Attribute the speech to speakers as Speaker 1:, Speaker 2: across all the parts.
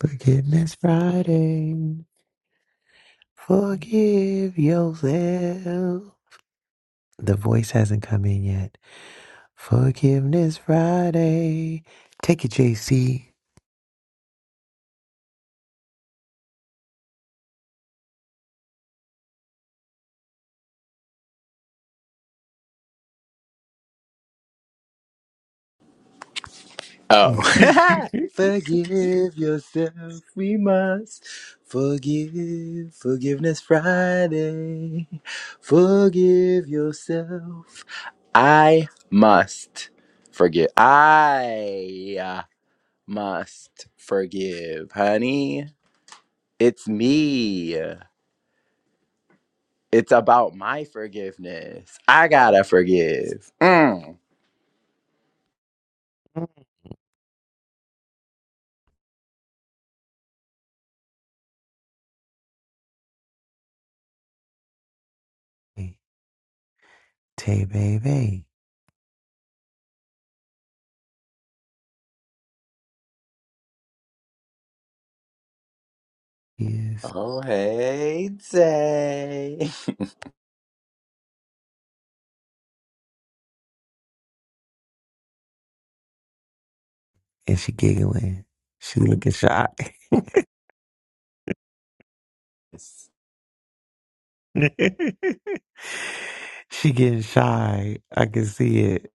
Speaker 1: Forgiveness Friday. Forgive yourself. The voice hasn't come in yet. Forgiveness Friday. Take it, JC.
Speaker 2: Oh. Forgive yourself, we must forgive. Forgiveness Friday. Forgive yourself. I must forgive. I uh, must forgive, honey. It's me. It's about my forgiveness. I gotta forgive. Mm.
Speaker 1: hey, Tay baby. Yes.
Speaker 2: Oh, hey, day.
Speaker 1: And she giggling. She looking shy. she getting shy. I can see it.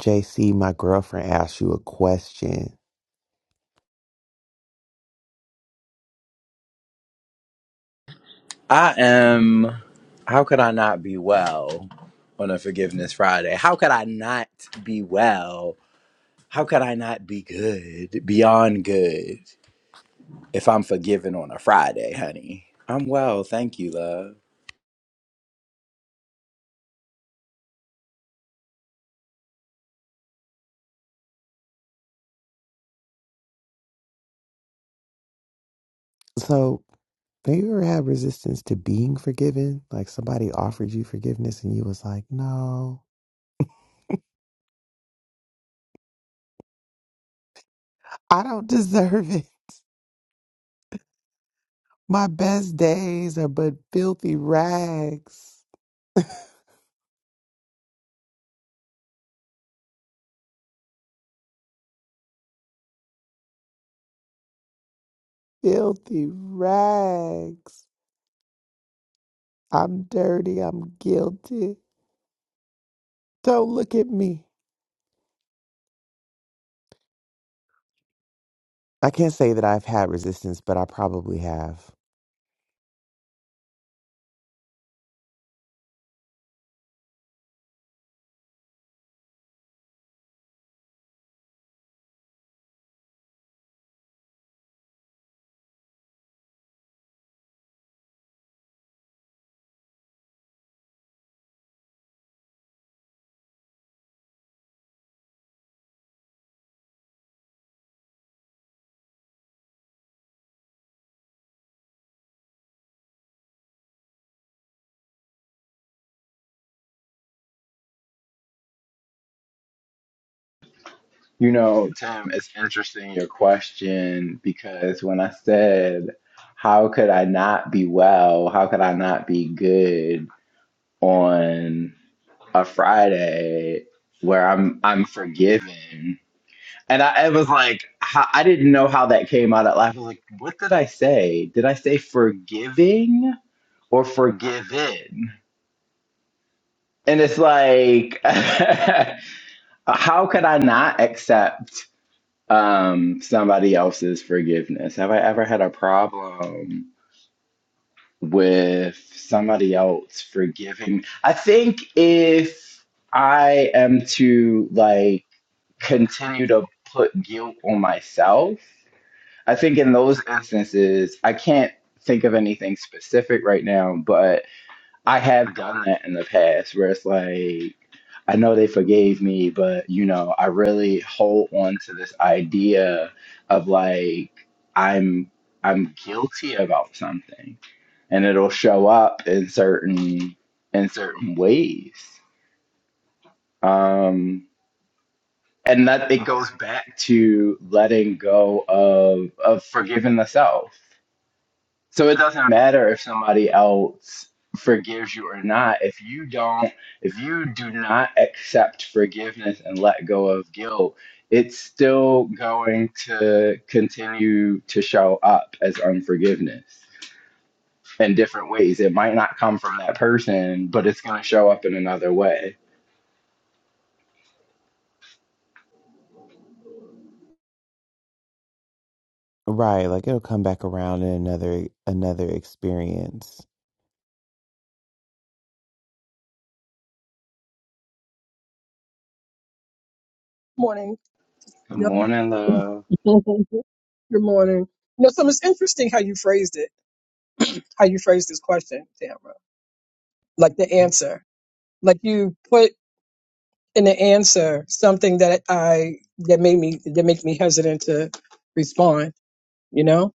Speaker 1: JC, my girlfriend asked you a question.
Speaker 2: I am. How could I not be well on a Forgiveness Friday? How could I not be well? How could I not be good, beyond good, if I'm forgiven on a Friday, honey? I'm well, thank you, love.
Speaker 1: so. Have you ever had resistance to being forgiven? Like somebody offered you forgiveness and you was like, no, I don't deserve it. My best days are but filthy rags. Filthy rags. I'm dirty. I'm guilty. Don't look at me. I can't say that I've had resistance, but I probably have.
Speaker 2: You know, Tim, it's interesting your question because when I said, How could I not be well? How could I not be good on a Friday where I'm I'm forgiven? And I, I was like, how, I didn't know how that came out at life. I was like, what did I say? Did I say forgiving or forgiven? And it's like, how could I not accept um, somebody else's forgiveness? Have I ever had a problem with somebody else forgiving? I think if I am to like continue to put guilt on myself, I think in those instances, I can't think of anything specific right now, but I have done that in the past where it's like, I know they forgave me, but you know, I really hold on to this idea of like I'm I'm guilty about something and it'll show up in certain in certain ways. Um and that it goes back to letting go of of forgiving the self So it doesn't matter if somebody else forgives you or not. If you don't, if you do not accept forgiveness and let go of guilt, it's still going to continue to show up as unforgiveness in different ways. It might not come from that person, but it's going to show up in another way.
Speaker 1: Right, like it'll come back around in another another experience.
Speaker 3: morning.
Speaker 2: Good
Speaker 3: Yep.
Speaker 2: morning, love.
Speaker 3: Good morning. You know, so it's interesting how you phrased it, how you phrased this question, Tamara. Like the
Speaker 1: Um,
Speaker 3: answer, like you put in the answer something that I that made me that make me hesitant to respond. You know,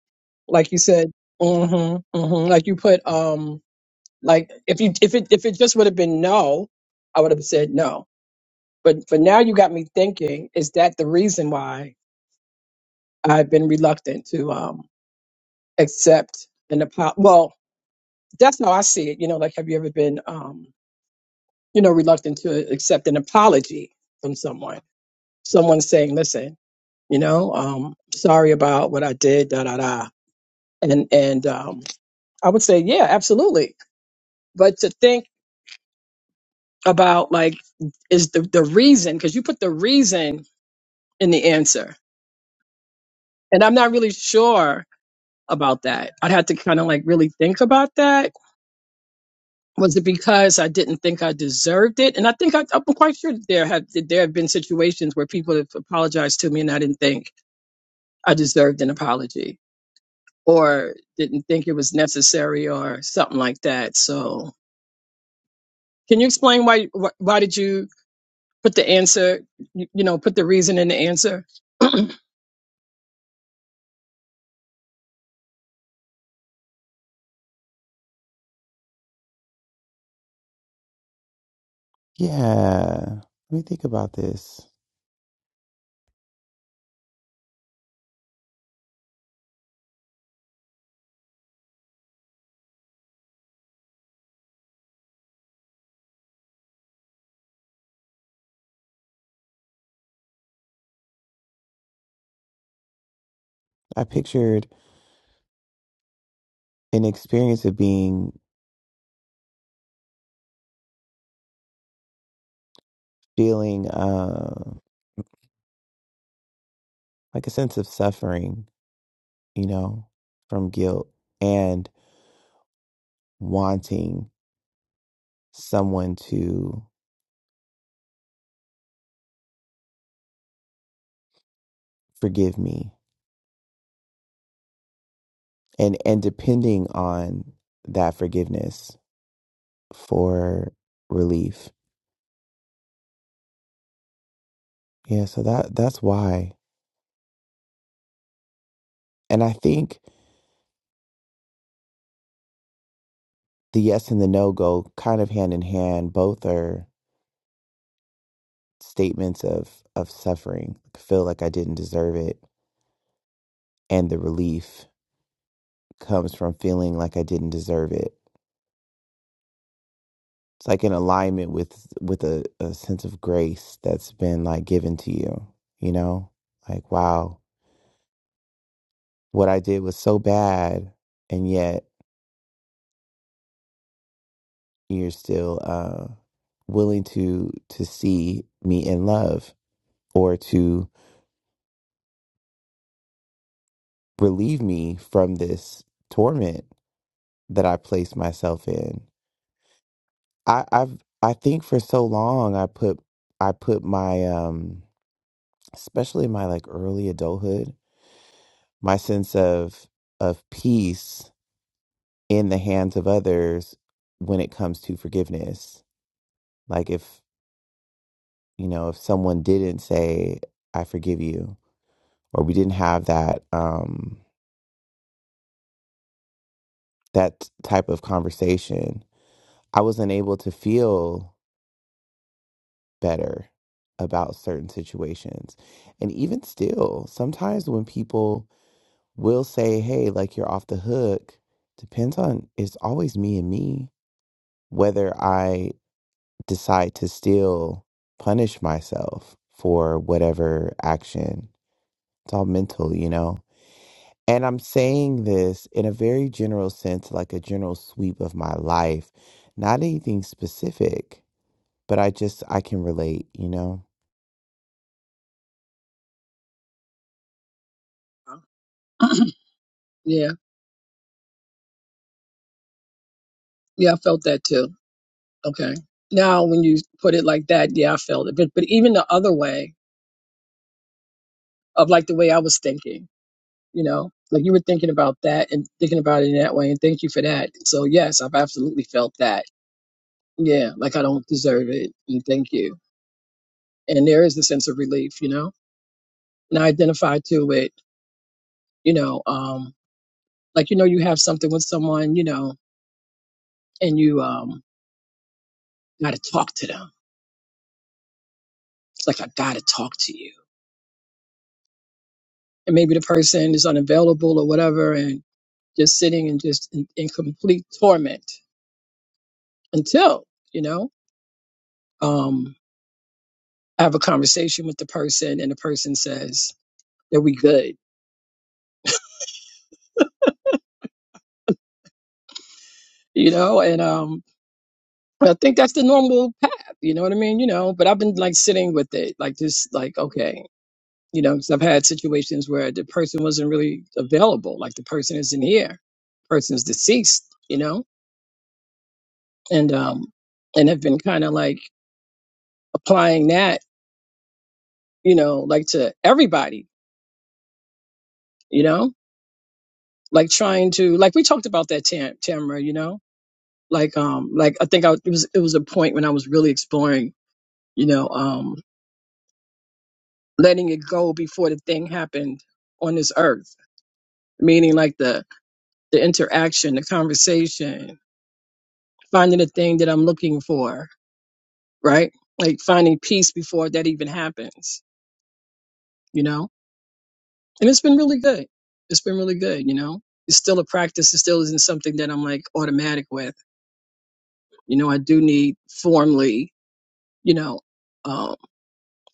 Speaker 3: like you said, mm-hmm, mm-hmm. Like you put, um, like if you if it if it just would have been no, I would have said no. But but now, you got me thinking. Is that the reason why I've been reluctant to um accept an apology. Well, that's how I see it. You know, like, have you ever been, um, you know, reluctant to accept an apology from someone? Someone saying, "Listen, you know, um, sorry about what I did." Da da da. And and um, I would say, yeah, absolutely. But to think about like is the the reason because you put the reason in the answer, and I'm not really sure about that. I'd have to kind of like really think about that was it because I didn't think I deserved it? And I think I, I'm quite sure that there have that there have been situations where people have apologized to me, and I didn't think I deserved an apology, or didn't think it was necessary, or something like that. So, can you explain why why, why did you Put the answer, you you know, put the reason in the answer.
Speaker 1: Yeah. Let me think about this. I pictured an experience of being feeling uh, like a sense of suffering, you know, from guilt and wanting someone to forgive me and and depending on that forgiveness for relief. Yeah, so that that's why. And I think the yes and the no go kind of hand in hand. Both are statements of of suffering. I feel like I didn't deserve it and the relief comes from feeling like I didn't deserve it. It's like in alignment with with a, a sense of grace that's been like given to you, you know? Like wow, what I did was so bad and yet you're still uh, willing to to see me in love or to relieve me from this torment that I place myself in. I, I've I think for so long I put I put my um especially my like early adulthood my sense of of peace in the hands of others when it comes to forgiveness. Like if you know if someone didn't say I forgive you or we didn't have that um that type of conversation i wasn't able to feel better about certain situations and even still sometimes when people will say hey like you're off the hook depends on it's always me and me whether i decide to still punish myself for whatever action it's all mental you know And I'm saying this in a very general sense, like a general sweep of my life, not anything specific, but I just, I can relate, you know?
Speaker 3: yeah, yeah, I felt that too. Okay. Now, when you put it like that, yeah, I felt it. But but even the other way of like the way I was thinking, you know, like you were thinking about that and thinking about it in that way, and thank you for that. So yes, I've absolutely felt that. yeah, like I don't deserve it, and thank you. And there is a sense of relief, you know. And I identify to it, you know, um, like you know, you have something with someone, you know, and you um got to talk to them. It's like I got to talk to you, and maybe the person is unavailable or whatever, and just sitting and just in, in complete torment until you know, um, I have a conversation with the person, and the person says that we good, you know, and um, I think that's the normal path. You know what I mean? You know, but I've been like sitting with it, like just like okay, you know, 'cause I've had situations where the person wasn't really available, like the person isn't here, person's deceased, you know, and um, and have been kind of like applying that, you know, like to everybody, you know, like trying to like we talked about that Tam Tamara, you know, like um, like I think I it was it was a point when I was really exploring, you know, um, letting it go before the thing happened on this earth meaning like the the interaction, the conversation, finding the thing that I'm looking for, right? Like finding peace before that even happens, you know? And it's been really good. It's been really good, you know? It's still a practice. It still isn't something that I'm like automatic with. You know, I do need formally, you know, um,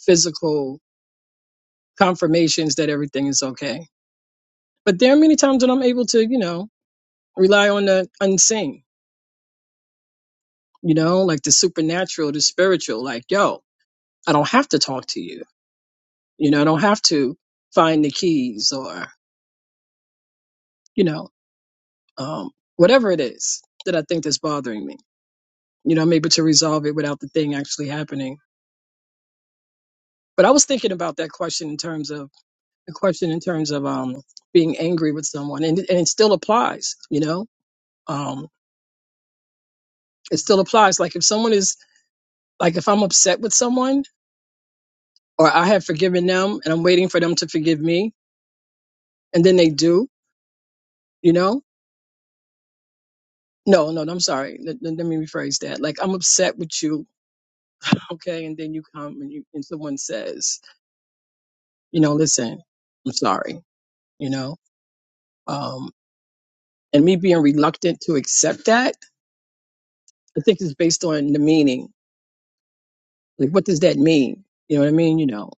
Speaker 3: physical confirmations that everything is okay. But there are many times that I'm able to, you know, rely on the unseen, you know, like the supernatural, the spiritual, like, yo, I don't have to talk to you. You know, I don't have to find the keys or, you know, um, whatever it is that I think that's bothering me. You know, I'm able to resolve it without the thing actually happening. But I was thinking about that question in terms of the question in terms of um, being angry with someone, and, it- and it still applies. You know, um, it still applies. Like if someone is like if I'm upset with someone, or I have forgiven them, and I'm waiting for them to forgive me, and then they do. You know, No, no, no, I'm sorry. Let, let let me rephrase that. Like, I'm upset with you, okay? And then you come and you and someone says, you know, listen, I'm sorry, you know, um, and me being reluctant to accept that, I think is based on the meaning. Like, what does that mean? You know what I mean? You know,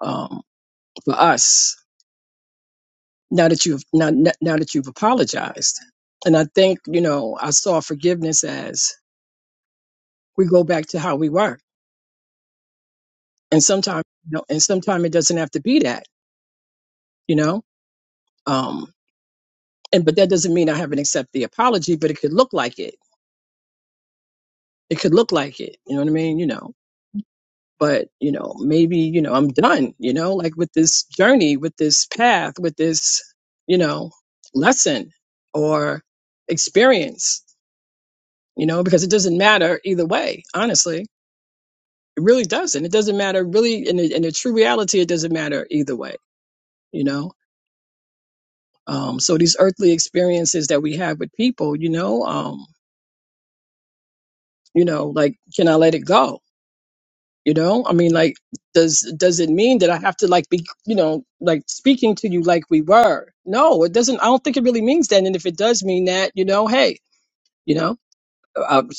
Speaker 3: um, for us, now that you've now now now that you've apologized, and I think you know, I saw forgiveness as we go back to how we were, and sometimes, you know, and sometimes it doesn't have to be that, you know. Um, and but that doesn't mean I haven't accepted the apology, but it could look like it. It could look like it. You know what I mean? You know. But, you know, maybe, you know, I'm done, you know, like with this journey, with this path, with this, you know, lesson or experience, you know, because it doesn't matter either way, honestly. It really doesn't. It doesn't matter really in the, in the true reality, it doesn't matter either way, you know. Um, so these earthly experiences that we have with people, you know, um, you know, like can I let it go? You know, I mean, like, does does it mean that I have to like be, you know, like speaking to you like we were? No, it doesn't. I don't think it really means that. And if it does mean that, you know, hey, you know, uh, I'm,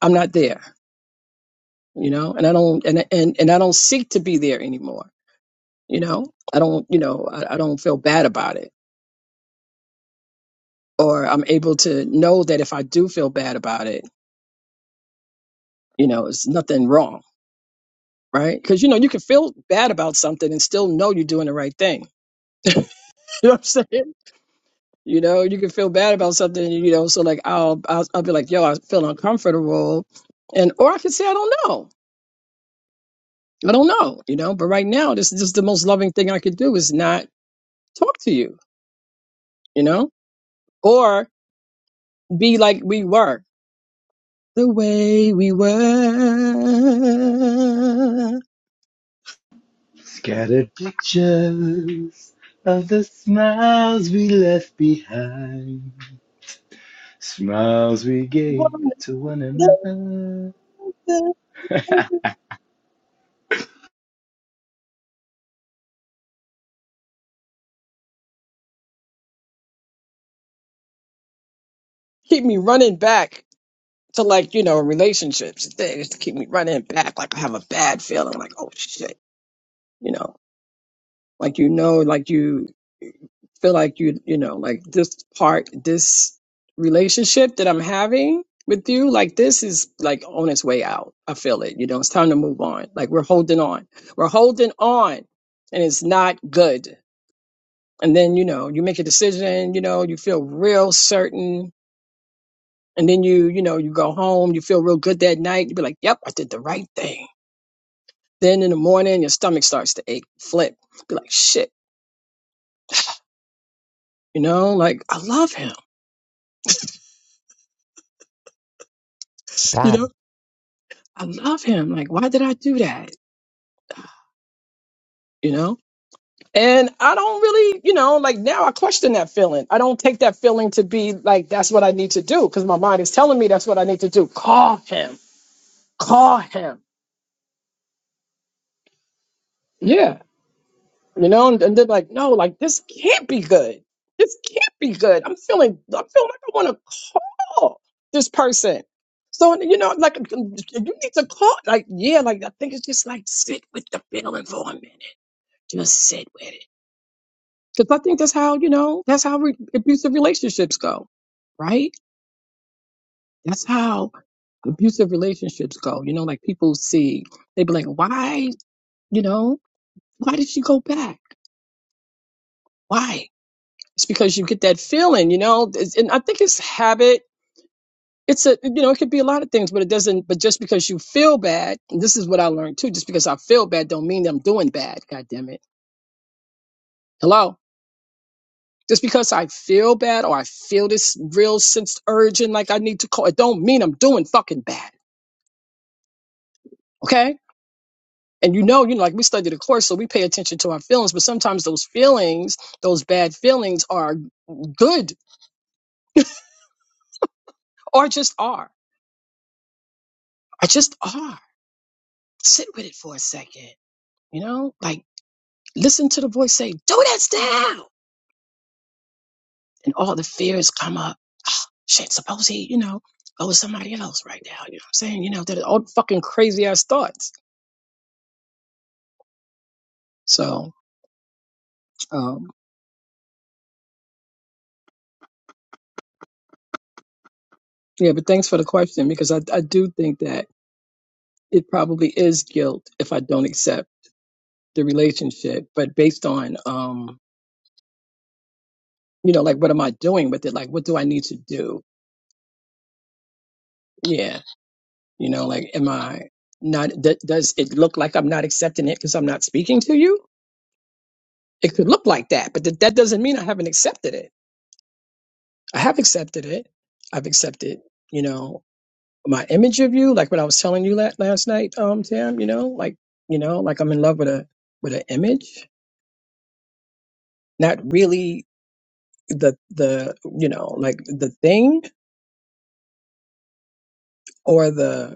Speaker 3: I'm not there. You know, and I don't and and and I don't seek to be there anymore. You know, I don't. You know, I, I don't feel bad about it, or I'm able to know that if I do feel bad about it, you know, it's nothing wrong, right? Because you know, you can feel bad about something and still know you're doing the right thing. You know what I'm saying? You know, you can feel bad about something, you know. So like, I'll I'll, I'll be like, yo, I feel uncomfortable, and or I can say I don't know, I don't know, you know. But right now, this is just the most loving thing I could do is not talk to you, you know, or be like we were, the way we were.
Speaker 2: Scattered pictures of the smiles we left behind. Smiles we gave to one another.
Speaker 3: Keep me running back to like you know relationships and things to keep me running back like I have a bad feeling like oh shit, you know like you know like you feel like you you know like this part this relationship that i'm having with you like this is like on its way out i feel it you know it's time to move on like we're holding on we're holding on and it's not good and then you know you make a decision you know you feel real certain and then you you know you go home you feel real good that night you be like yep i did the right thing then in the morning your stomach starts to ache flip be like shit you know like i love him You
Speaker 1: That
Speaker 3: know. I love him. Like, why did I do that? You know? And I don't really, you know, like now I question that feeling. I don't take that feeling to be like, that's what I need to do because my mind is telling me that's what I need to do. Call him. Call him. Yeah. You know, and, and then like, no, like this can't be good. This can't be good. I'm feeling, I feel like I want to call this person. So, you know, like, you need to call. Like, yeah, like, I think it's just like sit with the feeling for a minute. Just sit with it Because I think that's how, you know, that's how re- abusive relationships go, right? That's how abusive relationships go. You know, like people see, they be like, why, you know, why did she go back? Why? It's because you get that feeling, you know, it's- and I think it's habit. It's a, you know, it could be a lot of things, but it doesn't, but just because you feel bad, and this is what I learned too, just because I feel bad don't mean that I'm doing bad. God damn it. Hello Just because I feel bad or I feel this real sense urging like I need to call, it don't mean I'm doing fucking bad. Okay? And you know, you know, like we studied the course, so we pay attention to our feelings, but sometimes those feelings, those bad feelings are good or just are. Or just are. Sit with it for a second. You know? Like listen to the voice say, Do this now and all the fears come up. Ah, Shit, suppose he, you know, go with somebody else right now. You know what I'm saying? You know, that all fucking crazy ass thoughts. So um. Yeah, but thanks for the question because I, I do think that it probably is guilt if I don't accept the relationship, but based on um, you know, like what am I doing with it? Like what do I need to do? Yeah, you know, like am I not d- does it look like I'm not accepting it because I'm not speaking to you? It could look like that, but th- that doesn't mean I haven't accepted it. I have accepted it. I've accepted, you know, my image of you, like what I was telling you la- last night, um, Tam, you know, like, you know, like I'm in love with a with an image not really the the you know like the thing or the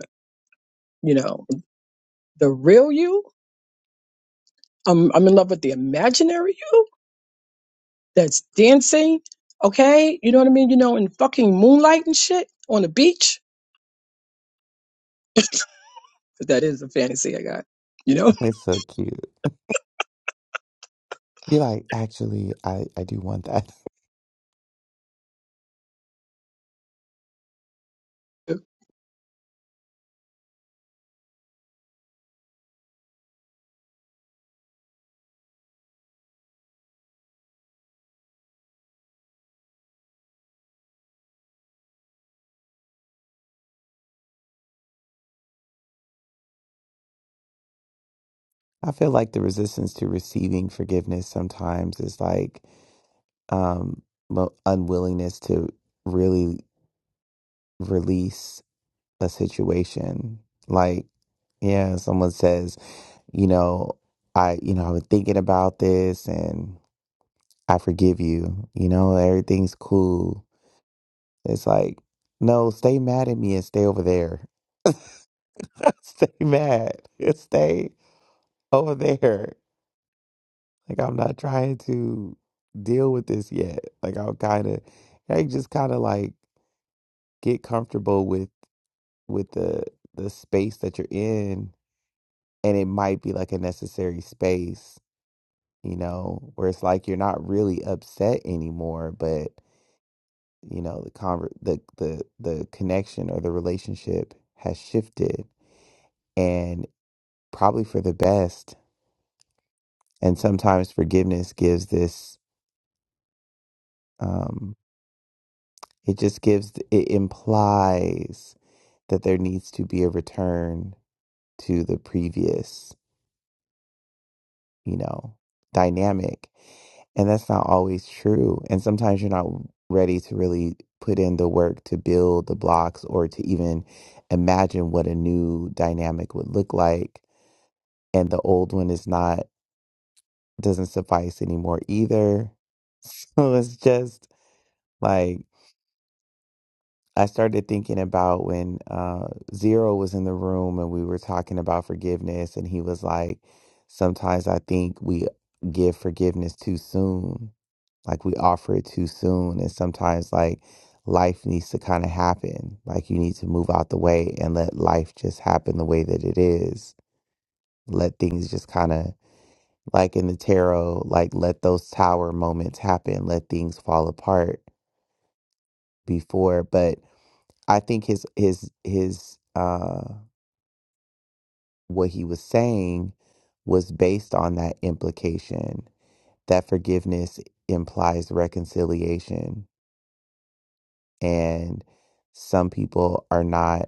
Speaker 3: you know the real you i'm i'm in love with the imaginary you that's dancing okay you know what i mean you know in fucking moonlight and shit on the beach but that is a fantasy i got you know
Speaker 1: is so cute. You're like, actually, I, I do want that. I feel like the resistance to receiving forgiveness sometimes is like um, mo- unwillingness to really release a situation. Like, yeah, someone says, you know, I, you know, I've been thinking about this and I forgive you. You know, everything's cool. It's like, no, stay mad at me and stay over there. stay mad. Stay over there. Like, I'm not trying to deal with this yet. Like, I'll kind of, I just kind of like get comfortable with, with the, the space that you're in. And it might be like a necessary space, you know, where it's like you're not really upset anymore, but. you know the conver- the the the connection or the relationship has shifted and probably for the best and sometimes forgiveness gives this um it just gives it implies that there needs to be a return to the previous you know dynamic and that's not always true and sometimes you're not ready to really put in the work to build the blocks or to even imagine what a new dynamic would look like and the old one is not doesn't suffice anymore either. So it's just like I started thinking about when uh Zero was in the room and we were talking about forgiveness and he was like, Sometimes I think we give forgiveness too soon. Like we offer it too soon and sometimes like life needs to kind of happen. Like you need to move out the way and let life just happen the way that it is. Let things just kind of like in the tarot, like let those tower moments happen, let things fall apart before. But I think his his his uh what he was saying was based on that implication that forgiveness implies reconciliation and some people are not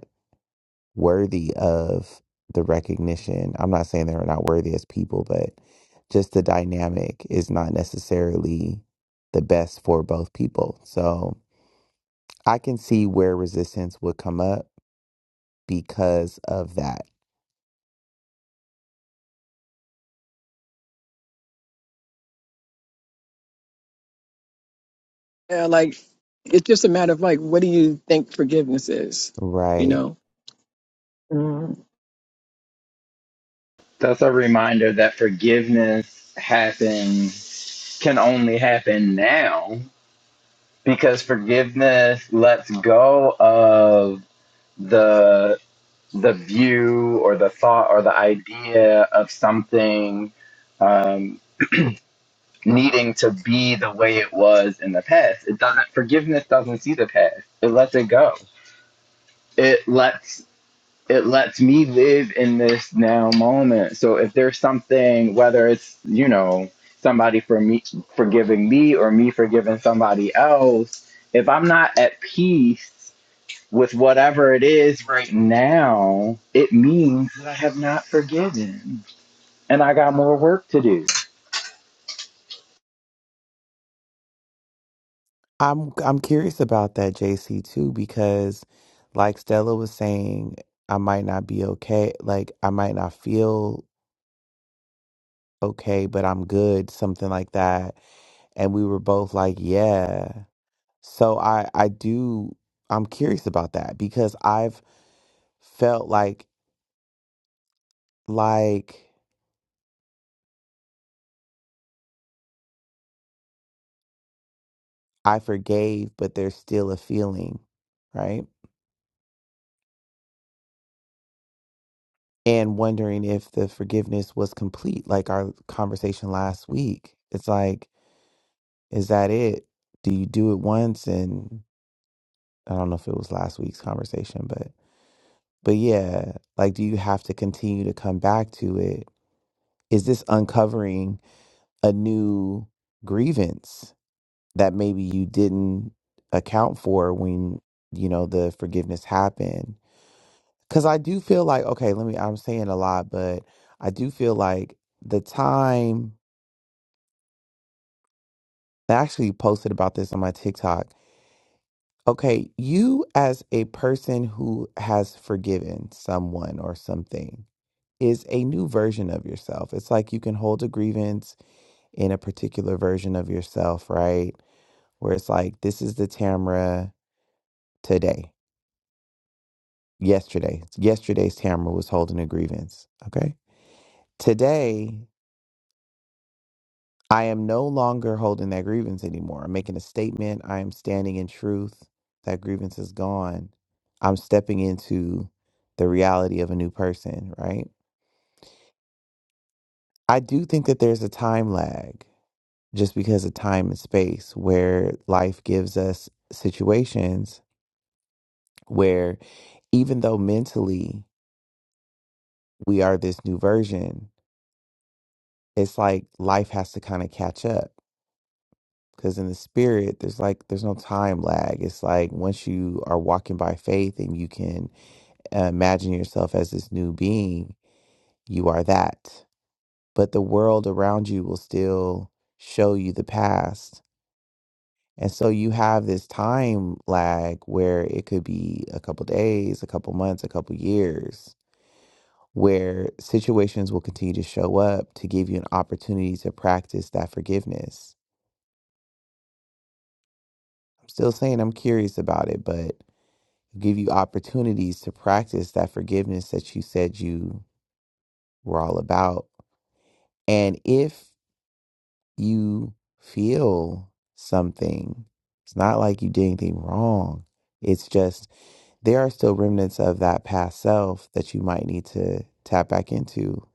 Speaker 1: worthy of the recognition. I'm not saying they're not worthy as people, but just the dynamic is not necessarily the best for both people. So I can see where resistance would come up because of that.
Speaker 3: yeah, like it's just a matter of like what do you think forgiveness is you
Speaker 1: Right.
Speaker 3: know mm
Speaker 2: That's a reminder that forgiveness happens, can only happen now because forgiveness lets go of the the view or the thought or the idea of something um, needing to be the way it was in the past. It doesn't. Forgiveness doesn't see the past. It lets it go. It lets it lets me live in this now moment. So if there's something, whether it's, you know, somebody for me forgiving me or me forgiving somebody else, if I'm not at peace with whatever it is right now, it means that I have not forgiven and I got more work to do.
Speaker 1: I'm I'm curious about that JC too because like Stella was saying, I might not be okay, like I might not feel okay, but I'm good, something like that. And we were both like, yeah. So I I do I'm curious about that because I've felt like like I forgave but there's still a feeling, right? And wondering if the forgiveness was complete like our conversation last week. It's like is that it? Do you do it once and I don't know if it was last week's conversation but but yeah, like do you have to continue to come back to it? Is this uncovering a new grievance? that maybe you didn't account for when you know the forgiveness happened because i do feel like okay let me i'm saying a lot but i do feel like the time i actually posted about this on my tiktok okay you as a person who has forgiven someone or something is a new version of yourself it's like you can hold a grievance in a particular version of yourself right where it's like this is the tamara today yesterday. Yesterday's Tamara was holding a grievance. Okay. Today, I am no longer holding that grievance anymore. I'm making a statement. I am standing in truth. That grievance is gone. I'm stepping into the reality of a new person, right? I do think that there's a time lag just because of time and space where life gives us situations where even though mentally we are this new version, it's like life has to kind of catch up Because in the spirit, there's like there's no time lag. It's like once you are walking by faith and you can uh, imagine yourself as this new being, you are that. But the world around you will still show you the past. And so you have this time lag where it could be a couple days, a couple months, a couple years, where situations will continue to show up to give you an opportunity to practice that forgiveness. I'm still saying I'm curious about it, but give you opportunities to practice that forgiveness that you said you were all about. And if you feel something, it's not like you did anything wrong. It's just there are still remnants of that past self that you might need to tap back into,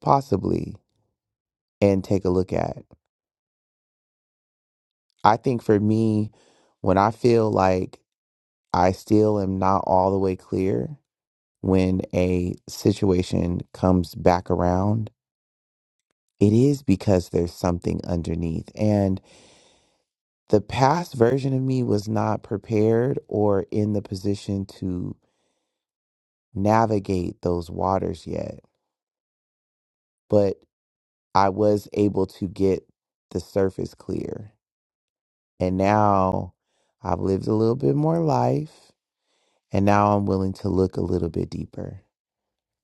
Speaker 1: possibly, and take a look at. I think for me, when I feel like I still am not all the way clear when a situation comes back around it is because there's something underneath. And the past version of me was not prepared or in the position to navigate those waters yet. But I was able to get the surface clear. And now I've lived a little bit more life. And now I'm willing to look a little bit deeper.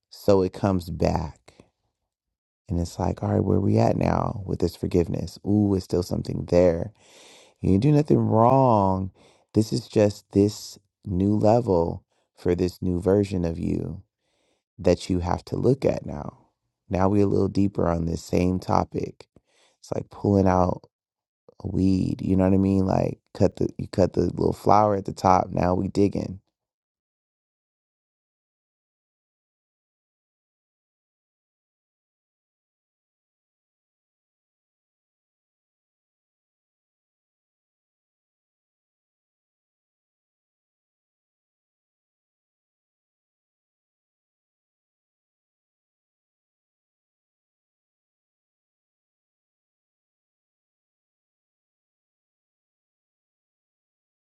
Speaker 1: So it comes back. And it's like, all right, where we at now with this forgiveness? Ooh, it's still something there You didn't do nothing wrong. This is just this new level for this new version of you that you have to look at now. Now we're a little deeper on this same topic. It's like pulling out a weed. You know what I mean? Like cut the you cut the little flower at the top. Now we digging.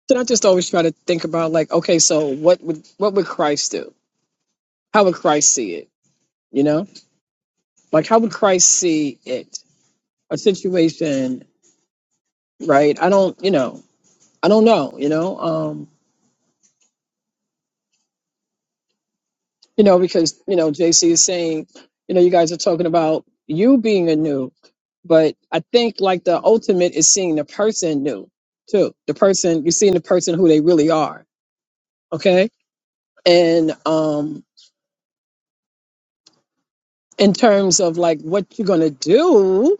Speaker 3: so i just always try to think about like okay so what would what would christ do how would christ see it you know Like, how would Christ see it? A situation, right? I don't, you know, I don't know, you know, um, you know, because you know, JC is saying, you know, you guys are talking about you being anew, but I think like the ultimate is seeing the person new too. The person you're seeing the person who they really are, okay? And um, in terms of like what you're gonna do,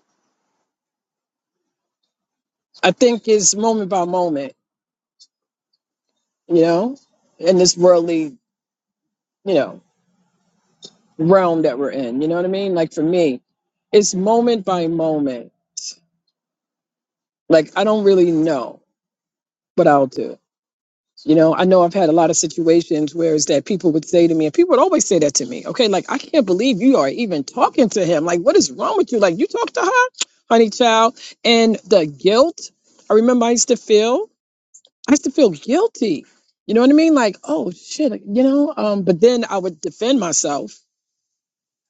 Speaker 3: I think is moment by moment, you know, in this worldly, you know. realm that we're in. You know what I mean? Like for me, it's moment by moment. Like I don't really know what I'll do. You know, I know I've had a lot of situations where it's that people would say to me, and people would always say that to me, okay, like I can't believe you are even talking to him. Like, what is wrong with you? Like, you talk to her, honey child. And the guilt, I remember I used to feel, I used to feel guilty. You know what I mean? Like, oh shit, like, you know, um, but then I would defend myself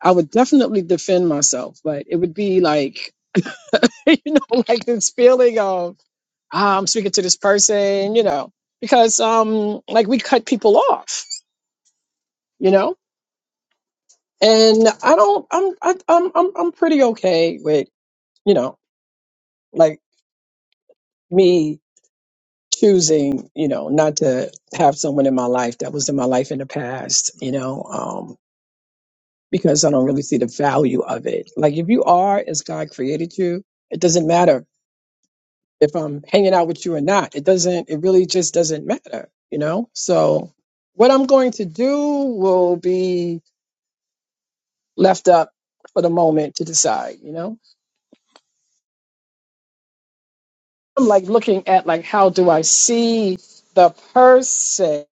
Speaker 3: I would definitely defend myself, but it would be like, you know, like this feeling of ah, I'm speaking to this person, you know, because um, like we cut people off, you know, and I don't, I'm, I, I'm, I'm, I'm pretty okay with, you know, like me choosing, you know, not to have someone in my life that was in my life in the past, you know, um, because I don't really see the value of it. Like if you are as God created you, it doesn't matter if I'm hanging out with you or not. It doesn't, it really just doesn't matter, you know? So what I'm going to do will be left up for the moment to decide, you know? I'm like looking at like how do I see the person,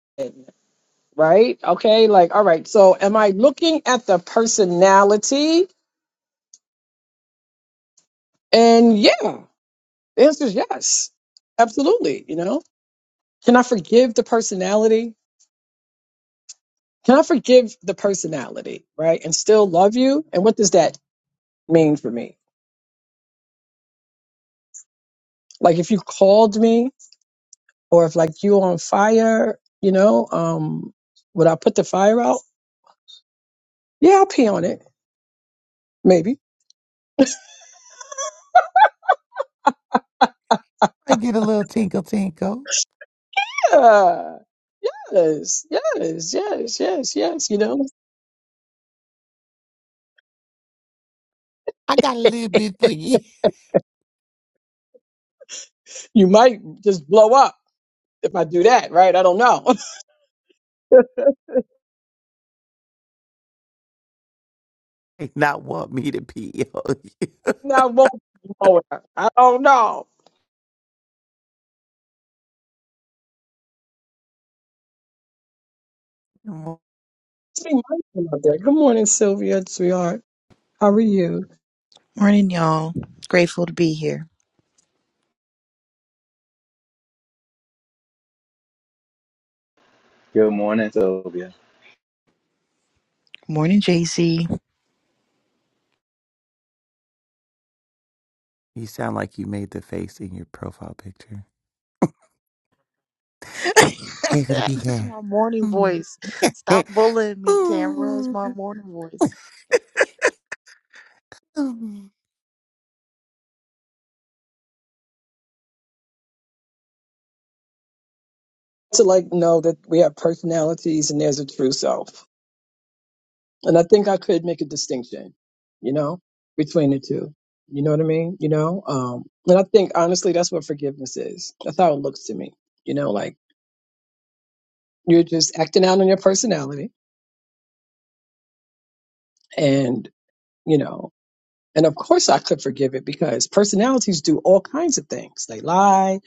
Speaker 3: right? Okay, like all right, so am I looking at the personality? And yeah, the answer is yes. Absolutely, you know? Can I forgive the personality? Can I forgive the personality, right? And still love you? And what does that mean for me? Like if you called me or if like you on fire, you know, um, would I put the fire out? Yeah, I'll pee on it, maybe.
Speaker 1: I get a little tinkle tinkle.
Speaker 3: Yeah, Yes, yes, yes, yes, yes. You know,
Speaker 1: I got a little bit for you.
Speaker 3: you might just blow up if I do that, right? I don't know.
Speaker 1: Not want me to be on
Speaker 3: I won't blow up. I don't know.
Speaker 1: you.
Speaker 3: Be mindful of that. Good morning, Sylvia, sweetheart. How are you?
Speaker 4: Morning, y'all. Grateful to be here.
Speaker 2: Good morning, Sylvia.
Speaker 4: Morning, Jay Z.
Speaker 1: You sound like you made the face in your profile picture.
Speaker 4: this
Speaker 1: Grateful to be
Speaker 4: is
Speaker 1: here.
Speaker 4: my morning voice. Stop bullying me, Tamra. It's
Speaker 1: Ooh,
Speaker 4: my morning voice.
Speaker 1: ooh.
Speaker 3: to like know that we have personalities and there's a true self. And I think I could make a distinction, you know, between the two. You know what I mean? You know, um, and I think honestly, that's what forgiveness is. That's how it looks to me. You know, like you're just acting out on your personality and, you know, and of course I could forgive it because personalities do all kinds of things. They lie,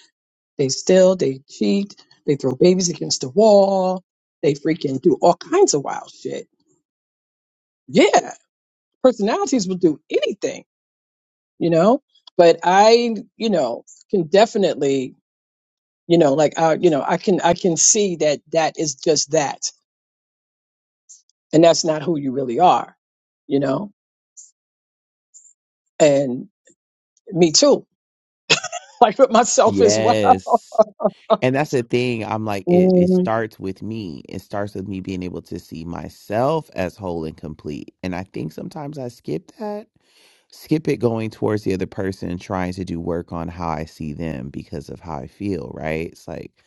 Speaker 3: they steal, they cheat, they throw babies against the wall, they freaking do all kinds of wild shit. Yeah. personalities will do anything, you know. But I, you know, can definitely, you know, like I, you know, I can I can see that that is just that, and that's not who you really are, you know. And me too, like with myself as well.
Speaker 1: Yes. And that's the thing. I'm like, it, it
Speaker 3: Mhm.
Speaker 1: starts with me. It starts with me being able to see myself as whole and complete. And I think sometimes I skip that, skip it going towards the other person, trying to do work on how I see them because of how I feel, right? It's like,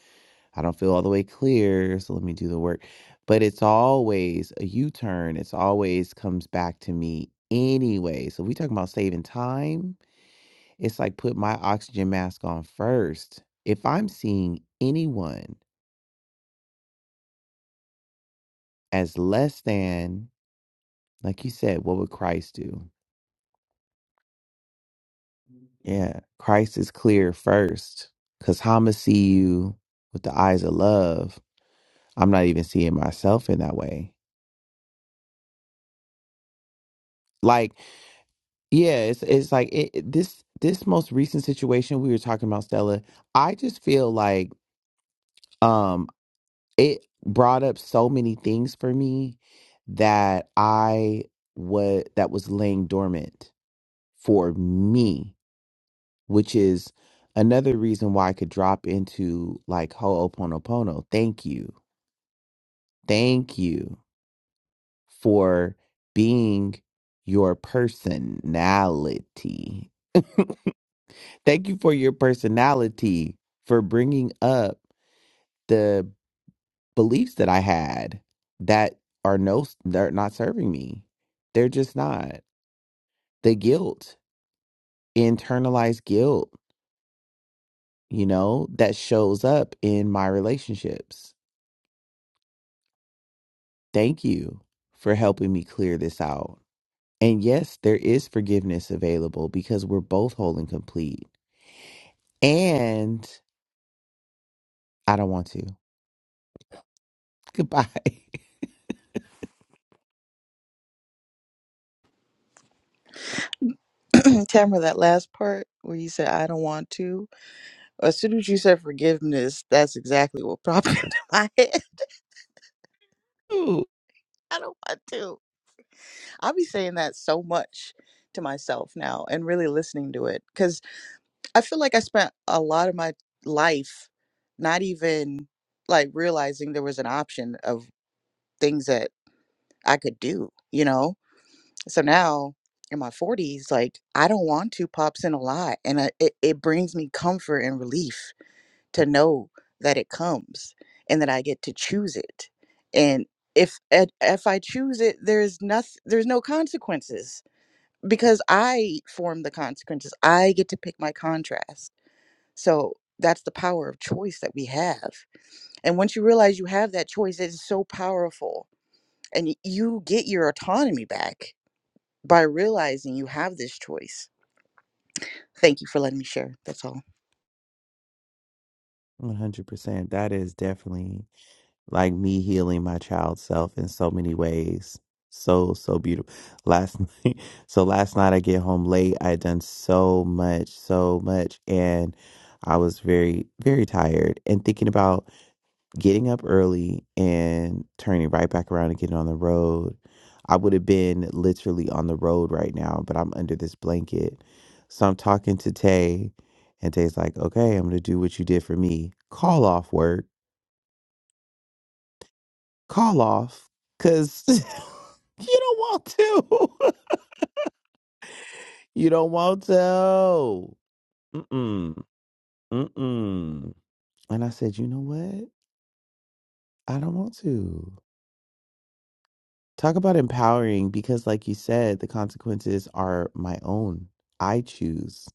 Speaker 1: I don't feel all the way clear. So let me do the work. But it's always a U turn. It's always comes back to me anyway. So we talking about saving time It's like put my oxygen mask on first. If I'm seeing anyone as less than, like you said, what would Christ do? Yeah, Christ is clear first. Cause how I'ma see you with the eyes of love. I'm not even seeing myself in that way. Like, yeah, it's it's like it, it- this this most recent situation we were talking about, Stella. I just feel like um, it brought up so many things for me that I was that was laying dormant for me, which is another reason why I could drop into like Ho'oponopono. Thank you. Thank you for being your personality. Thank you for your personality for bringing up the. beliefs that I had that are no, they're not serving me. They're just not. The guilt, internalized guilt, you know, that shows up in my relationships. Thank you for helping me clear this out. And yes, there is forgiveness available because we're both whole and complete. And I don't want to. Goodbye.
Speaker 4: Tamra, that last part where you said, I don't want to, as soon as you said forgiveness, that's exactly what popped into my head.
Speaker 1: Ooh,
Speaker 4: I don't want to. I'll be saying that so much to myself now and really listening to it because I feel like I spent a lot of my life not even like realizing there was an option of things that I could do, you know? So now in my 40s, like I don't want to pop in a lot. And I, it, it brings me comfort and relief to know that it comes and that I get to choose it. And if and if I choose it, there's nothing, there's no consequences because I form the consequences. I get to pick my contrast. So that's the power of choice that we have. And once you realize you have that choice, it is so powerful. And y- you get your autonomy back by realizing you have this choice. Thank you for letting me share. That's all.
Speaker 1: 100%. That is definitely like me healing my child self in so many ways. So, so beautiful. Last night, so last night I get home late. I had done so much, so much, and I was very, very tired and thinking about getting up early and turning right back around and getting on the road. I would have been literally on the road right now, but I'm under this blanket. So I'm talking to Tay, and Tay's like, okay, I'm going to do what you did for me. Call off work call off because you don't want to. you don't want to. Mm-mm. Mm-mm. And I said, you know what? I don't want to. Talk about empowering because, like you said, the consequences are my own. I choose.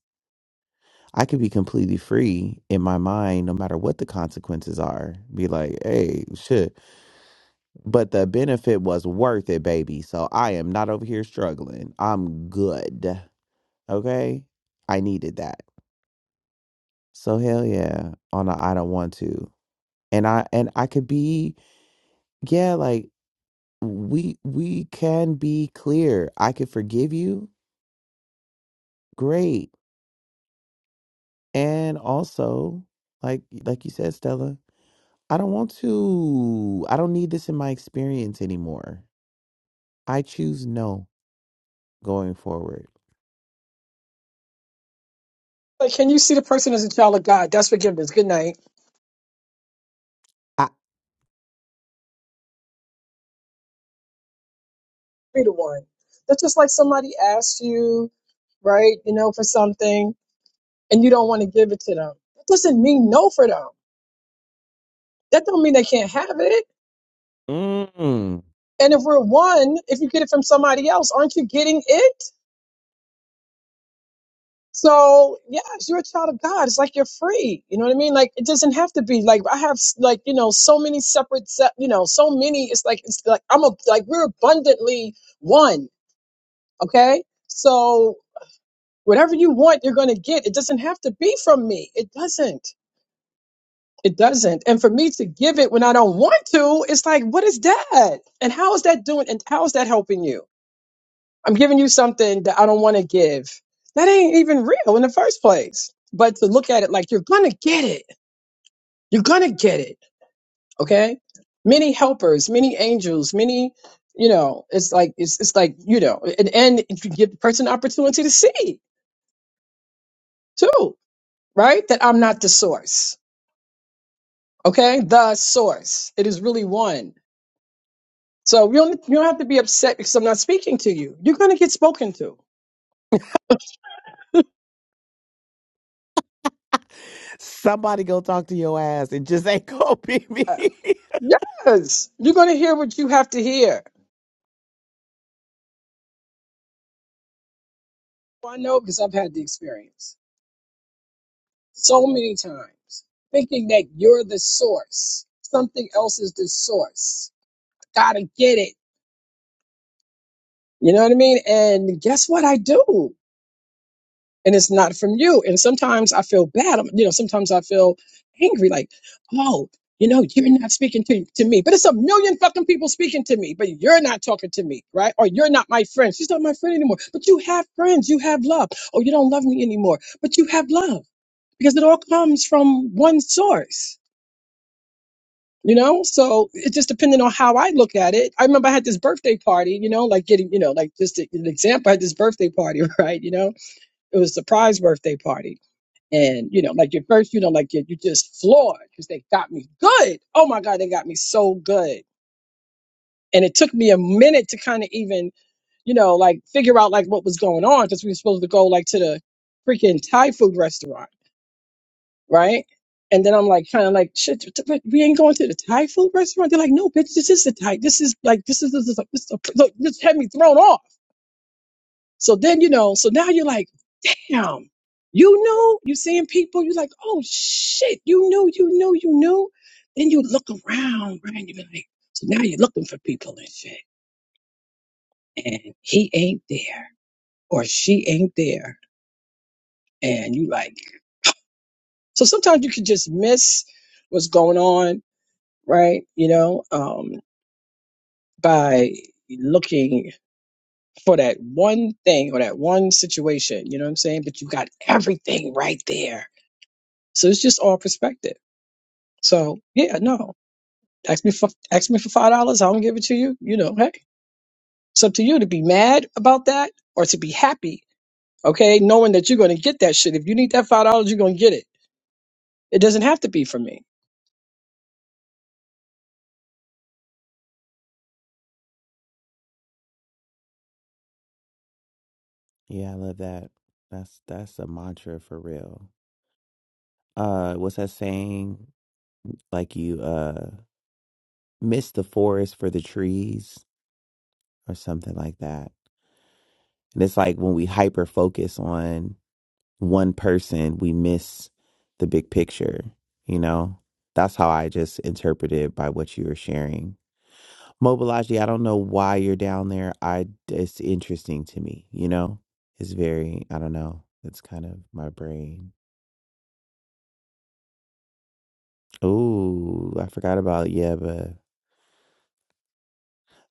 Speaker 1: I could be completely free in my mind no matter what the consequences are. Be like, hey, shit. But the benefit was worth it, baby. So I am not over here struggling. I'm good. Okay? I needed that. So hell yeah. On a I don't want to. And I and I could be yeah, like we we can be clear. I could forgive you. Great. And also, like like you said, Stella, I don't want to. I don't need this in my experience anymore. I choose no going forward.
Speaker 3: Like, can you see the person as a child of God? That's forgiveness. Good night.
Speaker 1: I
Speaker 3: Be the one. That's just like somebody asks you, right? You know, for something, and you don't want to give it to them. That doesn't mean no for them. That don't mean they can't have it
Speaker 1: mm,
Speaker 3: And if we're one, if you get it from somebody else, aren't you getting it? So yes, you're a child of God. It's like you're free. You know what I mean? Like it doesn't have to be like I have like you know so many separate se- you know so many. It's like it's like I'm a like we're abundantly one. Okay, so whatever you want, you're gonna get. It doesn't have to be from me. It doesn't. It doesn't. And for me to give it when I don't want to, it's like what is that? And how is that doing? And how is that helping you? I'm giving you something that I don't want to give. That ain't even real in the first place. But to look at it like you're going to get it, you're going to get it. Okay. Many helpers, many angels, many, you know, it's like, it's, it's like, you know, and, and you give the person the opportunity to see too, right? That I'm not the source. Okay. The source. It is really one. So you don't, you don't have to be upset because I'm not speaking to you. You're going to get spoken to.
Speaker 1: somebody go talk to your ass. It just ain't gonna be
Speaker 3: Uh,
Speaker 1: me.
Speaker 3: Yes. You're going to hear what you have to hear Well, I know because I've had the experience so many times, thinking that you're the source. Something else is the source. I gotta get it. You know what I mean? And guess what I do? And it's not from you. And sometimes I feel bad. I'm- You know, sometimes I feel angry, like, oh, you know, you're not speaking to, to me. But it's a million fucking people speaking to me, but you're not talking to me, right? Or you're not my friend. She's not my friend anymore. But you have friends. You have love. Oh, you don't love me anymore, but you have love because it all comes from one source you know so it's just depending on how i look at it i remember i had this birthday party you know like getting you know like just a- an example i had this birthday party right you know it was a surprise birthday party and you know like your first you know like you you just floored because they got me good oh my god they got me so good and it took me a minute to kind of even you know like figure out like what was going on because we were supposed to go like to the freaking thai food restaurant right? And then I'm like, kind of like, shit, but we ain't going to the Thai food restaurant. They're like, no, bitch, this is the Thai. This is like, this is, this is, this, is look, this had me thrown off. So then, you know, so now you're like, damn, you know, you seeing people, you're like, oh shit, you know, you know, you know. Then you look around, right? And you be like, so now you're looking for people and shit. And he ain't there or she ain't there. And you like, so sometimes you can just miss what's going on right? You know, um. by looking for that one thing or that one situation, you know what I'm saying? But you got everything right there. So it's just all perspective. So yeah, no. Ask me for ask me for five dollars, I don't give it to you. You know, hey. It's up to you to be mad about that or to be happy, okay, knowing that you're gonna get that shit. If you need that five dollars, you're gonna get it. It doesn't have to be from me.
Speaker 1: Yeah, I love that. That's that's a mantra for real. Uh what's that saying? Like you uh miss the forest for the trees or something like that. And it's like when we hyper focus on one person, we miss the big picture, you know? That's how I just interpreted by what you were sharing. Mobilaji, I don't know why you're down there. I it's interesting to me, you know? It's very I don't know. It's kind of my brain Oh, I forgot about Yeba.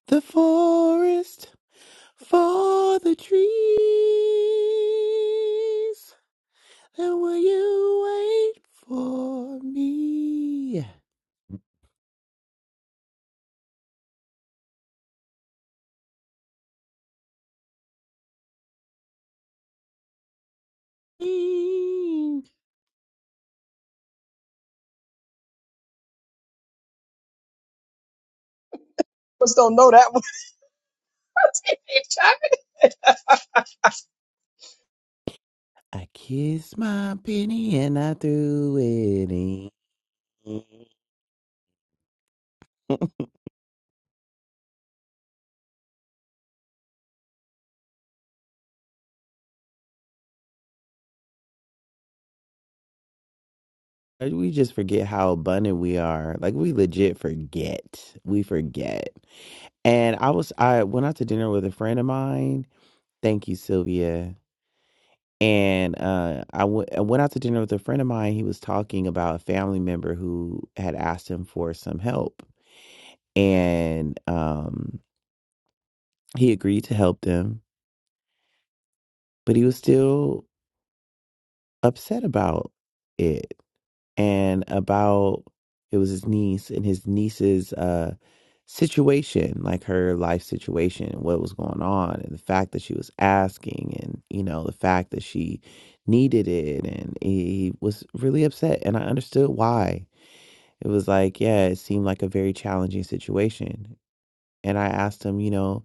Speaker 1: The forest for the trees. And will you wait for me?
Speaker 3: Just don't know that one.
Speaker 1: I kissed my penny and I threw it in. We just forget how abundant we are. Like we legit forget. We forget. And I was I went out to dinner with a friend of mine. Thank you, Sylvia And uh, I, w- I went out to dinner with a friend of mine. He was talking about a family member who had asked him for some help. And um, he agreed to help them, but he was still upset about it. and about it was his niece and his niece's uh situation like her life situation and what was going on and the fact that she was asking and you know the fact that she needed it and he was really upset and i understood why it was like yeah it seemed like a very challenging situation and i asked him you know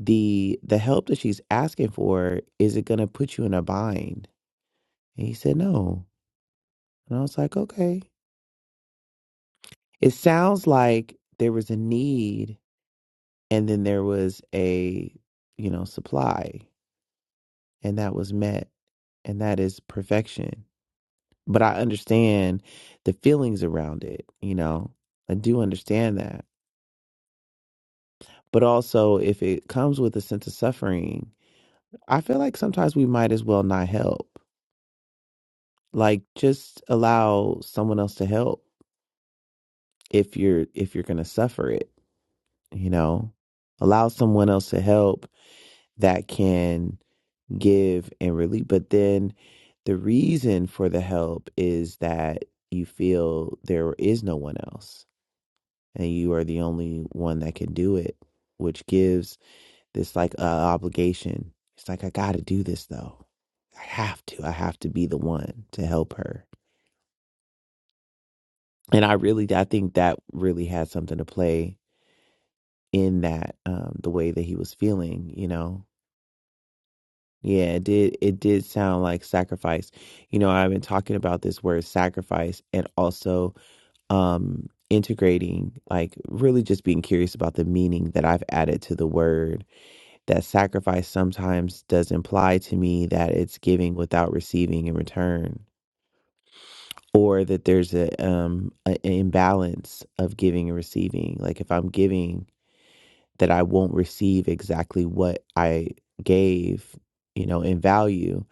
Speaker 1: the the help that she's asking for is it going to put you in a bind and he said no and i was like okay It sounds like there was a need and then there was a, you know, supply and that was met and that is perfection. But I understand the feelings around it, you know. I do understand that. But also if it comes with a sense of suffering, I feel like sometimes we might as well not help. Like just allow someone else to help if you're if you're going to suffer it, you know. Allow someone else to help that can give and relieve. But then the reason for the help is that you feel there is no one else and you are the only one that can do it, which gives this like uh, obligation. It's like, I got to do this though. I have to. I have to be the one to help her. And I really, I think that really had something to play in that, um, the way that he was feeling, you know, Yeah, it did it did sound like sacrifice. You know, I've been talking about this word sacrifice and also um integrating like really just being curious about the meaning that I've added to the word. That sacrifice sometimes does imply to me that it's giving without receiving in return or that there's a um a, an imbalance of giving and receiving. Like if I'm giving that I won't receive exactly what I gave, you know, in value.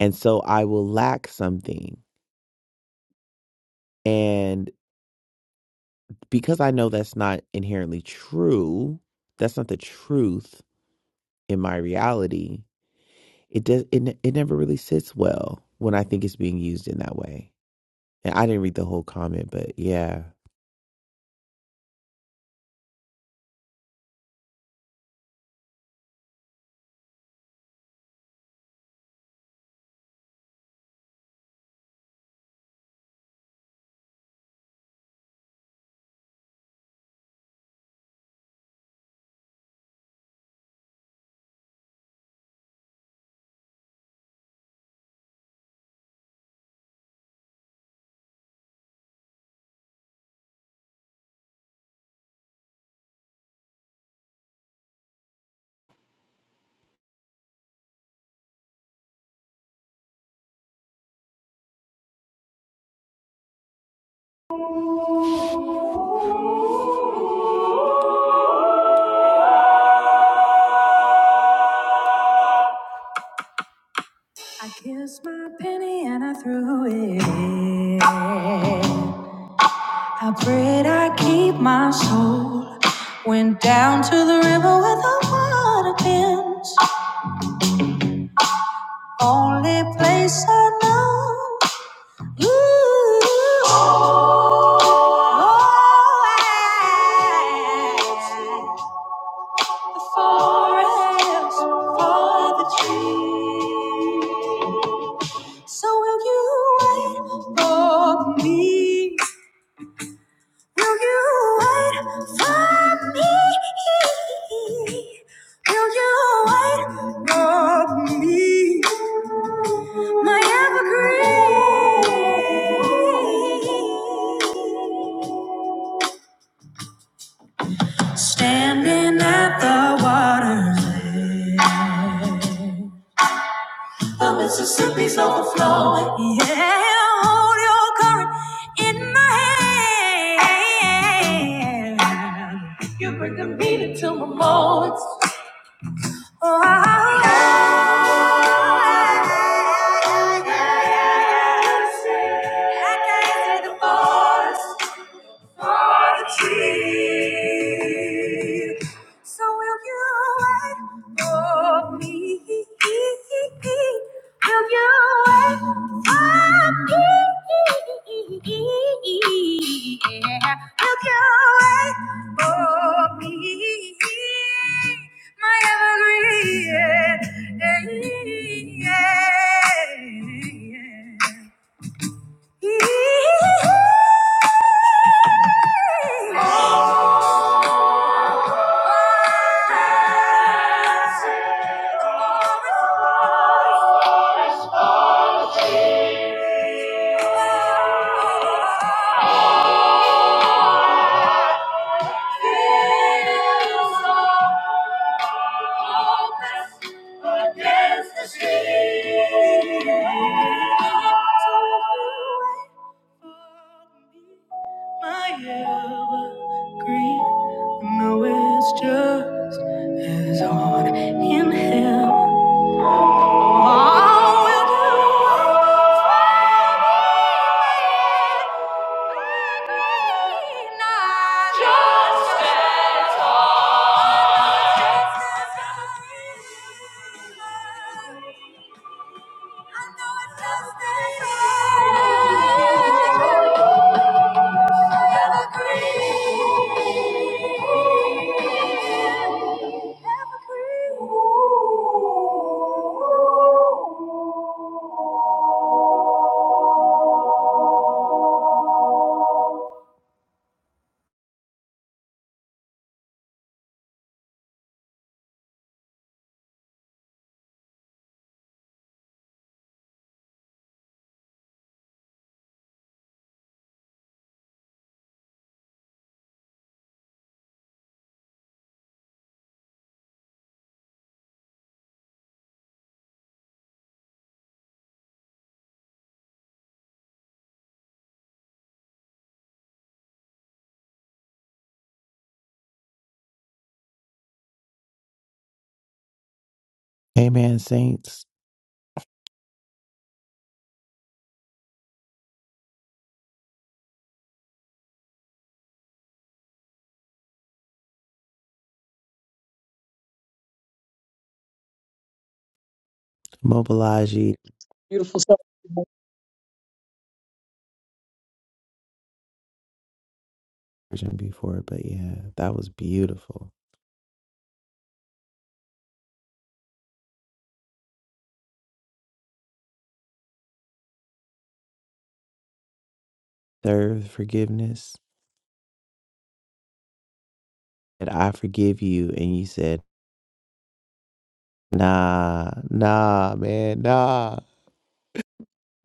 Speaker 1: And so I will lack something. And because I know that's not inherently true, that's not the truth in my reality. It does it, it never really sits well when I think it's being used in that way. And I didn't read the whole comment, but yeah. I kissed my penny and I threw it. How great I keep my soul. Went down to the river where the water bends. Only place I know. Ooh, oh, I, the forest for the trees. So will you wait for me? Will you wait for me? Will you wait for me? My evergreen. Standing at the water's edge. The Mississippi's overflowing. Yeah, hold your current in my hand. You bring the meaning to my moments. Oh, yes. I can not see the force. Archie. So will you wait for me? Will you wait for me? Yeah. Will you wait for me? My evergreen. yeah. yeah, yeah. Oh. evergreen. I know it's just as on in heaven. Amen, saints. Mobilize ye.
Speaker 3: Beautiful stuff.
Speaker 1: version before, but yeah, that was beautiful. Third forgiveness. And I forgive you. And you said, nah, nah, man, nah,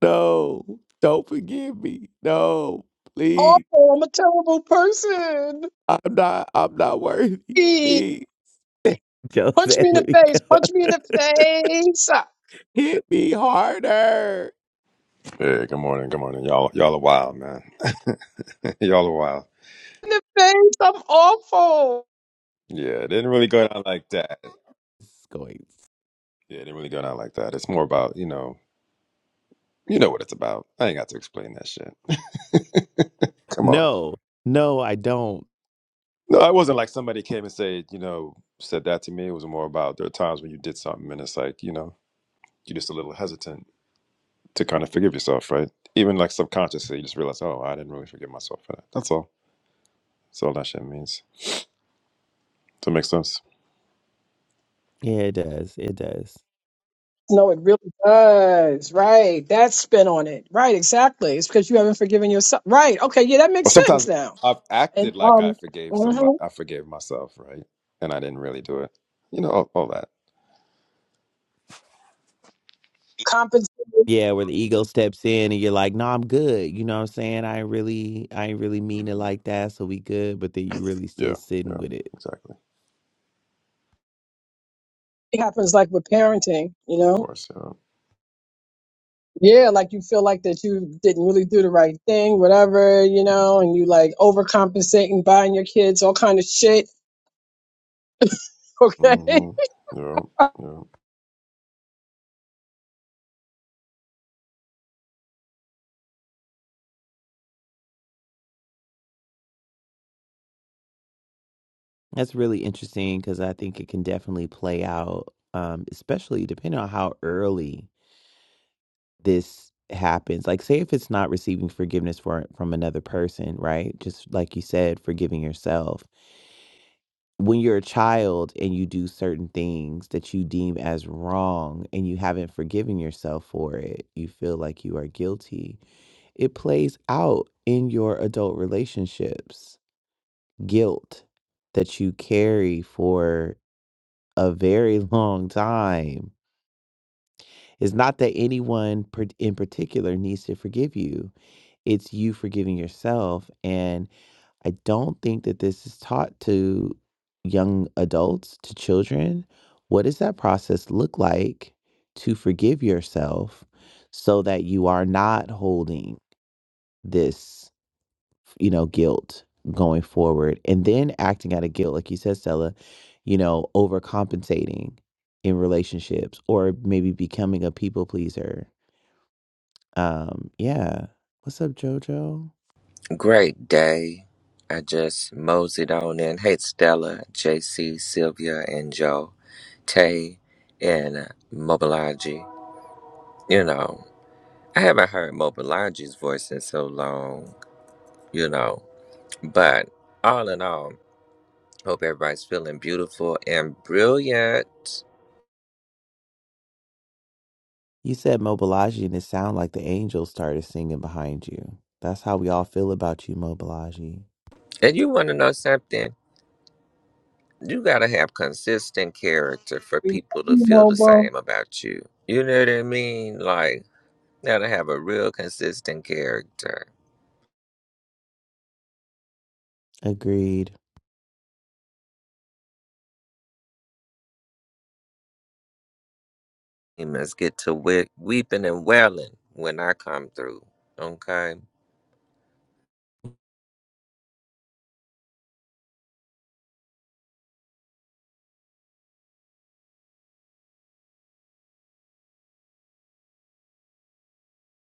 Speaker 1: no, don't forgive me. No,
Speaker 3: Oh,
Speaker 1: please.
Speaker 3: I'm a terrible person.
Speaker 1: I'm not, I'm not worthy. Please. Joe
Speaker 3: Punch me
Speaker 1: said,
Speaker 3: in the
Speaker 1: let me
Speaker 3: face.
Speaker 1: go.
Speaker 3: Punch me in the face.
Speaker 1: Hit me harder.
Speaker 5: Hey, good morning, good morning. Y'all y'all are wild, man. y'all are wild.
Speaker 3: In the face. I'm awful.
Speaker 5: Yeah, it didn't really go down like that.
Speaker 1: It's going.
Speaker 5: Yeah, it didn't really go down like that. It's more about, you know, you know what it's about. I ain't got to explain that shit. Come on.
Speaker 1: No, no, I don't.
Speaker 5: No, it wasn't like somebody came and said, you know, said that to me. It was more about there are times when you did something and it's like, you know, you're just a little hesitant to kind of forgive yourself, right? Even like subconsciously, you just realize, oh, I didn't really forgive myself for that. That's all. That's all that shit means. Does that make sense?
Speaker 1: Yeah, it does. It does.
Speaker 3: No, it really does. Right. That's spin on it. Right. Exactly. It's because you haven't forgiven yourself. Right. Okay. Yeah, that
Speaker 5: Or
Speaker 3: makes
Speaker 5: sometimes
Speaker 3: sense now.
Speaker 5: I've
Speaker 3: And
Speaker 5: acted like I
Speaker 3: um,
Speaker 5: forgave somebody,
Speaker 3: mhm.
Speaker 5: I forgave myself, right? And I didn't really do it. You know, all, all that.
Speaker 3: compensation
Speaker 1: Yeah, where the ego steps in and you're like, "No, I'm good." You know what I'm saying? I ain't really, I ain't really mean it
Speaker 5: hmm
Speaker 1: like that, so we good. But then you really still
Speaker 5: Yeah,
Speaker 1: sitting
Speaker 5: yeah,
Speaker 1: with it.
Speaker 5: exactly.
Speaker 3: happens like with parenting, you
Speaker 5: Of
Speaker 3: know?
Speaker 5: course, yeah.
Speaker 3: Yeah, like you feel like that you didn't really do the right thing, whatever, you know, and you like overcompensating, buying your kids all kind of shit. Okay.
Speaker 5: hmm Yeah, yeah.
Speaker 1: That's really interesting because I think it can definitely play out, um, especially depending on how early this happens. Like, say if it's not receiving forgiveness for from another person, right? Just like you said, forgiving yourself. When you're a child and you do certain things that you deem as wrong and you haven't forgiven yourself for it, you feel like you are guilty It plays out in your adult relationships. Guilt that you carry for a very long time. It's not that anyone par- in particular needs to forgive you. It's you forgiving yourself. And I don't think that this is taught to young adults, to children. What does that process look like to forgive yourself so that you are not holding this? you know, guilt going forward. And then acting out of guilt, like you said, Stella, you know, overcompensating in relationships or maybe becoming a people pleaser. Um, yeah. What's up, Jojo?
Speaker 6: Great day. I just moseyed on in. Hey, Stella, JC, Sylvia, and Joe, Tay, and Mobilaji. You know, I haven't heard Mobilaji's voice in so long, you know. But all in all, hope everybody's feeling beautiful and brilliant.
Speaker 1: You said mobilizaji and it sounded like the angels started singing behind you. That's how we all feel about you, mobilizaji.
Speaker 6: And you want to know something? You got to have consistent character for
Speaker 3: We love
Speaker 6: people to
Speaker 3: you,
Speaker 6: feel the
Speaker 3: Momo.
Speaker 6: same about you. You know what I mean? Like, gotta have a real consistent character
Speaker 1: Agreed.
Speaker 6: demons get to we- weeping and wailing when I come through. Okay.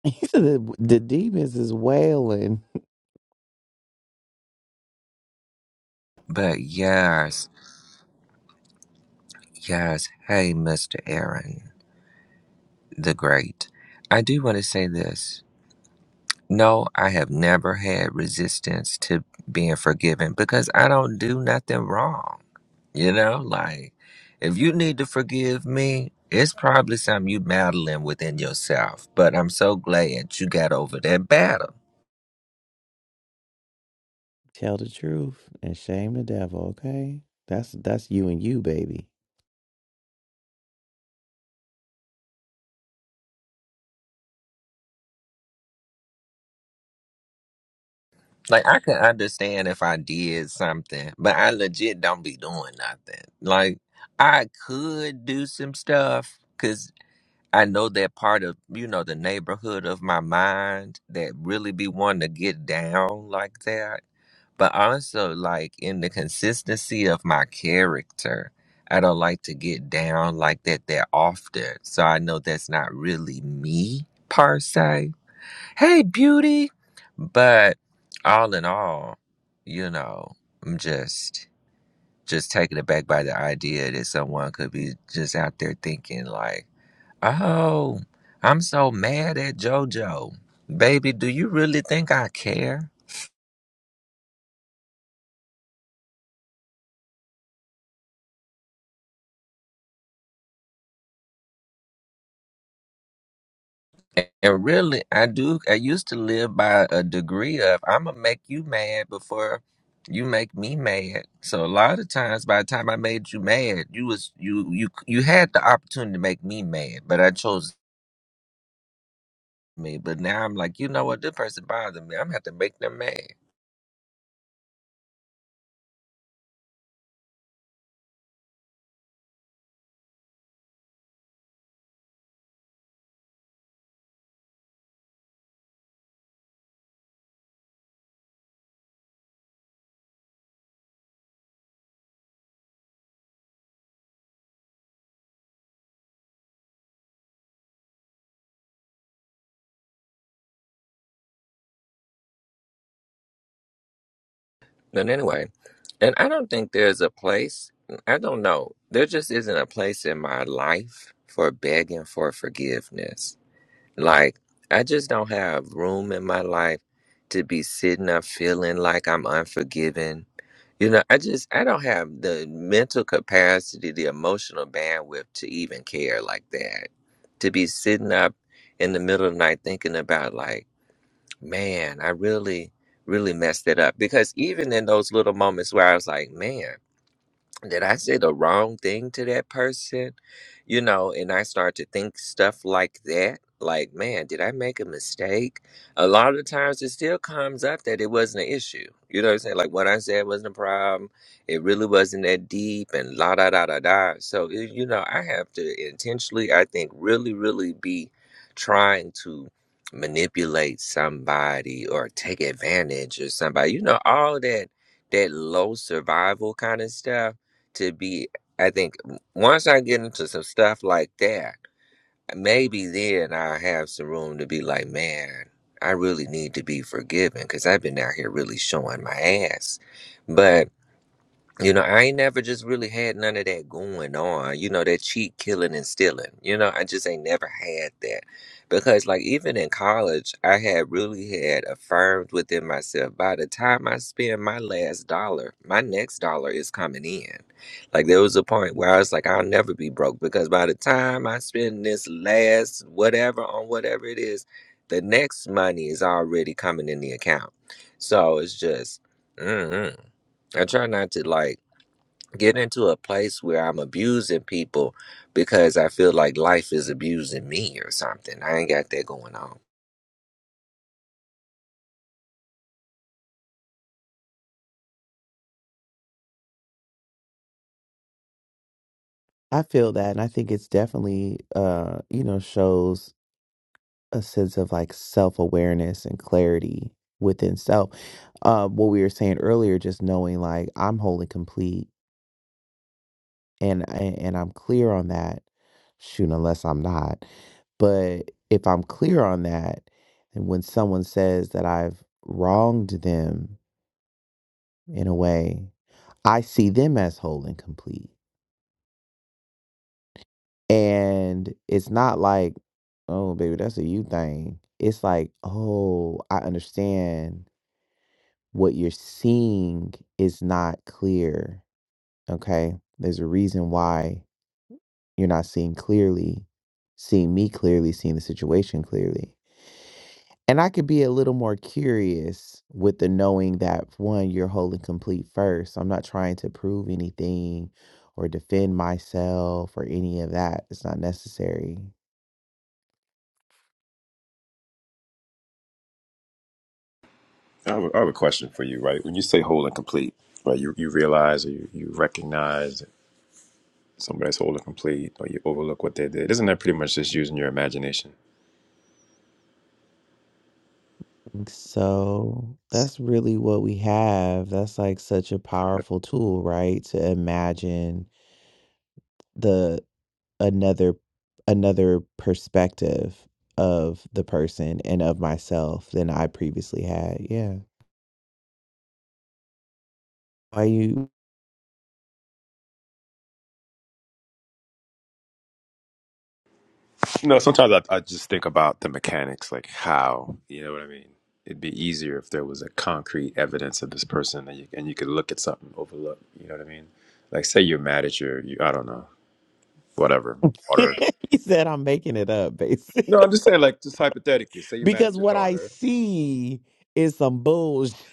Speaker 1: He said the, the demons is wailing.
Speaker 6: But yes, yes. Hey, Mr. Aaron the Great. I do want to say this. No, I have never had resistance to being forgiven because I don't do nothing wrong. You know, like if you need to forgive me, it's probably something you battling within yourself. But I'm so glad you got over that battle.
Speaker 1: Tell the truth and shame the devil, okay? That's that's you and you, baby.
Speaker 6: Like I can understand if I did something, but I legit don't be doing nothing. Like I could do some stuff because I know that part of you know the neighborhood of my mind that really be wanting to get down like that. But also like in the consistency of my character, I don't like to get down like that that often. So I know that's not really me per se hey, beauty. But all in all, you know, I'm just just taken aback by the idea that someone could be just out there thinking like, "Oh, I'm so mad at JoJo, baby. Do you really think I care?" And really, I do. I used to live by a degree of I'm gonna make you mad before you make me mad. So a lot of times, by the time I made you mad, you was you you you had the opportunity to make me mad, but I chose me. But now I'm like, you know what? This person bothers me. I'm gonna have to make them mad. But anyway, and I don't think there's a place. I don't know. There just isn't a place in my life for begging for forgiveness Like, I just don't have room in my life to be sitting up feeling like I'm unforgiving. You know, I just, I don't have the mental capacity, the emotional bandwidth to even care like that. To be sitting up in the middle of the night thinking about, like, man, I really, really messed it up. Because even in those little moments where I was like, man, did I say the wrong thing to that person? You know, and I start to think stuff like that. Like, man, did I make a mistake? A lot of times it still comes up that it wasn't an issue. You know what I'm saying? Like, what I said wasn't a problem. It really wasn't that deep and la da da da da. So, it, you know, I have to intentionally, I think, really, really be trying to manipulate somebody or take advantage of somebody. You know, all that, that low survival kind of stuff to be i think once i get into some stuff like that maybe then i'll have some room to be like man i really need to be forgiven because i've been out here really showing my ass you know, I ain't never just really had none of that going on, you know, that cheat killing and stealing. You know, I just ain't never had that. Because, like, even in college, I had really had affirmed within myself by the time I spend my last dollar, my next dollar is coming in. Like, there was a point where I was like, I'll never be broke because by the time I spend this last whatever on whatever it is, the next money is already coming in the account. So it's just, mm-mm. I try not to, like, get into a place where I'm abusing people because I feel like life is abusing me or something. I ain't got that going on.
Speaker 1: I feel that, and I think it's definitely, uh, you know, shows a sense of like self awareness and clarity within self. Uh, what we were saying earlier, just knowing like I'm wholly complete, and and and I'm clear on that. Shoot, unless I'm not, but if I'm clear on that, and when someone says that I've wronged them in a way, I see them as whole and complete And it's not like, "Oh, baby, that's a you thing." It's like, "Oh, I understand what you're seeing is not clear." Okay? There's a reason why you're not seeing clearly, seeing me clearly, seeing the situation clearly. And I could be a little more curious with the knowing that, one, you're whole and complete first. I'm not trying to prove anything or defend myself or any of that. It's not necessary.
Speaker 5: I have, a, I have a question for you, right? When you say whole and complete, right, you, you realize or you, you recognize somebody's whole and complete or you overlook what they did. Isn't that pretty much just using your imagination?
Speaker 1: So that's really what we have. That's like such a powerful tool, right? To imagine the another another perspective of the person and of myself than I previously had. Yeah. Are you
Speaker 5: No, sometimes I, I just think about the mechanics, like how, you know what I mean? It'd be easier if there was a concrete evidence of this person and you, and you could look at something, overlook, you know what I mean? Like, say you're mad at your, you, I don't know, whatever, daughter.
Speaker 1: he said I'm making it up basically.
Speaker 5: No, I'm just saying, like, just hypothetically, say you're mad at
Speaker 1: because
Speaker 5: your
Speaker 1: what I
Speaker 5: daughter.
Speaker 1: see is some bullshit.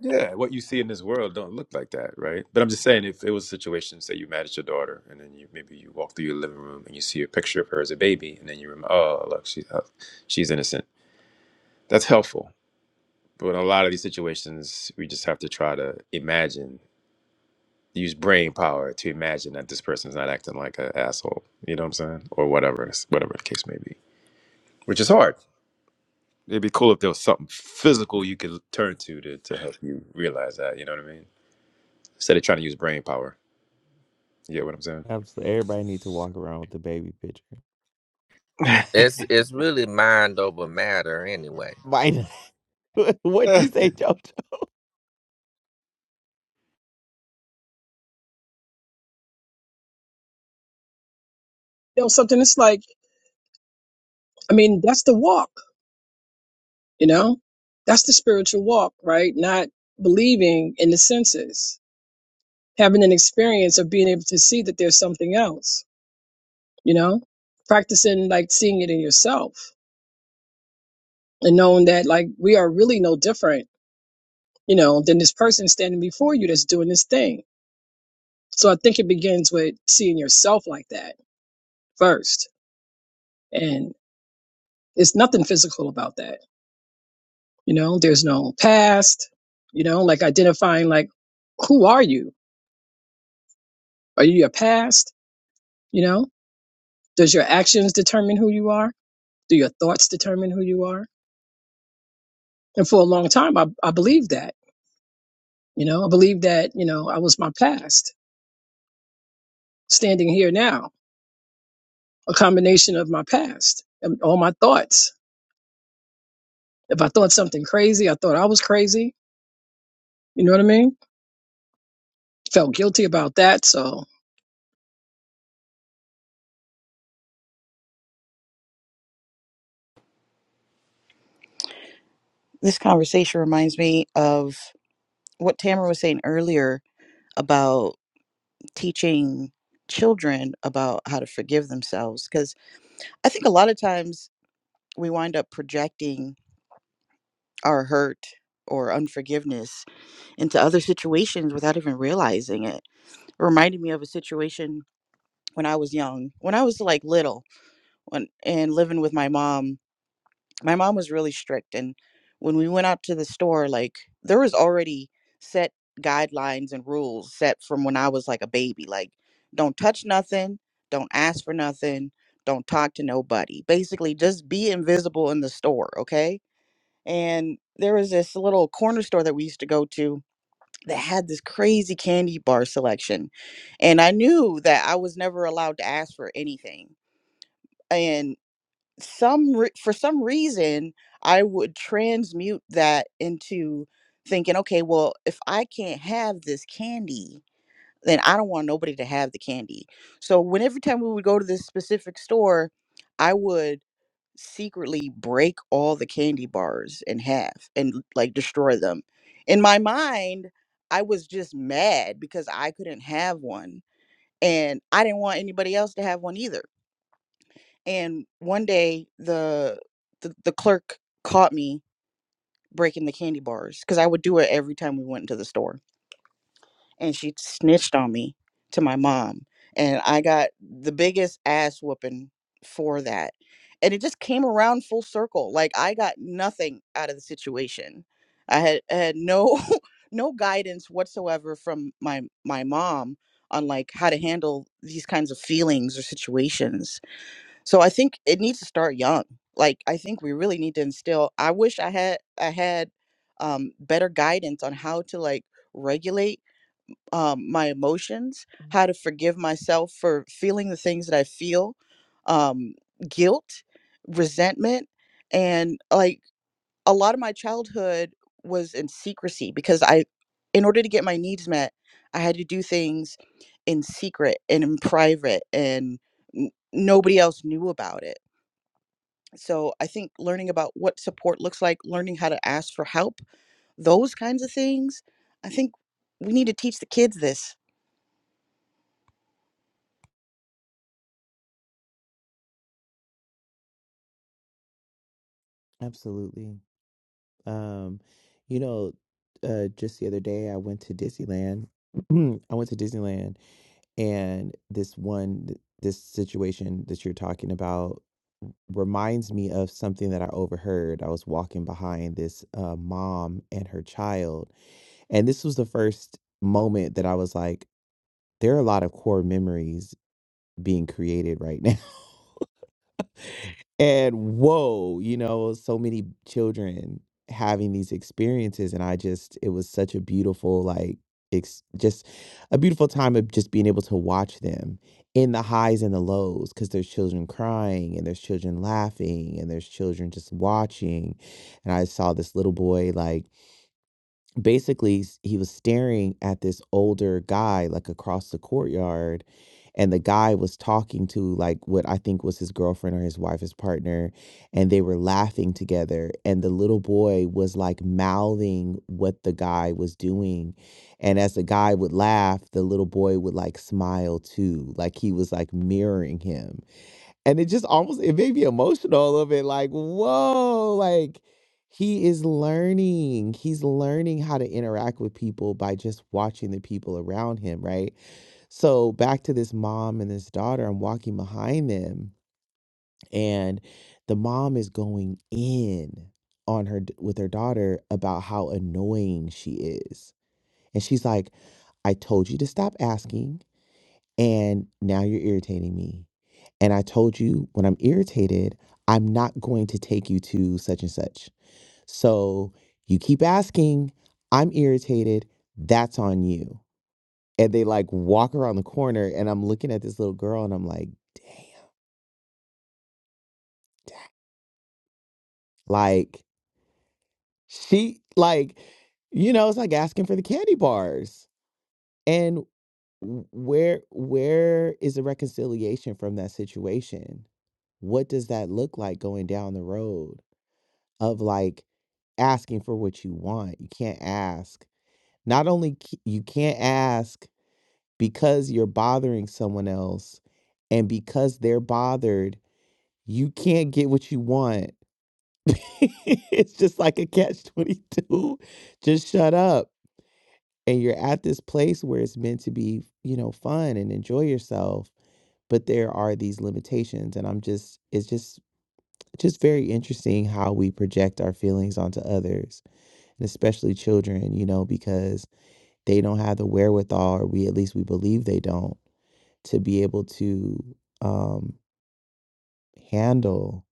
Speaker 5: Yeah, what you see in this world don't look like that, right? But I'm just saying, if it was a situation, say you're mad at your daughter, and then you maybe you walk through your living room and you see a picture of her as a baby, and then you remember, oh, look, she, uh, she's innocent. That's helpful But in a lot of these situations, we just have to try to imagine, use brain power to imagine that this person's not acting like an asshole. You know what I'm saying? Or whatever, whatever the case may be. Which is hard. It'd be cool if there was something physical you could turn to to, to help you realize that. You know what I mean? Instead of trying to use brain power. You get what I'm saying?
Speaker 1: I'm so everybody need to walk around with the baby picture.
Speaker 6: It's it's really mind over matter anyway.
Speaker 1: Mine. not? what you say, Jojo?
Speaker 3: You know, something that's like, I mean, that's the walk, you know? That's the spiritual walk, right? Not believing in the senses, having an experience of being able to see that there's something else, you know? Practicing like seeing it in yourself and knowing that like we are really no different, you know, than this person standing before you that's doing this thing. So I think it begins with seeing yourself like that first. And it's nothing physical about that, you know? There's no past, you know, like identifying like who are you? Are you your past? You know, does your actions determine who you are? Do your thoughts determine who you are? And for a long time, I, I believed that. You know, I believed that, you know, I was my past standing here now, a combination of my past and all my thoughts. If I thought something crazy, I thought I was crazy. You know what I mean? Felt guilty about that. So,
Speaker 4: This conversation reminds me of what Tamara was saying earlier about teaching children about how to forgive themselves. Because I think a lot of times we wind up projecting our hurt or unforgiveness into other situations without even realizing it. It reminded me of a situation when I was young, when I was like little, when, and living with my mom my mom was really strict and when we went out to the store like there was already set guidelines and rules set from when i was like a baby like don't touch nothing don't ask for nothing don't talk to nobody basically just be invisible in the store okay and there was this little corner store that we used to go to that had this crazy candy bar selection and i knew that i was never allowed to ask for anything some re- for some reason I would transmute that into thinking, okay, well, if I can't have this candy, then I don't want nobody to have the candy. So when every time we would go to this specific store, I would secretly break all the candy bars in half and like destroy them. In my mind, I was just mad because I couldn't have one and I didn't want anybody else to have one either and one day the the, the clerk caught me breaking the candy bars because i would do it every time we went into the store and she snitched on me to my mom and i got the biggest ass whooping for that and it just came around full circle like i got nothing out of the situation i had I had no no guidance whatsoever from my my mom on like how to handle these kinds of feelings or situations so I think it needs to start young. Like I think we really need to instill. I wish I had I had um, better guidance on how to like regulate um, my emotions, Mhm. how to forgive myself for feeling the things that I feel, um, guilt, resentment, and like a lot of my childhood was in secrecy because I, in order to get my needs met, I had to do things in secret and in private and n- nobody else knew about it so I think learning about what support looks like, learning how to ask for help, those kinds of things. I think we need to teach the kids this.
Speaker 1: Absolutely. Um, you know, uh, just the other day I went to Disneyland. I went to Disneyland, and this one, th- this situation that you're talking about reminds me of something that I overheard. I was walking behind this uh, mom and her child, and this was the first moment that I was like, there are a lot of core memories being created right now. And whoa, you know, so many children having these experiences. And I just, it was such a beautiful, like, ex- just a beautiful time of just being able to watch them in the highs and the lows because there's children crying and there's children laughing and there's children just watching. And I saw this little boy, like, basically s- he was staring at this older guy like across the courtyard and the guy was talking to like what I think was his girlfriend or his wife, his partner, and they were laughing together. And the little boy was like mouthing what the guy was doing. And as the guy would laugh, the little boy would like smile too, like he was like mirroring him and it just almost it made me emotional a little bit like whoa like he is learning he's learning how to interact with people by just watching the people around him right so back to this mom and this daughter i'm walking behind them and the mom is going in on her d- with her daughter about how annoying she is and she's like i told you to stop asking and now you're irritating me. And I told you when I'm irritated, I'm not going to take you to such and such. So you keep asking, I'm irritated, that's on you. And they like walk around the corner, and I'm looking at this little girl, and I'm like, dang, like she, like, you know, it's like asking for the candy bars. And w- where where is the reconciliation from that situation? What does that look like going down the road? of like asking for what you want. You can't ask. Not only c- you can't ask because you're bothering someone else and because they're bothered, you can't get what you want. it's just like a catch 22. Just shut up. And you're at this place where it's meant to be, you know, fun and enjoy yourself, but there are these limitations and I'm just it's just just very interesting how we project our feelings onto others especially children, you know, because they don't have the wherewithal, or we at least we believe they don't, to be able to um, handle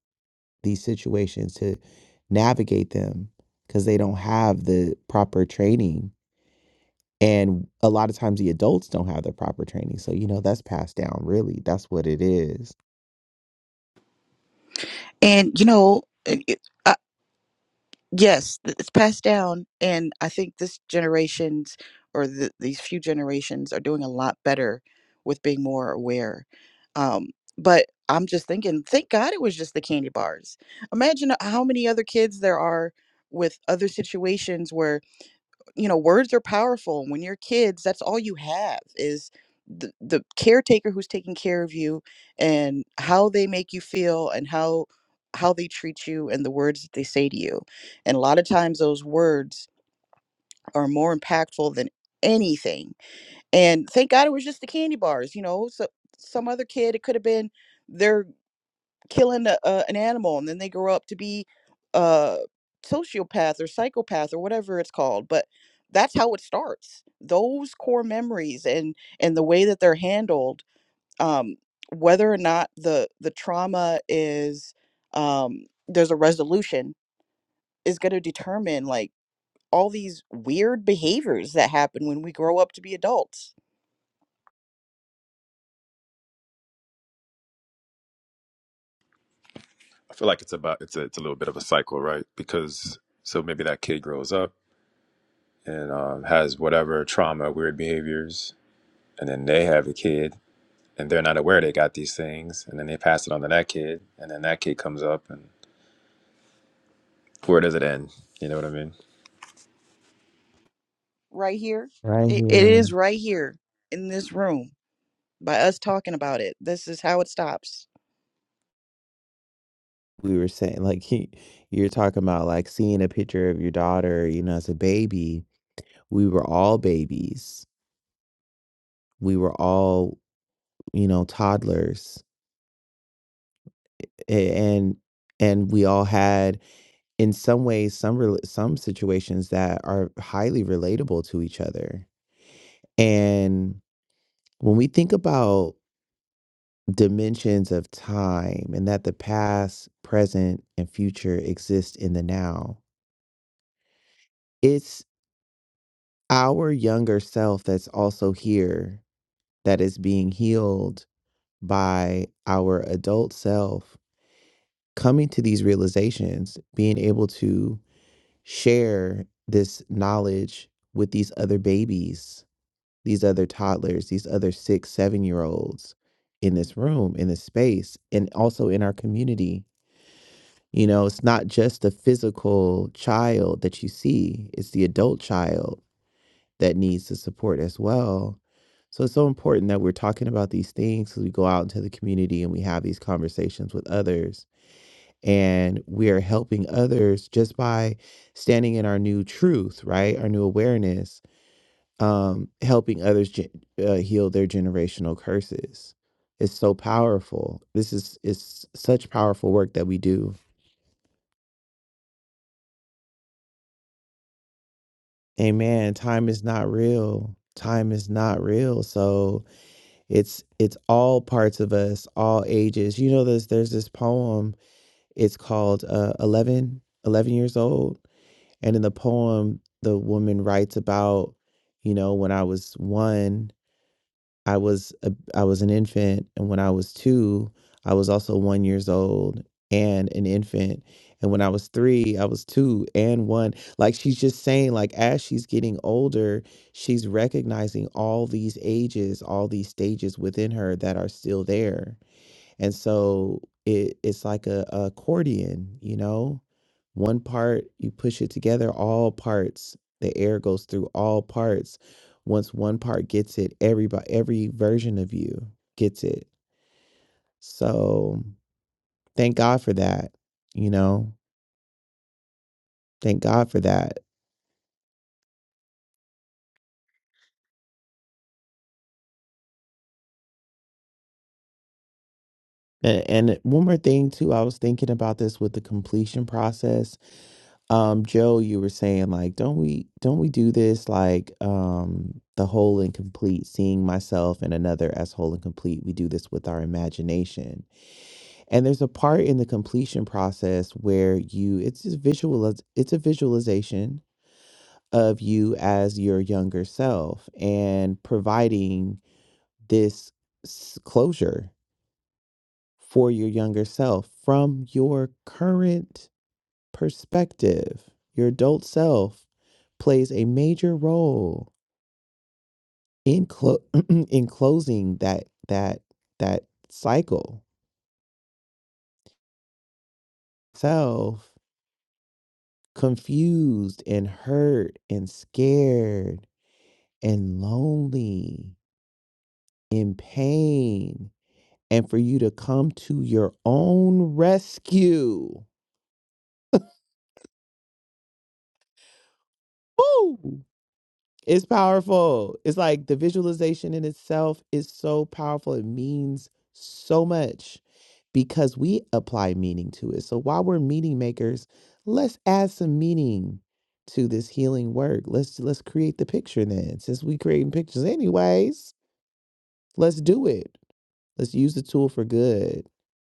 Speaker 1: these situations, to navigate them, because they don't have the proper training. And a lot of times the adults don't have the proper training. So, you know, that's passed down, really. That's what it is.
Speaker 4: And you know, it, it- uh, yes, th- it's passed down, and I think this generations or the, these few generations are doing a lot better with being more aware. Um, but I'm just thinking, thank God it was just the candy bars. Imagine how many other kids there are with other situations where you know words are powerful when you're kids that's all you have is the, the caretaker who's taking care of you and how they make you feel and how how they treat you and the words that they say to you and a lot of times those words are more impactful than anything and thank god it was just the candy bars you know so some other kid it could have been their killing a, a, an animal and then they grow up to be a sociopath or psychopath or whatever it's called but that's how it starts those core memories and and the way that they're handled um whether or not the the trauma is um there's a resolution is going to determine like all these weird behaviors that happen when we grow up to be adults.
Speaker 5: I feel like it's about it's a, it's a little bit of a cycle, right? Because so maybe that kid grows up and um, has whatever trauma, weird behaviors, and then they have a kid and they're not aware they got these things, and then they pass it on to that kid, and then that kid comes up, and where does it end? You know what I mean?
Speaker 4: Right here,
Speaker 1: Right
Speaker 4: it, it
Speaker 1: here.
Speaker 4: is right here in this room by us talking about it. This is how it stops.
Speaker 1: We were saying, like, he, you're talking about like seeing a picture of your daughter, you know, as a baby. We were all babies we were all, you know, toddlers a- and and we all had in some ways some rel some situations that are highly relatable to each other. And when we think about dimensions of time and that the past, present, and future exist in the now, it's our younger self that's also here that is being healed by our adult self coming to these realizations, being able to share this knowledge with these other babies, these other toddlers, these other six, seven year olds in this room, in this space, and also in our community. You know, it's not just the physical child that you see, it's the adult child that needs the support as well. So it's so important that we're talking about these things as we go out into the community and we have these conversations with others and we are helping others just by standing in our new truth right our new awareness um helping others ge- uh, heal their generational curses it's so powerful this is it's such powerful work that we do amen time is not real time is not real so it's it's all parts of us all ages you know there's there's this poem it's called uh 11 11 years old And in the poem, the woman writes about, you know, when I was one, I was a, I was an infant, and when I was two, I was also one years old and an infant, and when I was three, I was two and one. Like she's just saying, like as she's getting older, she's recognizing all these ages, all these stages within her that are still there and so it it's like a, a accordion, you know? One part you push it together, all parts, the air goes through all parts. Once one part gets it, everybody every version of you gets it. So thank God for that, you know? Thank God for that. And, and one more thing too, I was thinking about this with the completion process um Joe you were saying like don't we don't we do this like um the whole and complete seeing myself and another as whole and complete we do this with our imagination and there's a part in the completion process where you it's just visual it's a visualization of you as your younger self and providing this s- closure for your younger self from your current perspective, your adult self plays a major role in clo- in closing that that that cycle. Self confused and hurt and scared and lonely in pain and for you to come to your own rescue. Woo! It's powerful. It's like the visualization in itself is so powerful. It means so much because we apply meaning to it. So while we're meaning makers, let's add some meaning to this healing work. Let's let's create the picture then. Since we creating pictures anyways, let's do it. Let's use the tool for good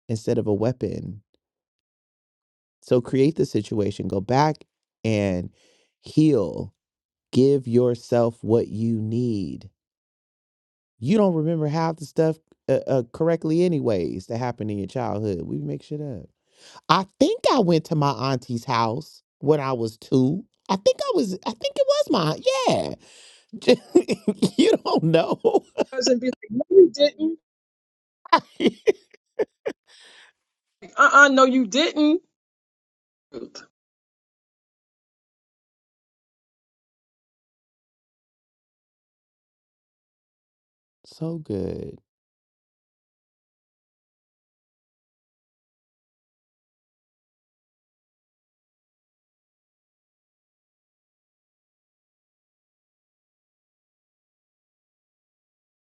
Speaker 1: instead of a weapon. So create the situation. Go back and heal. Give yourself what you need You don't remember half the stuff uh, uh, correctly, anyways, that happened in your childhood. We make shit up. I think I went to my auntie's house when I was two. I think I was, I think it was my, yeah. you don't know.
Speaker 3: I was be like, no, you didn't. Uh uh no, you didn't.
Speaker 1: so good.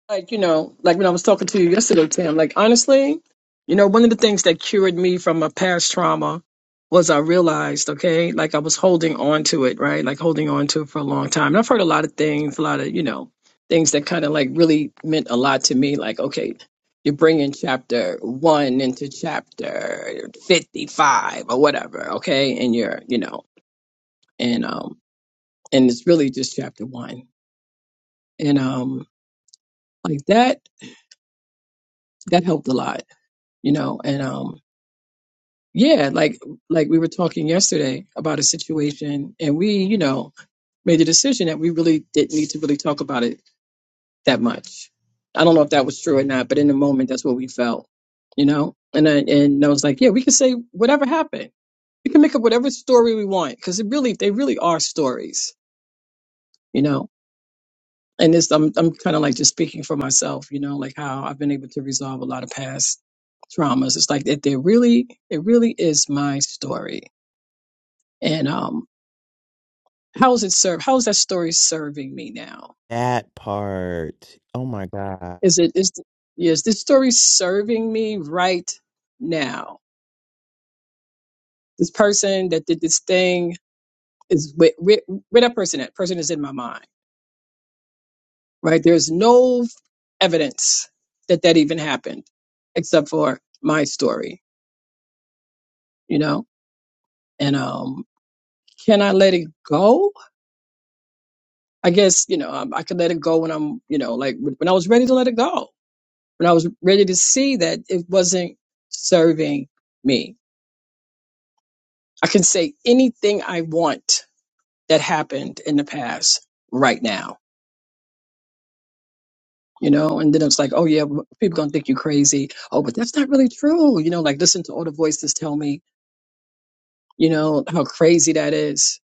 Speaker 3: like you know like when i was talking to you yesterday tim like honestly you know one of the things that cured me from a past trauma was i realized okay like i was holding on to it right like holding on to it for a long time and i've heard a lot of things a lot of you know things that kind of like really meant a lot to me like okay you're bringing chapter one into chapter 55 or whatever okay and you're you know and um and it's really just chapter one and um like that that helped a lot you know and um yeah like like we were talking yesterday about a situation and we you know made the decision that we really didn't need to really talk about it that much i don't know if that was true or not but in the moment that's what we felt you know and I, and I was like yeah we can say whatever happened we can make up whatever story we want because it really they really are stories you know and this I'm I'm kind of like just speaking for myself, you know, like how I've been able to resolve a lot of past traumas. It's like that. they really it really is my story, and um, how is it serve? How is that story serving me now?
Speaker 1: That part. Oh my God.
Speaker 3: Is it is yes, this story serving me right now? This person that did this thing is where, where, where that person at? Person is in my mind, right? There's no evidence that that even happened, except for my story, you know, and um can I let it go? I guess, you know, um, I could let it go when I'm, you know, like when I was ready to let it go, when I was ready to see that it wasn't serving me. I can say anything I want that happened in the past right now, you know, and then it's like, oh yeah, well, people gonna think you crazy. Oh, but that's not really true. You know, like listen to all the voices tell me, you know, how crazy that is.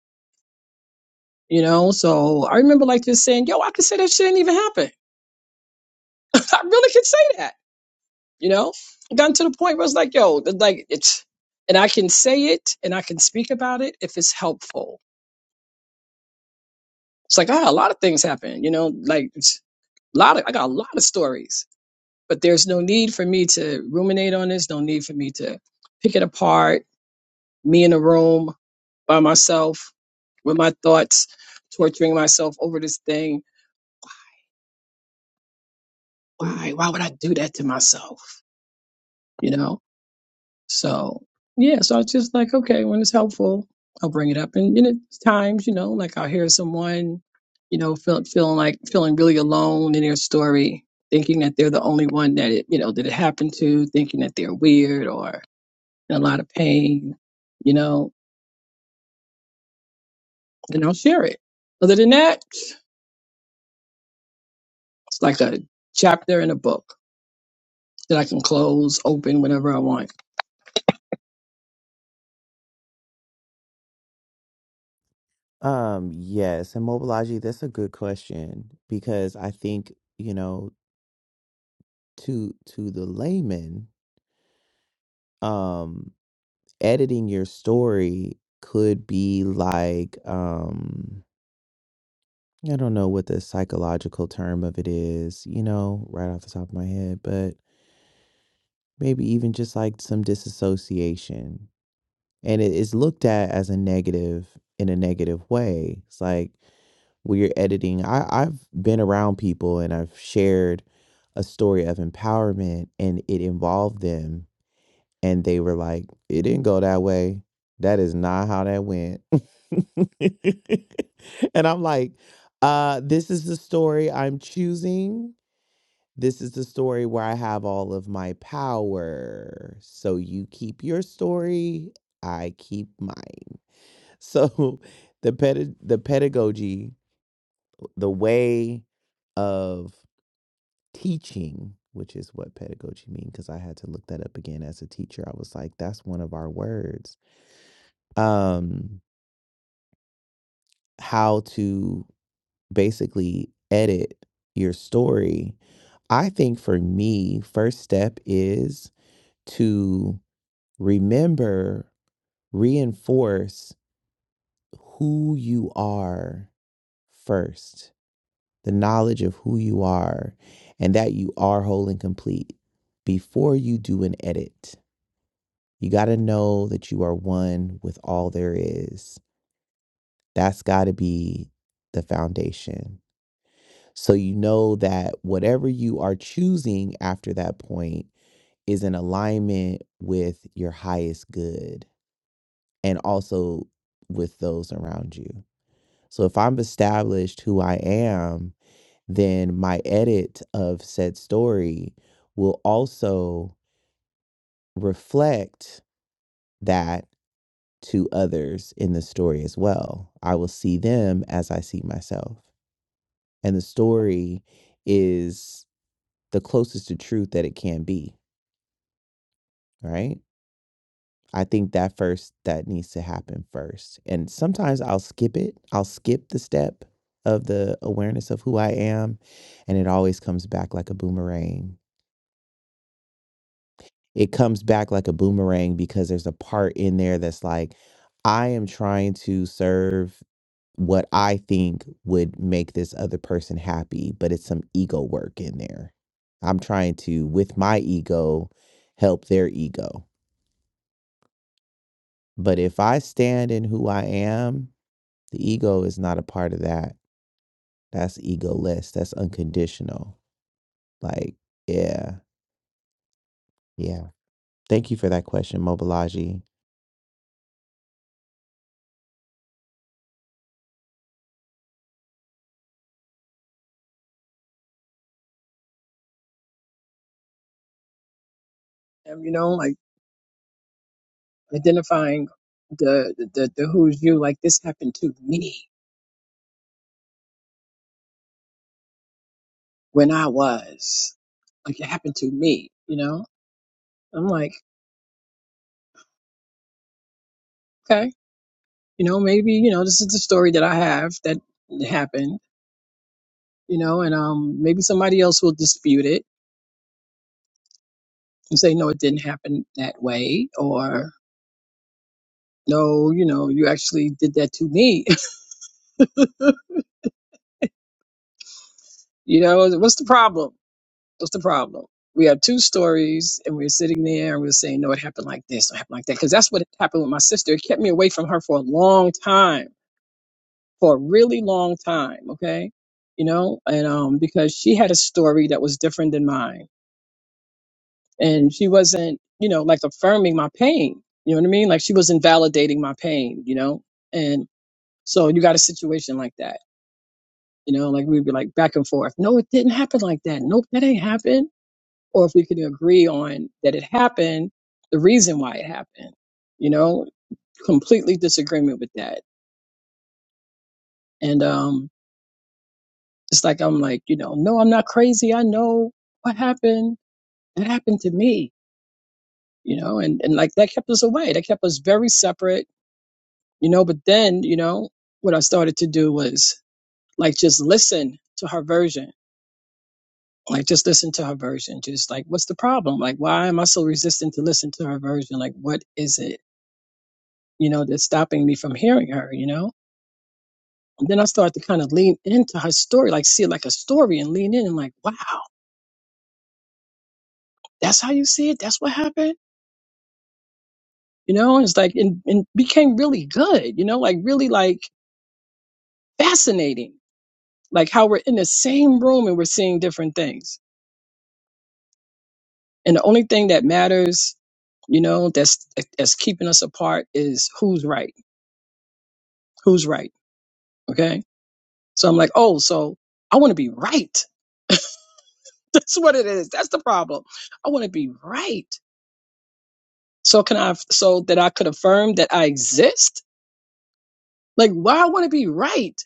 Speaker 3: You know, so I remember like just saying, yo, I could say that shit didn't even happen. I really could say that you know it gotten to the point where it's like yo like it's and i can say it and i can speak about it if it's helpful it's like ah a lot of things happen you know like it's a lot of i got a lot of stories but there's no need for me to ruminate on this no need for me to pick it apart me in a room by myself with my thoughts torturing myself over this thing why why would i do that to myself you know So yeah, so I was just like, okay, when it's helpful, I'll bring it up. And, and it's times, you know, like I'll hear someone, you know, feel, feeling like feeling really alone in their story, thinking that they're the only one that it, you know, that it happened to, thinking that they're weird or in a lot of pain, you know, and I'll share it. Other than that, it's like a chapter in a book that I can close, open, whenever I want.
Speaker 1: Um, yes, and Mobilaji, that's a good question because I think, you know, to to the layman, Um. editing your story could be like, um, I don't know what the psychological term of it is, you know, right off the top of my head, but maybe even just like some disassociation. And it is looked at as a negative in a negative way. It's like when you're editing, I, I've been around people and I've shared a story of empowerment and it involved them and they were like, "It didn't go that way. That is not how that went." and I'm like, uh, "This is the story I'm choosing. This is the story where I have all of my power. So you keep your story, I keep mine." So the ped- the pedagogy, the way of teaching which is what pedagogy means because i had to look that up again as a teacher i was like that's one of our words um, how to basically edit your story. I think for me, first step is to remember, reinforce who you are first, the knowledge of who you are and that you are whole and complete before you do an edit. You got to know that you are one with all there is. That's got to be the foundation. So you know that whatever you are choosing after that point is in alignment with your highest good and also with those around you. So if I'm established who I am, then my edit of said story will also reflect that to others in the story as well. I will see them as I see myself. And the story is the closest to truth that it can be. right? I think that first that needs to happen first. And sometimes I'll skip it. I'll skip the step of the awareness of who I am and it always comes back like a boomerang. It comes back like a boomerang because there's a part in there that's like I am trying to serve what I think would make this other person happy, but it's some ego work in there. I'm trying to with my ego help their ego But if I stand in who I am, the ego is not a part of that. That's egoless. That's unconditional. Like, yeah, yeah. Thank you for that question, Mobilaji.
Speaker 3: And, you know, like identifying the, the, the who's you, like this happened to me when I was. Like it happened to me, you know? I'm like, okay, you know, maybe, you know, this is the story that I have that happened, you know, and um maybe somebody else will dispute it and say, no, it didn't happen that way or no, you know, you actually did that to me. you know, what's the problem? What's the problem? We have two stories and we're sitting there and we're saying, no, it happened like this, it happened like that. Because that's what happened with my sister. It kept me away from her for a long time for a really long time. Okay. You know, and um, because she had a story that was different than mine and she wasn't, you know, like affirming my pain. You know what I mean? Like she was invalidating my pain, you know? And so you got a situation like that, you know, like we'd be like back and forth. No, it didn't happen like that. Nope, that ain't happened. Or if we could agree on that it happened, the reason why it happened, you know, completely disagreement with that. And, um. It's like I'm like, you know, no, I'm not crazy. I know what happened. It happened to me, you know, and, and like that kept us away. That kept us very separate, you know. But then, you know, what I started to do was like just listen to her version. Like just listen to her version. Just like, what's the problem? Like, why am I so resistant to listen to her version? Like, what is it, you know, that's stopping me from hearing her, you know? And then I started to kind of lean into her story, like see it like a story and lean in and like, wow, that's how you see it? That's what happened? you know it's like and, and became really good you know like really like fascinating like how we're in the same room and we're seeing different things and the only thing that matters you know that's that's keeping us apart is who's right who's right okay so i'm like oh so i want to be right that's what it is that's the problem i want to be right so can i so that i could affirm that i exist like why i want to be right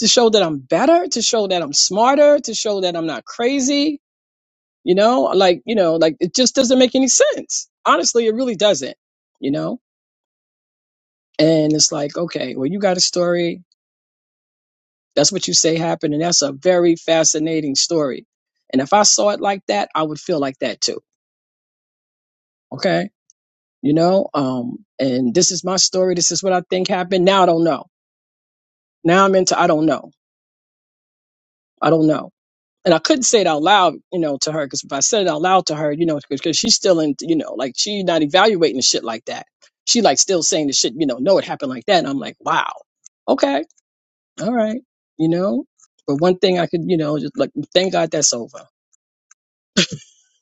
Speaker 3: to show that I'm better, to show that I'm smarter, to show that I'm not crazy, you know, like, you know, like it just doesn't make any sense. Honestly, it really doesn't, you know? And it's like, okay, well, you got a story. That's what you say happened. And that's a very fascinating story. And if I saw it like that, I would feel like that too. Okay. You know, um, and this is my story. This is what I think happened. Now I don't know. Now I'm into, I don't know. I don't know and I couldn't say it out loud, you know, to her because if I said it out loud to her, you know, because she's still in, you know, like she not evaluating the shit like that. She like still saying the shit, you know, no, it happened like that. And I'm like, wow, okay, all right, you know. But one thing I could, you know, just like thank God that's over.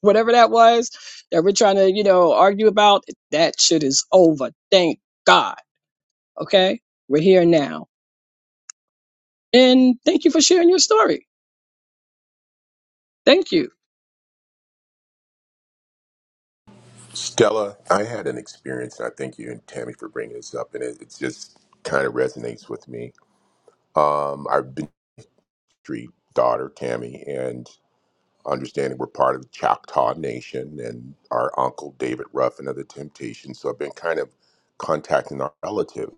Speaker 3: Whatever that was that we're trying to, you know, argue about, that shit is over. Thank God. Okay, we're here now, and thank you for sharing your story. Thank you,
Speaker 7: Stella, I had an experience, and I thank you and Tammy for bringing this up, and it, it just kind of resonates with me. Um, I've been street daughter, Tammy, and understanding we're part of the Choctaw Nation and our uncle David Ruffin of the Temptations. So I've been kind of contacting our relative.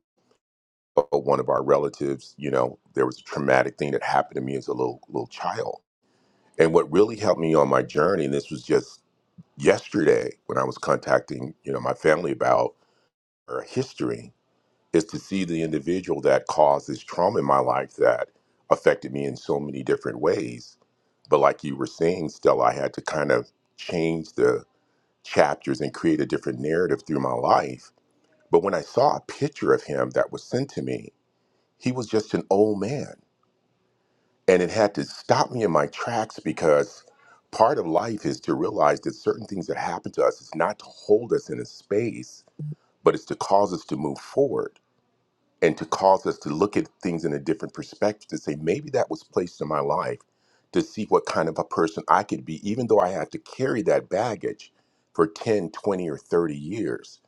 Speaker 7: But one of our relatives, you know, there was a traumatic thing that happened to me as a little little child. And what really helped me on my journey, and this was just yesterday when I was contacting, you know, my family about her history is to see the individual that causes trauma in my life that affected me in so many different ways. But like you were saying, Stella, I had to kind of change the chapters and create a different narrative through my life. But when I saw a picture of him that was sent to me, he was just an old man. And it had to stop me in my tracks because part of life is to realize that certain things that happen to us is not to hold us in a space, but it's to cause us to move forward and to cause us to look at things in a different perspective to say maybe that was placed in my life to see what kind of a person I could be even though I have to carry that baggage for 10, 20, or 30 years.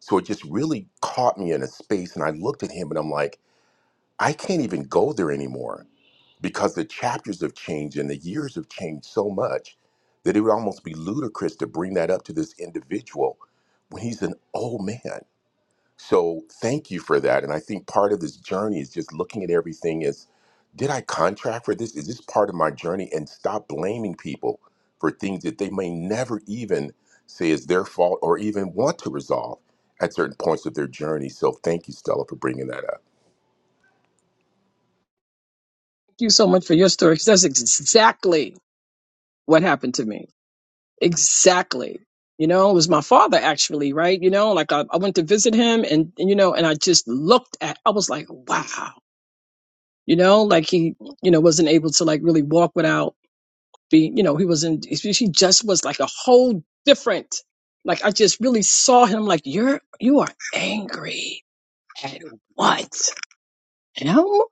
Speaker 7: So it just really caught me in a space and I looked at him and I'm like I can't even go there anymore because the chapters have changed and the years have changed so much that it would almost be ludicrous to bring that up to this individual when he's an old man so thank you for that. And I think part of this journey is just looking at everything as did I contract for this? Is this part of my journey? And stop blaming people for things that they may never even say is their fault or even want to resolve at certain points of their journey. So thank you, Stella, for bringing that up.
Speaker 3: thank you so much for your story. 'cause that's exactly what happened to me Exactly. You know, it was my father actually, right? You know, like I, I went to visit him and, and, you know, and I just looked at, I was like, wow, you know, like he, you know, wasn't able to like really walk without being, you know, he wasn't, he he just was like a whole different, like I just really saw him like, you're, you are angry at what? You know?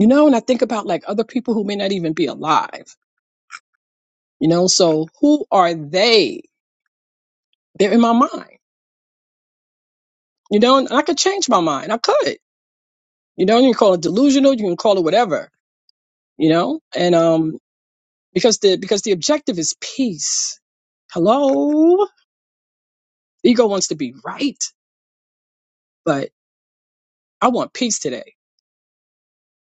Speaker 3: You know, and I think about like other people who may not even be alive, you know, so who are they? They're in my mind you know, and I could change my mind. I could, you know, you can call it delusional, you can call it whatever, you know, and um, because the because the objective is peace. Hello, ego wants to be right, but I want peace today.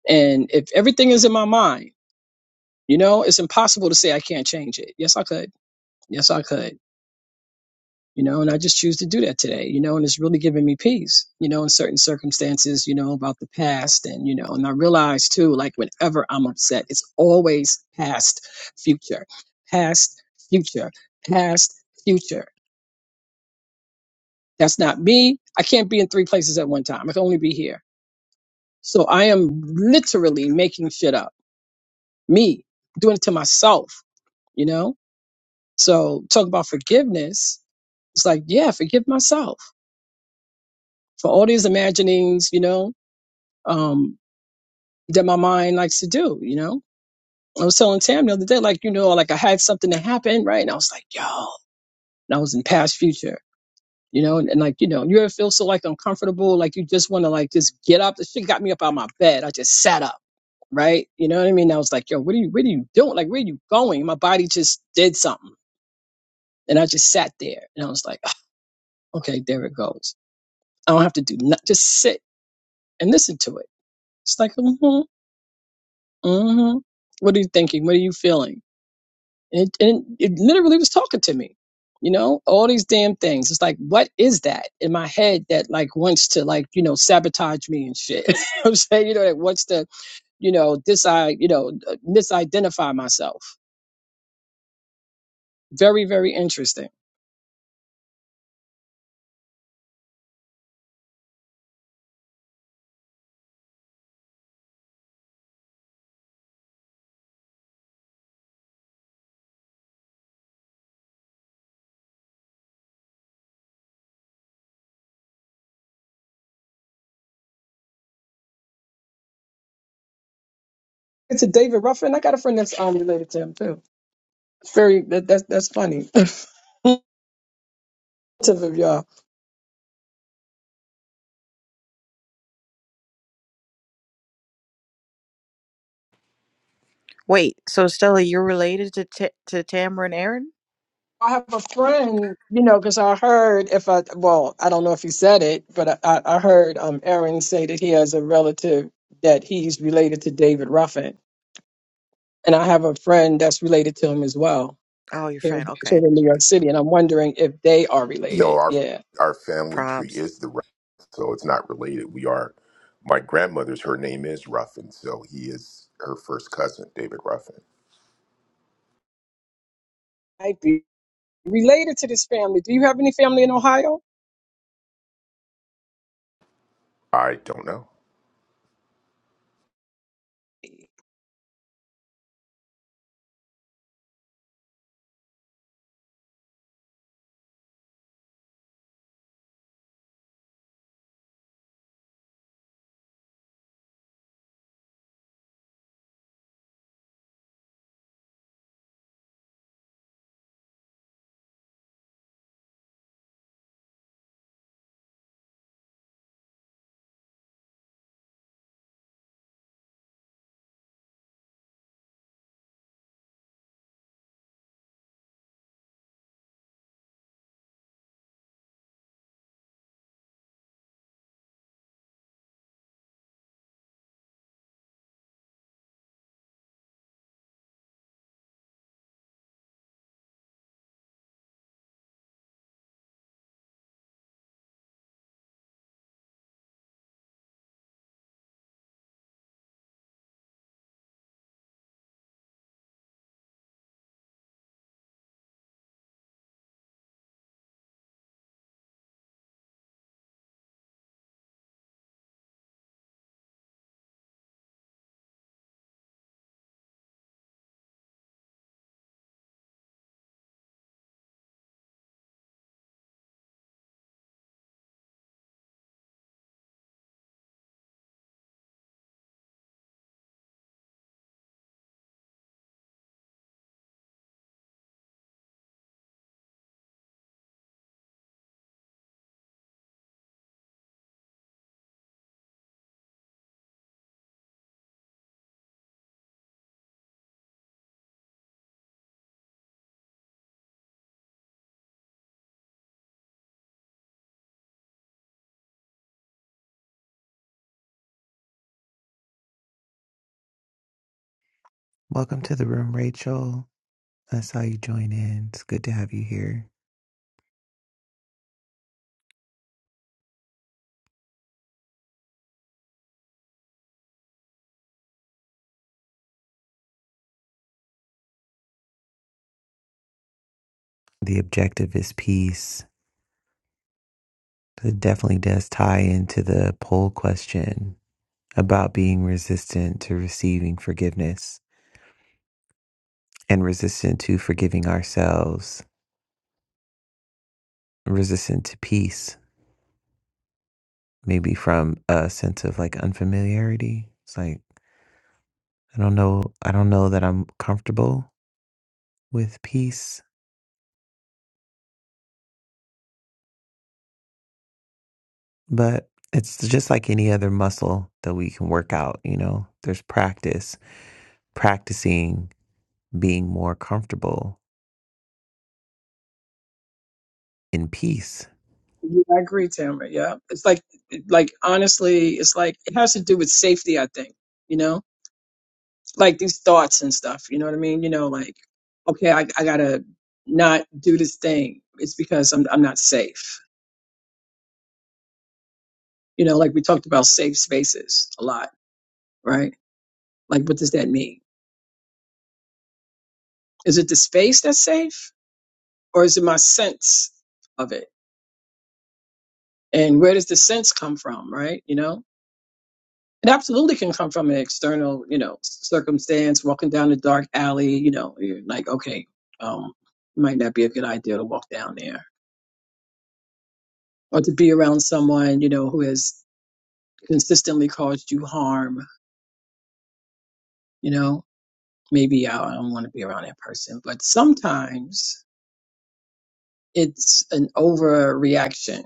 Speaker 3: And if everything is in my mind, you know, it's impossible to say I can't change it. Yes, I could. Yes, I could. you know, and I just choose to do that today, you know, and it's really giving me peace, you know, in certain circumstances, you know, about the past. And, you know, and I realize too, like whenever I'm upset, it's always past, future, past, future, past, future. That's not me. I can't be in three places at one time. I can only be here. So I am literally making shit up. Me doing it to myself, you know? So talk about forgiveness. It's like, yeah, forgive myself for all these imaginings, you know, um, that my mind likes to do, you know? I was telling Tam the other day, like, you know, like I had something that happened, right? And I was like, yo, and I was in past future, you know, and, and like, you know, you ever feel so like uncomfortable, like you just want to like just get up. The shit got me up out of my bed. I just sat up, right? You know what I mean? I was like, yo, what are you, what are you doing? Like, where are you going? My body just did something. And I just sat there and I was like, "Ah, okay, there it goes. I don't have to do nothing. Just sit and listen to it. It's like, mm-hmm, mm-hmm. What are you thinking? What are you feeling? And it, and it literally was talking to me, you know, all these damn things. It's like, what is that in my head that like wants to like, you know, sabotage me and shit? You know what I'm saying, you know, that wants to, you know, dis, I, you know, misidentify myself. Very, very interesting. It's a David Ruffin. I got a friend that's um related to him too. Very that, that's that's funny. Of y'all.
Speaker 4: Wait, so Stella, you're related to T- to Tamara and Aaron?
Speaker 3: I have a friend, you know, because I heard if I, well, I don't know if he said it, but I, I I heard um Aaron say that he has a relative that he's related to David Ruffin, and I have a friend that's related to him as well
Speaker 4: Oh, your
Speaker 3: here,
Speaker 4: friend.
Speaker 3: here
Speaker 4: Okay,
Speaker 3: in New York City, and I'm wondering if they are
Speaker 7: No,
Speaker 3: related.
Speaker 7: our
Speaker 3: Yeah,
Speaker 7: our family tree
Speaker 4: probs.
Speaker 7: is the rough, so it's not related. We are my grandmother's. Her name is Ruffin, so he is her first cousin, David Ruffin.
Speaker 3: I'd be related to this family. Do you have any family in Ohio?
Speaker 7: I don't know.
Speaker 1: Welcome to the room, Rachel. I saw you join in. It's good to have you here. The objective is peace. It definitely does tie into the poll question about being resistant to receiving forgiveness and resistant to forgiving ourselves, resistant to peace. maybe from a sense of like unfamiliarity. It's like I don't know, I don't know that I'm comfortable with peace, but it's just like any other muscle that we can work out, you know. There's practice, practicing being more comfortable in peace.
Speaker 3: Yeah, I agree, Tamara. Yeah, it's like, like honestly, it's like it has to do with safety. I think you know, like these thoughts and stuff. You know what I mean? You know, like okay, I, I gotta not do this thing. It's because I'm I'm not safe. You know, like we talked about safe spaces a lot, right? Like, what does that mean? Is it the space that's safe, or is it my sense of it? And where does the sense come from, right? You know, It absolutely can come from an external, you know, circumstance. Walking down a dark alley, you know, you're like, okay, um, might not be a good idea to walk down there, or to be around someone, you know, who has consistently caused you harm. You know, maybe I I don't want to be around that person. But sometimes it's an overreaction.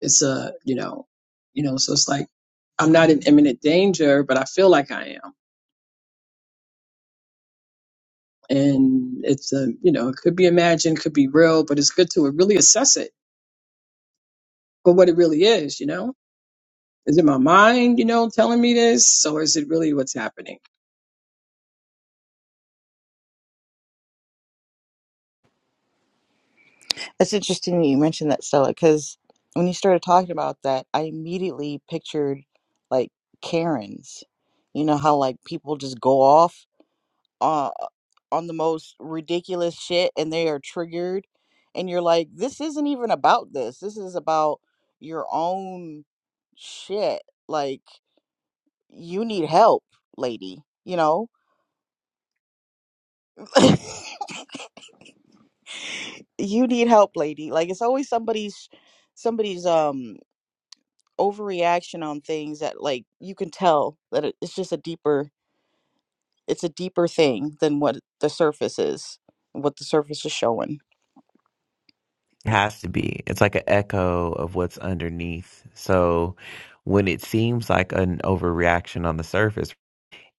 Speaker 3: It's a, you know, you know, so it's like I'm not in imminent danger, but I feel like I am and it's a you know it could be imagined could be real but it's good to really assess it for what it really is you know is it my mind you know telling me this or is it really what's happening
Speaker 4: It's interesting that you mentioned that, Stella, because when you started talking about that, I immediately pictured like Karens. You know how like people just go off uh, on the most ridiculous shit and they are triggered, and you're like, this isn't even about this. This is about your own shit. Like you need help, lady. You know. you need help lady like it's always somebody's somebody's um overreaction on things that like you can tell that it, it's just a deeper it's a deeper thing than what the surface is what the surface is showing
Speaker 1: It has to be. It's like an echo of what's underneath. So when it seems like an overreaction on the surface,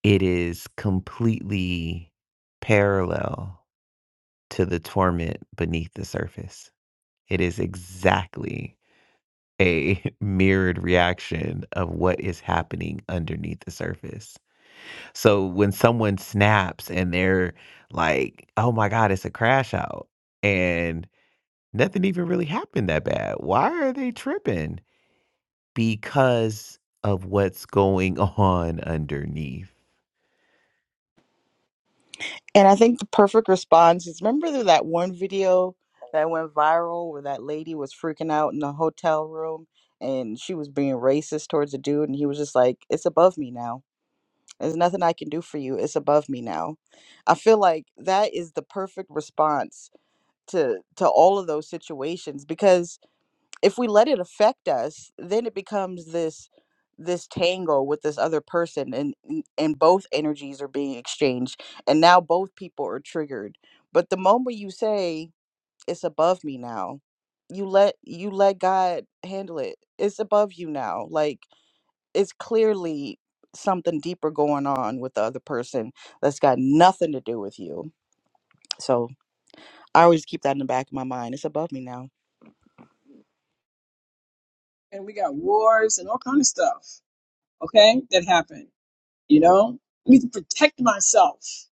Speaker 1: it is completely parallel to the torment beneath the surface. It is exactly a mirrored reaction of what is happening underneath the surface. So when someone snaps and they're like, oh my God, it's a crash out, and nothing even really happened that bad, why are they tripping? Because of what's going on underneath.
Speaker 4: and i think the perfect response is remember th- that one video that went viral where that lady was freaking out in the hotel room and she was being racist towards a dude and he was just like it's above me now There's nothing I can do for you. It's above me now. I feel like that is the perfect response to to all of those situations because if we let it affect us, then it becomes this this tangle with this other person and and and both energies are being exchanged and now both people are triggered. But the moment you say it's above me now, you let you let God handle it. It's above you now. Like it's clearly something deeper going on with the other person that's got nothing to do with you. So I always keep that in the back of my mind. It's above me now.
Speaker 3: and we got wars and all kind of stuff okay that happen you know i need to protect myself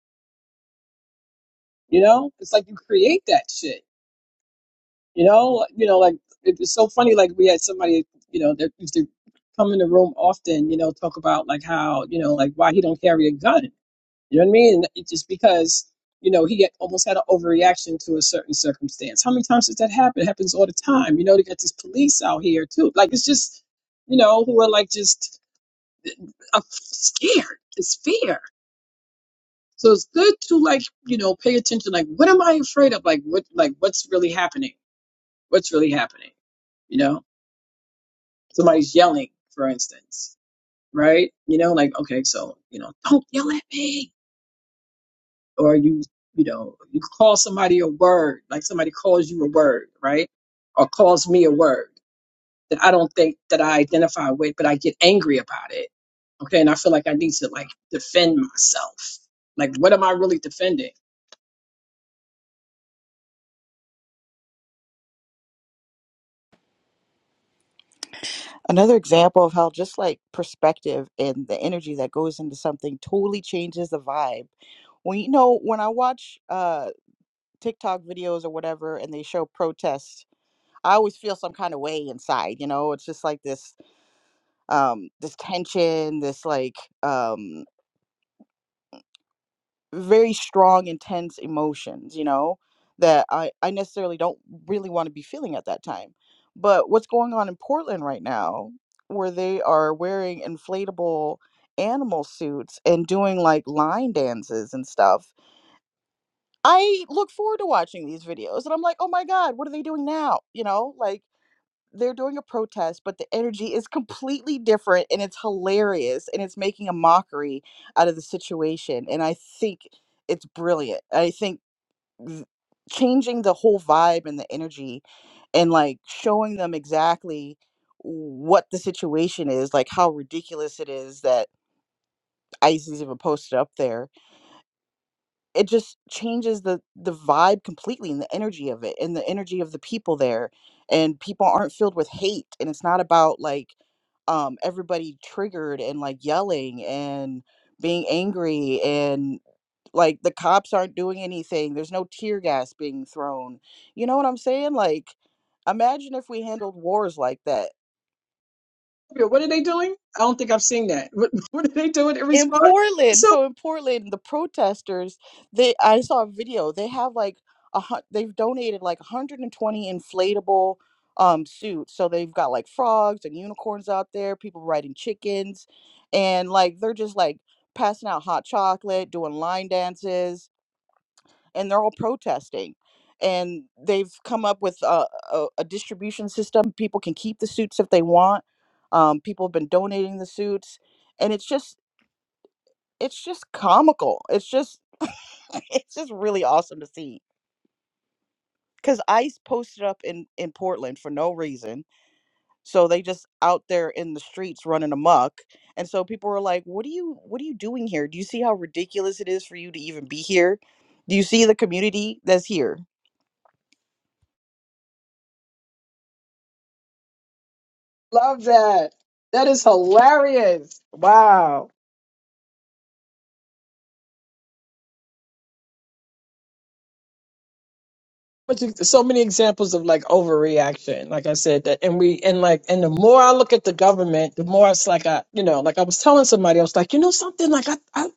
Speaker 3: you know it's like you create that shit you know you know like it- it's so funny like we had somebody you know that used to come in the room often you know talk about like how you know like why he don't carry a gun You know what I mean? And it's just because, you know, he had almost had an overreaction to a certain circumstance. How many times does that happen? It happens all the time. You know, they got these police out here too. Like it's just, you know, who are like just uh, scared. It's fear. So it's good to like, you know, pay attention. Like, what am I afraid of? Like, what, like, what's really happening? What's really happening? You know, somebody's yelling, for instance, right? You know, like, okay, so you know, don't yell at me or you you know you call somebody a word like somebody calls you a word right or calls me a word that i don't think that i identify with but i get angry about it okay and i feel like i need to like defend myself like what am i really defending
Speaker 4: Another example of how just like perspective and the energy that goes into something totally changes the vibe. When you know, when I watch uh TikTok videos or whatever and they show protests, I always feel some kind of way inside, you know, it's just like this um this tension, this like um very strong intense emotions you know that i i necessarily don't really want to be feeling at that time but what's going on in portland right now where they are wearing inflatable animal suits and doing like line dances and stuff i look forward to watching these videos and i'm like oh my god what are they doing now you know like they're doing a protest, but the energy is completely different and it's hilarious and it's making a mockery out of the situation. And I think it's brilliant. I think th- changing the whole vibe and the energy and like showing them exactly what the situation is, like how ridiculous it is that ICE is even posted up there it just changes the the vibe completely and the energy of it and the energy of the people there and people aren't filled with hate and it's not about like um everybody triggered and like yelling and being angry and like the cops aren't doing anything there's no tear gas being thrown you know what i'm saying like imagine if we handled wars like that
Speaker 3: You know, what are they doing i don't think i've seen that what, what are they doing in
Speaker 4: in
Speaker 3: response
Speaker 4: Portland.
Speaker 3: so
Speaker 4: So in Portland, the protesters, they I saw a video. They have like a hun- they've donated like 120 inflatable um suits. So they've got like frogs and unicorns out there, people riding chickens, and like they're just like passing out hot chocolate, doing line dances, and they're all protesting. And they've come up with a, a, a distribution system. People can keep the suits if they want. Um, people have been donating the suits and it's just it's just comical. It's just it's just really awesome to see because ice posted up in in portland for no reason so they just out there in the streets running amok and so people were like what are you what are you doing here do you see how ridiculous it is for you to even be here do you see the community that's here
Speaker 3: love that that is hilarious wow much so many examples of like overreaction like i said that and we and like and the more i look at the government the more it's like i you know like i was telling somebody i was like you know something like i, I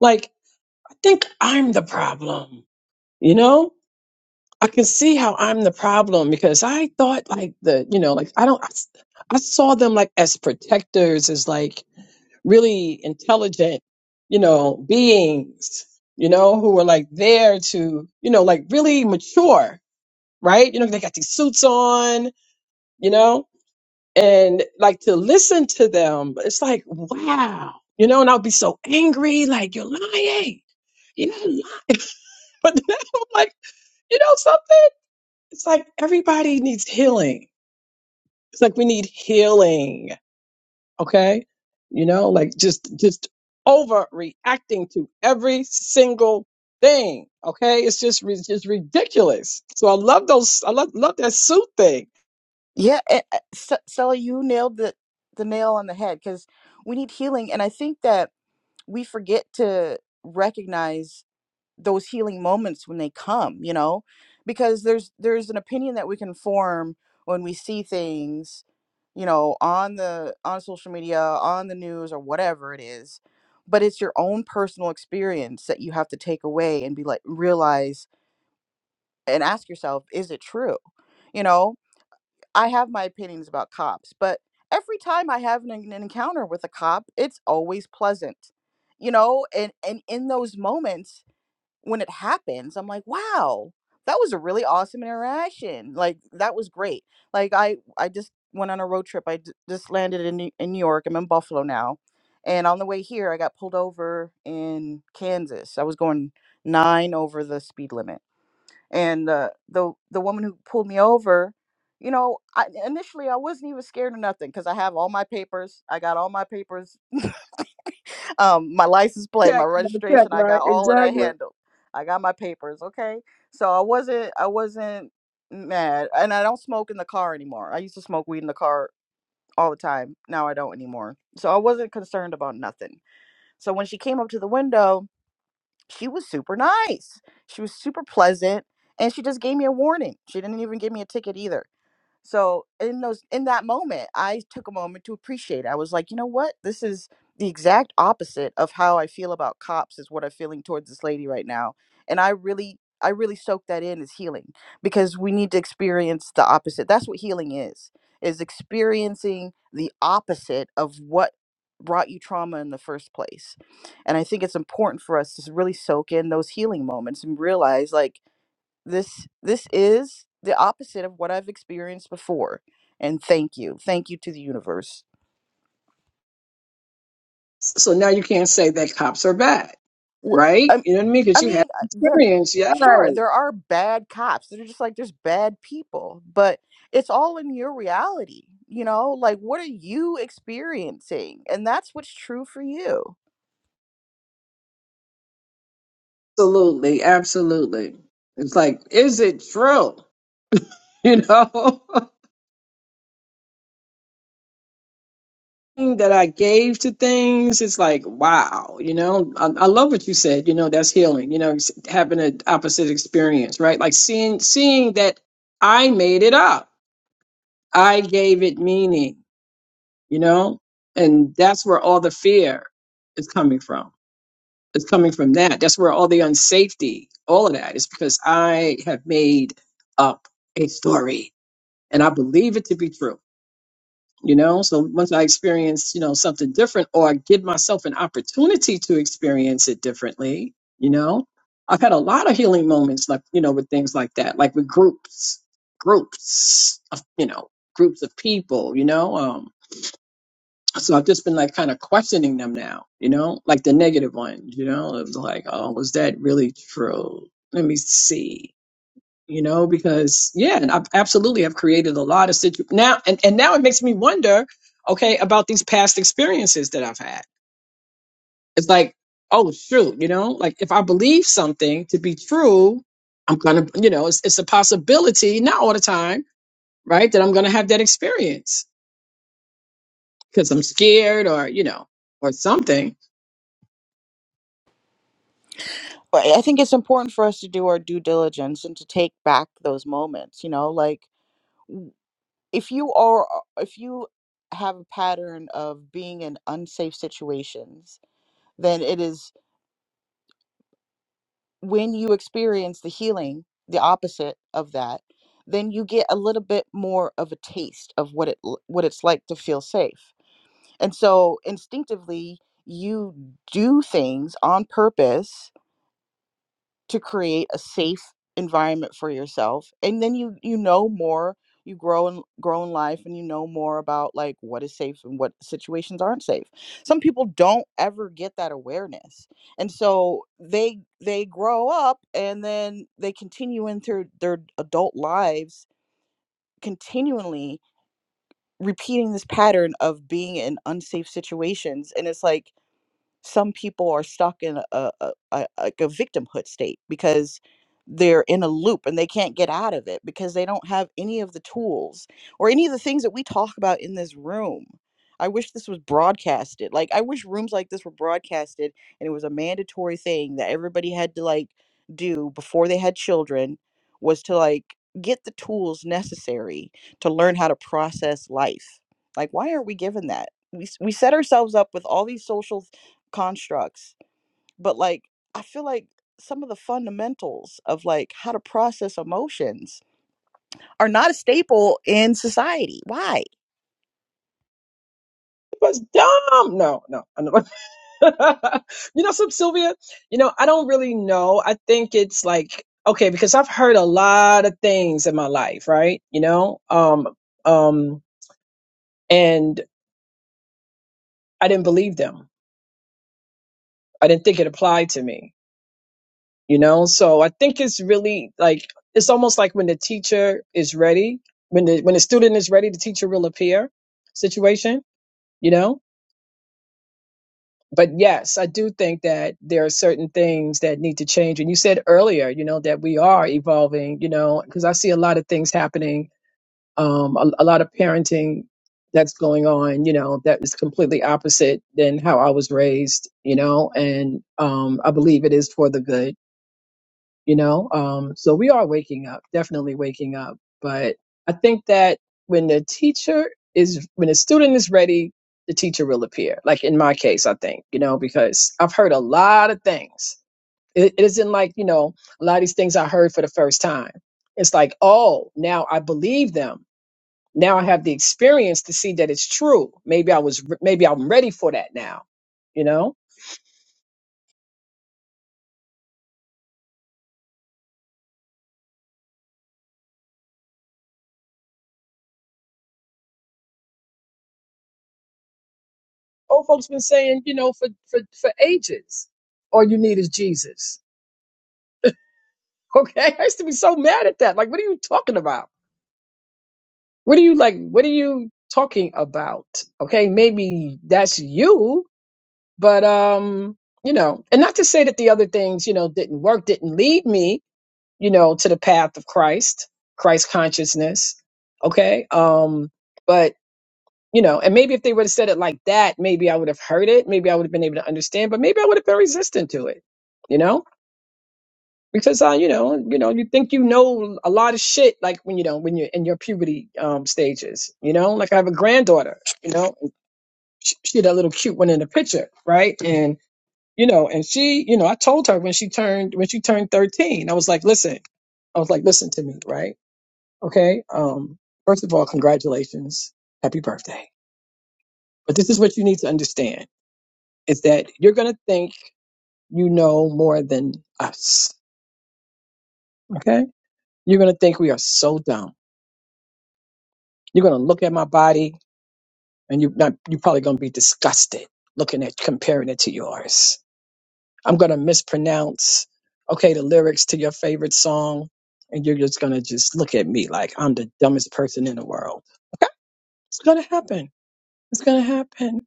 Speaker 3: like i think i'm the problem you know i can see how i'm the problem because i thought like the you know like i don't i, s- I saw them like as protectors as like really intelligent you know beings you know who were like there to you know like really mature right? You know, they got these suits on, you know, and like to listen to them, it's like, wow, you know, and I'll be so angry, like, you're lying. You're not lying. But then I'm like, you know something? It's like everybody needs healing. It's like we need healing. Okay. You know, like just, just overreacting to every single thing. Okay. It's just, it's just ridiculous. So I love those. I love, love that suit thing
Speaker 4: Yeah, eh, eh, Stella, you nailed the the nail on the head because we need healing, and I think that we forget to recognize those healing moments when they come. You know, because there's there's an opinion that we can form when we see things, you know, on the on social media, on the news, or whatever it is. But it's your own personal experience that you have to take away and be like realize and ask yourself, is it true? You know, I have my opinions about cops, but every time I have an, an encounter with a cop, it's always pleasant. You know, and and in those moments when it happens, I'm like, "Wow, that was a really awesome interaction. Like that was great." Like I I just went on a road trip. I d- just landed in New- in New York. I'm in Buffalo now. And on the way here, I got pulled over in Kansas. I was going 9 over the speed limit and uh, the the woman who pulled me over you know I, initially i wasn't even scared of nothing because i have all my papers i got all my papers um, my license plate my
Speaker 3: check, gotta check,
Speaker 4: registration i
Speaker 3: right?
Speaker 4: got all of that
Speaker 3: Exactly.
Speaker 4: handled i got my papers okay so i wasn't i wasn't mad and i don't smoke in the car anymore i used to smoke weed in the car all the time now i don't anymore so i wasn't concerned about nothing so when she came up to the window she was super nice. She was super pleasant. And she just gave me a warning. She didn't even give me a ticket either. So in those in that moment, I took a moment to appreciate. it. I was like, you know what? This is the exact opposite of how I feel about cops is what I'm feeling towards this lady right now. And I really I really soaked that in as healing because we need to experience the opposite. That's what healing is. Is experiencing the opposite of what brought you trauma in the first place. And I think it's important for us to really soak in those healing moments and realize like this this is the opposite of what I've experienced before. And thank you, thank you to the universe.
Speaker 3: So now you can't say that cops are bad,
Speaker 4: Wh-
Speaker 3: right?
Speaker 4: I,
Speaker 3: You know what I mean? Because
Speaker 4: I
Speaker 3: you had
Speaker 4: mean, I- there,
Speaker 3: experience. Yeah,
Speaker 4: sure, there are bad cops. They're just like there's bad people, but it's all in your reality. You know, like what are you experiencing, and that's what's true for you.
Speaker 3: absolutely, absolutely. It's like, is it true? You know, that I gave to things. It's like, wow. You know, I, I love what you said. You know, that's healing. You know, it's having an opposite experience, right? Like seeing seeing that I made it up. I gave it meaning. You know, and that's where all the fear is coming from It's coming from that. That's where all the unsafety, all of that is because I have made up a story and I believe it to be true. You know, so once I experience, you know, something different or I give myself an opportunity to experience it differently, you know, I've had a lot of healing moments like, you know, with things like that, like with groups, groups of, you know, groups of people, you know. Um, so I've just been like kind of questioning them now, you know, like the negative one, you know, it was like, oh, was that really true? Let me see, you know, because yeah, and I've absolutely have created a lot of situ now, and and now it makes me wonder, okay, about these past experiences that I've had. It's like, oh, shoot, you know, like if I believe something to be true, I'm gonna, you know, it's it's a possibility, not all the time, right, that I'm gonna have that experience because I'm scared or you know or something
Speaker 4: But I think it's important for us to do our due diligence and to take back those moments. You know, like. if you are uh, if you have a pattern of being in unsafe situations then it is when you experience the healing the opposite of that then you get a little bit more of a taste of what it l- what it's like to feel safe and so instinctively you do things on purpose to create a safe environment for yourself and then you you know more you grow and grow in life and you know more about like what is safe and what situations aren't safe some people don't ever get that awareness and so they they grow up and then they continue into their adult lives continually repeating this pattern of being in unsafe situations and it's like some people are stuck in a, a, a like a victimhood state because they're in a loop and they can't get out of it because they don't have any of the tools or any of the things that we talk about in this room. I wish this was broadcasted. Like I wish rooms like this were broadcasted and it was a mandatory thing that everybody had to like do before they had children was to like get the tools necessary to learn how to process life. Like why aren't we given that? We s- we set ourselves up with all these social constructs but like i feel like some of the fundamentals of like how to process emotions are not a staple in society why
Speaker 3: was dumb. No, no. I know. you know, some Sylvia, you know, I don't really know. I think it's like, okay, because I've heard a lot of things in my life, right? You know, um, um, and I didn't believe them. I didn't think it applied to me, you know? So I think it's really like, it's almost like when the teacher is ready, when the, when the student is ready, the teacher will appear situation, you know? but yes, I do think that there are certain things that need to change. And you said earlier, you know, that we are evolving, you know, because I see a lot of things happening, um, a, a lot of parenting that's going on, you know, that is completely opposite than how I was raised, you know, and um, I believe it is for the good you know um so we are waking up definitely waking up but i think that when the teacher is when the student is ready the teacher will appear like in my case i think you know because i've heard a lot of things it, it isn't like you know a lot of these things i heard for the first time it's like oh now i believe them now i have the experience to see that it's true maybe i was maybe i'm ready for that now you know Old folks been saying, you know, for for for ages, all you need is Jesus. Okay, I used to be so mad at that. Like, what are you talking about? What are you like? What are you talking about? Okay, maybe that's you, but um, you know, and not to say that the other things, you know, didn't work, didn't lead me, you know, to the path of Christ, Christ consciousness. Okay, um, but you know, and maybe if they would have said it like that, maybe I would have heard it. Maybe I would have been able to understand, but maybe I would have been resistant to it, you know, because, uh, you know, you know, you think you know a lot of shit, like when, you know, when you're in your puberty um, stages, you know, like I have a granddaughter, you know, and she, she that little cute one in the picture. Right. And, you know, and she, you know, I told her when she turned, when she turned 13, I was like, listen, I was like, listen to me. Right. Okay. Um, first of all, congratulations. Happy birthday. But this is what you need to understand. is that you're going to think you know more than us. Okay. You're going to think we are so dumb. You're going to look at my body and you're not, you're probably going to be disgusted looking at, comparing it to yours. I'm going to mispronounce, okay, the lyrics to your favorite song. And you're just going to just look at me like I'm the dumbest person in the world. Okay. It's going to happen. It's going to happen.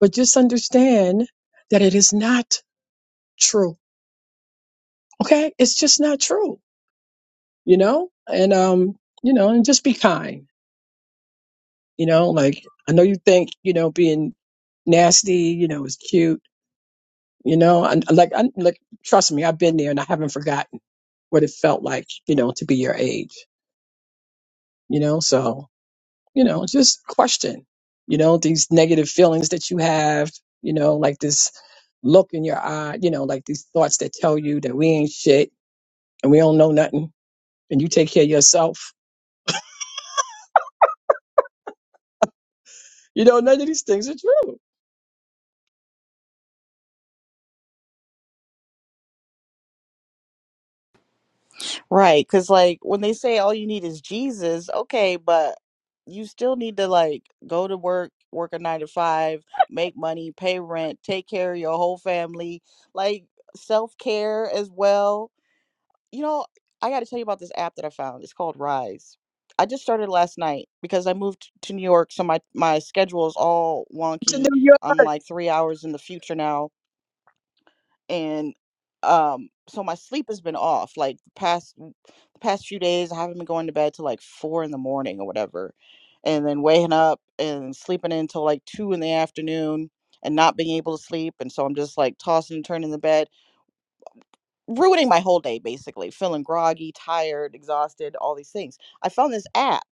Speaker 3: But just understand that it is not true. Okay. It's just not true you know, and um, you know, and just be kind, you know. Like I know you think you know being nasty, you know, is cute, you know. And like, I, like, trust me, I've been there, and I haven't forgotten what it felt like, you know, to be your age, you know. So you know, just question, you know, these negative feelings that you have, you know, like this look in your eye, you know, like these thoughts that tell you that we ain't shit and we don't know nothing, and you take care of yourself. You know, none of these things are
Speaker 4: right because like when they say all you need is jesus okay but you still need to like go to work work a nine to five make money pay rent take care of your whole family like self-care as well You know, I got to tell you about this app that I found. It's called Rise. I just started last night because I moved to New York, so my my schedule is all wonky.
Speaker 3: true
Speaker 4: I'm like 3 hours in the future now and um so my sleep has been off like the past the past few days. I haven't been going to bed till like 4 in the morning or whatever. And then waking up and sleeping until like 2 in the afternoon and not being able to sleep and so I'm just like tossing and turning in the bed ruining my whole day basically feeling groggy tired exhausted all these things i found this app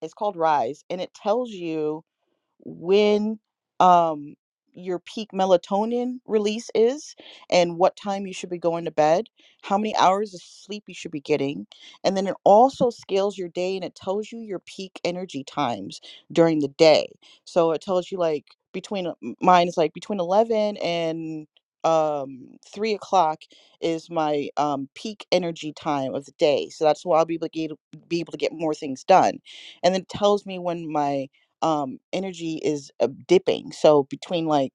Speaker 4: it's called rise and it tells you when um, your peak melatonin release is and what time you should be going to bed, how many hours of sleep you should be getting. And then it also scales your day and it tells you your peak energy times during the day. So it tells you like between uh, m- mine is like between 11 and um three o'clock is my um peak energy time of the day so that's why i'll be able to get, be able to get more things done and then it tells me when my um energy is uh, dipping so between like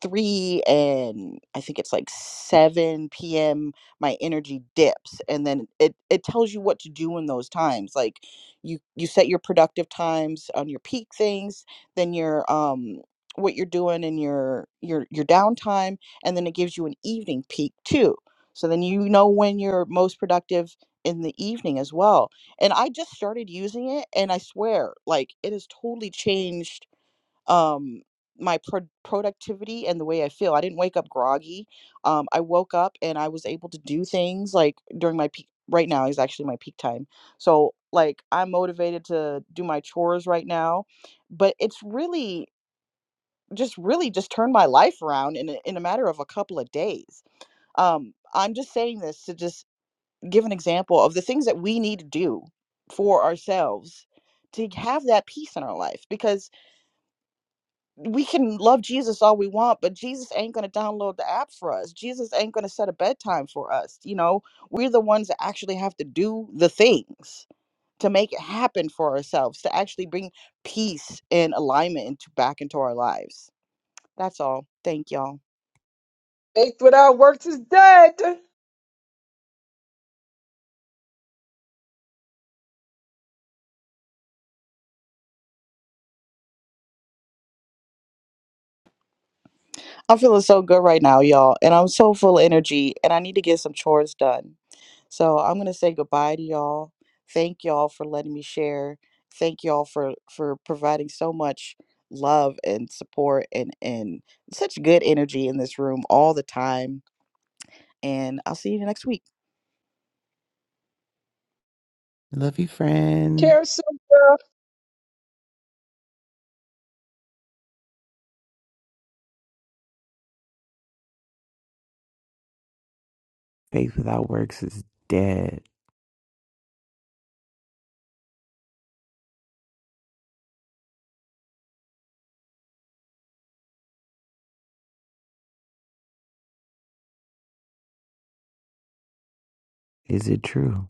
Speaker 4: 3 and i think it's like 7 p.m. my energy dips and then it it tells you what to do in those times like you you set your productive times on your peak things then your um what you're doing in your your your downtime and then it gives you an evening peak too so then you know when you're most productive in the evening as well and I just started using it and I swear like it has totally changed um my pro- productivity and the way I feel. I didn't wake up groggy. Um I woke up and I was able to do things like during my peak right now is actually my peak time. So like I'm motivated to do my chores right now, but it's really just really just turned my life around in a, in a matter of a couple of days. Um I'm just saying this to just give an example of the things that we need to do for ourselves to have that peace in our life because we can love Jesus all we want, but Jesus ain't going to download the app for us. Jesus ain't going to set a bedtime for us. You know, we're the ones that actually have to do the things to make it happen for ourselves, to actually bring peace and alignment into, back into our lives. That's all. Thank y'all.
Speaker 3: Faith without works is dead.
Speaker 4: I'm feeling so good right now, y'all. And I'm so full of energy, and I need to get some chores done. So I'm going to say goodbye to y'all. Thank y'all for letting me share. Thank y'all for for providing so much love and support and and such good energy in this room all the time. And I'll see you next week.
Speaker 1: Love you, friend.
Speaker 3: Carousel girl.
Speaker 1: Faith without works is dead. Is it true?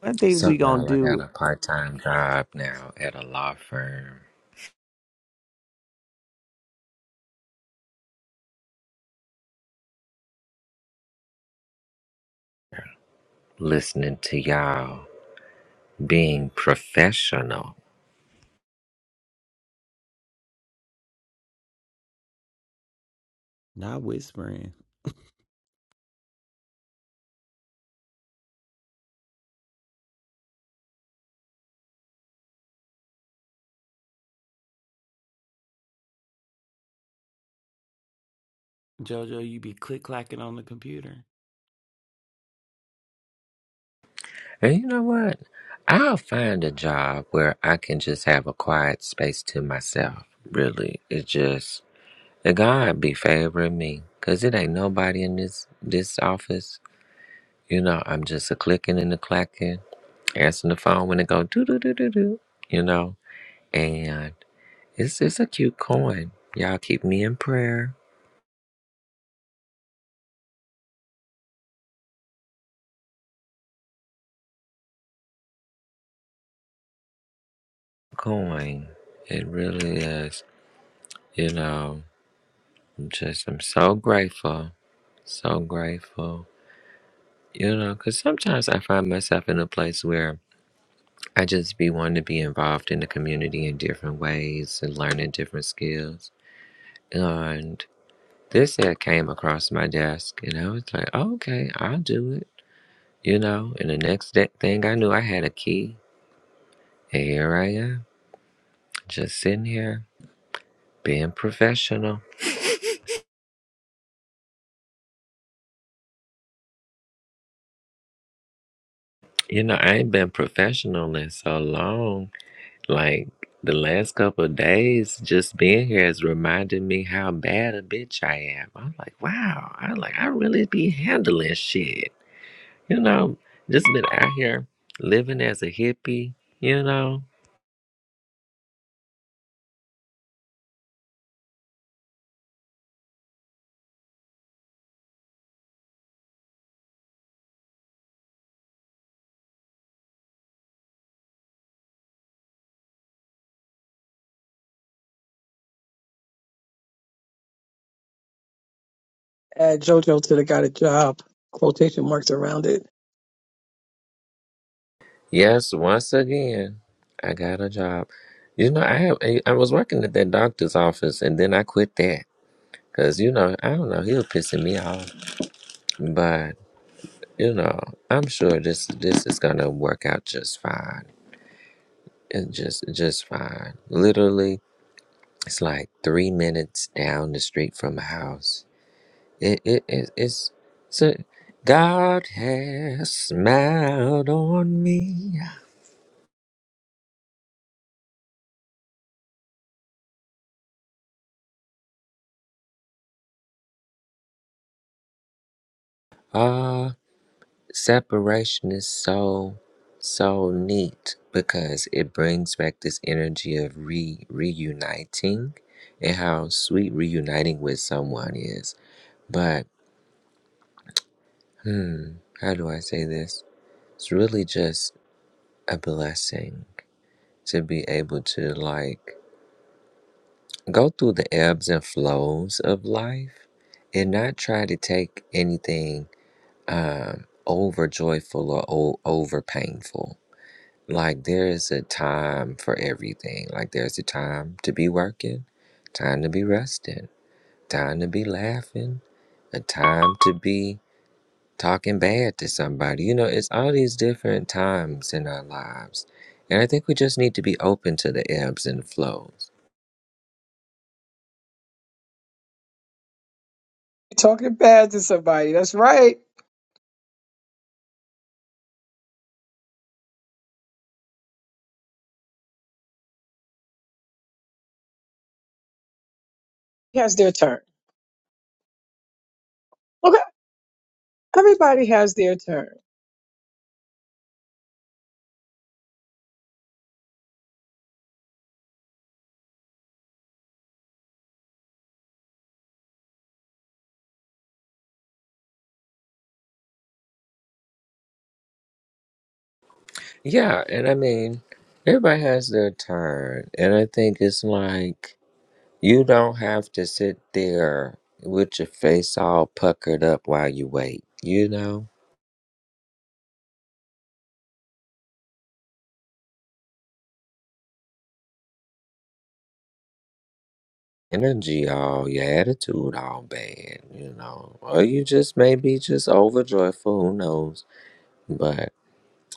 Speaker 1: One thing we
Speaker 6: So
Speaker 1: gonna
Speaker 6: y'all, I got
Speaker 1: do
Speaker 6: a part time job now at a law firm, listening to y'all, being professional.
Speaker 1: Not whispering. Jojo, you be click clacking on the computer.
Speaker 6: And you know what? I'll find a job where I can just have a quiet space to myself. Really, it just The God be favoring me, cause it ain't nobody in this this office. You know, I'm just a clicking and a clacking, answering the phone when it go do do do do do. You know, and it's it's a cute coin. Y'all keep me in prayer. Coin, it really is. You know, I'm just I'm so grateful, so grateful. You know, cause sometimes I find myself in a place where I just be wanting to be involved in the community in different ways and learning different skills And this had came across my desk, and I was like, "Oh, okay, I'll do it. You know, and the next day, thing I knew, I had a key. And here I am, just sitting here, being professional. You know, I ain't been professional in so long. Like, the last couple of days, just being here has reminded me how bad a bitch I am. I'm like, wow, I like, I really be handling shit. You know, just been out here living as a hippie, you know
Speaker 3: Add JoJo to the got a job. Quotation marks around it.
Speaker 6: Yes, once again, I got a job. You know, I have, I I was working at that doctor's office and then I quit that because, you know, I don't know, he was pissing me off. But, you know, I'm sure this this is gonna work out just fine. It just just fine. Literally, it's like three minutes down the street from my house. It it, it it's, it's God has smiled on me. Ah, Separation is so, so neat because it brings back this energy of re reuniting and how sweet reuniting with someone is. But how do I say this? It's really just a blessing to be able to like go through the ebbs and flows of life and not try to take anything um over joyful or o- over painful Like there is a time for everything. Like there's a time to be working, time to be resting, time to be laughing, a time to be talking bad to somebody. You know, it's all these different times in our lives. And I think we just need to be open to the ebbs and flows.
Speaker 3: Talking bad to somebody. That's right. He has their turn. Okay. Everybody has their turn.
Speaker 6: Yeah, and I mean, everybody has their turn. And I think it's like you don't have to sit there with your face all puckered up while you wait, you know? energy all, your attitude all bad, you know. Or you just may be just overjoyed who knows. But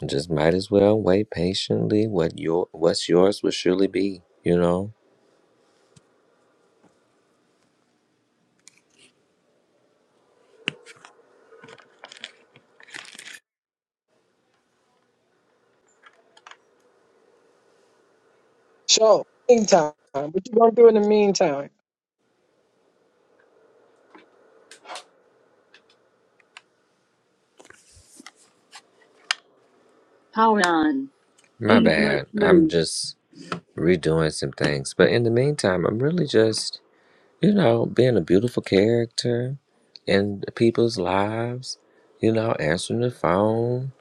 Speaker 6: just might as well wait patiently what your what's yours will surely be, you know.
Speaker 3: So, meantime, what you gonna do in the meantime?
Speaker 6: Hold on. My Eat my bad. I'm food. just redoing some things. But in the meantime, I'm really just you know, being a beautiful character in people's lives, you know, answering the phone.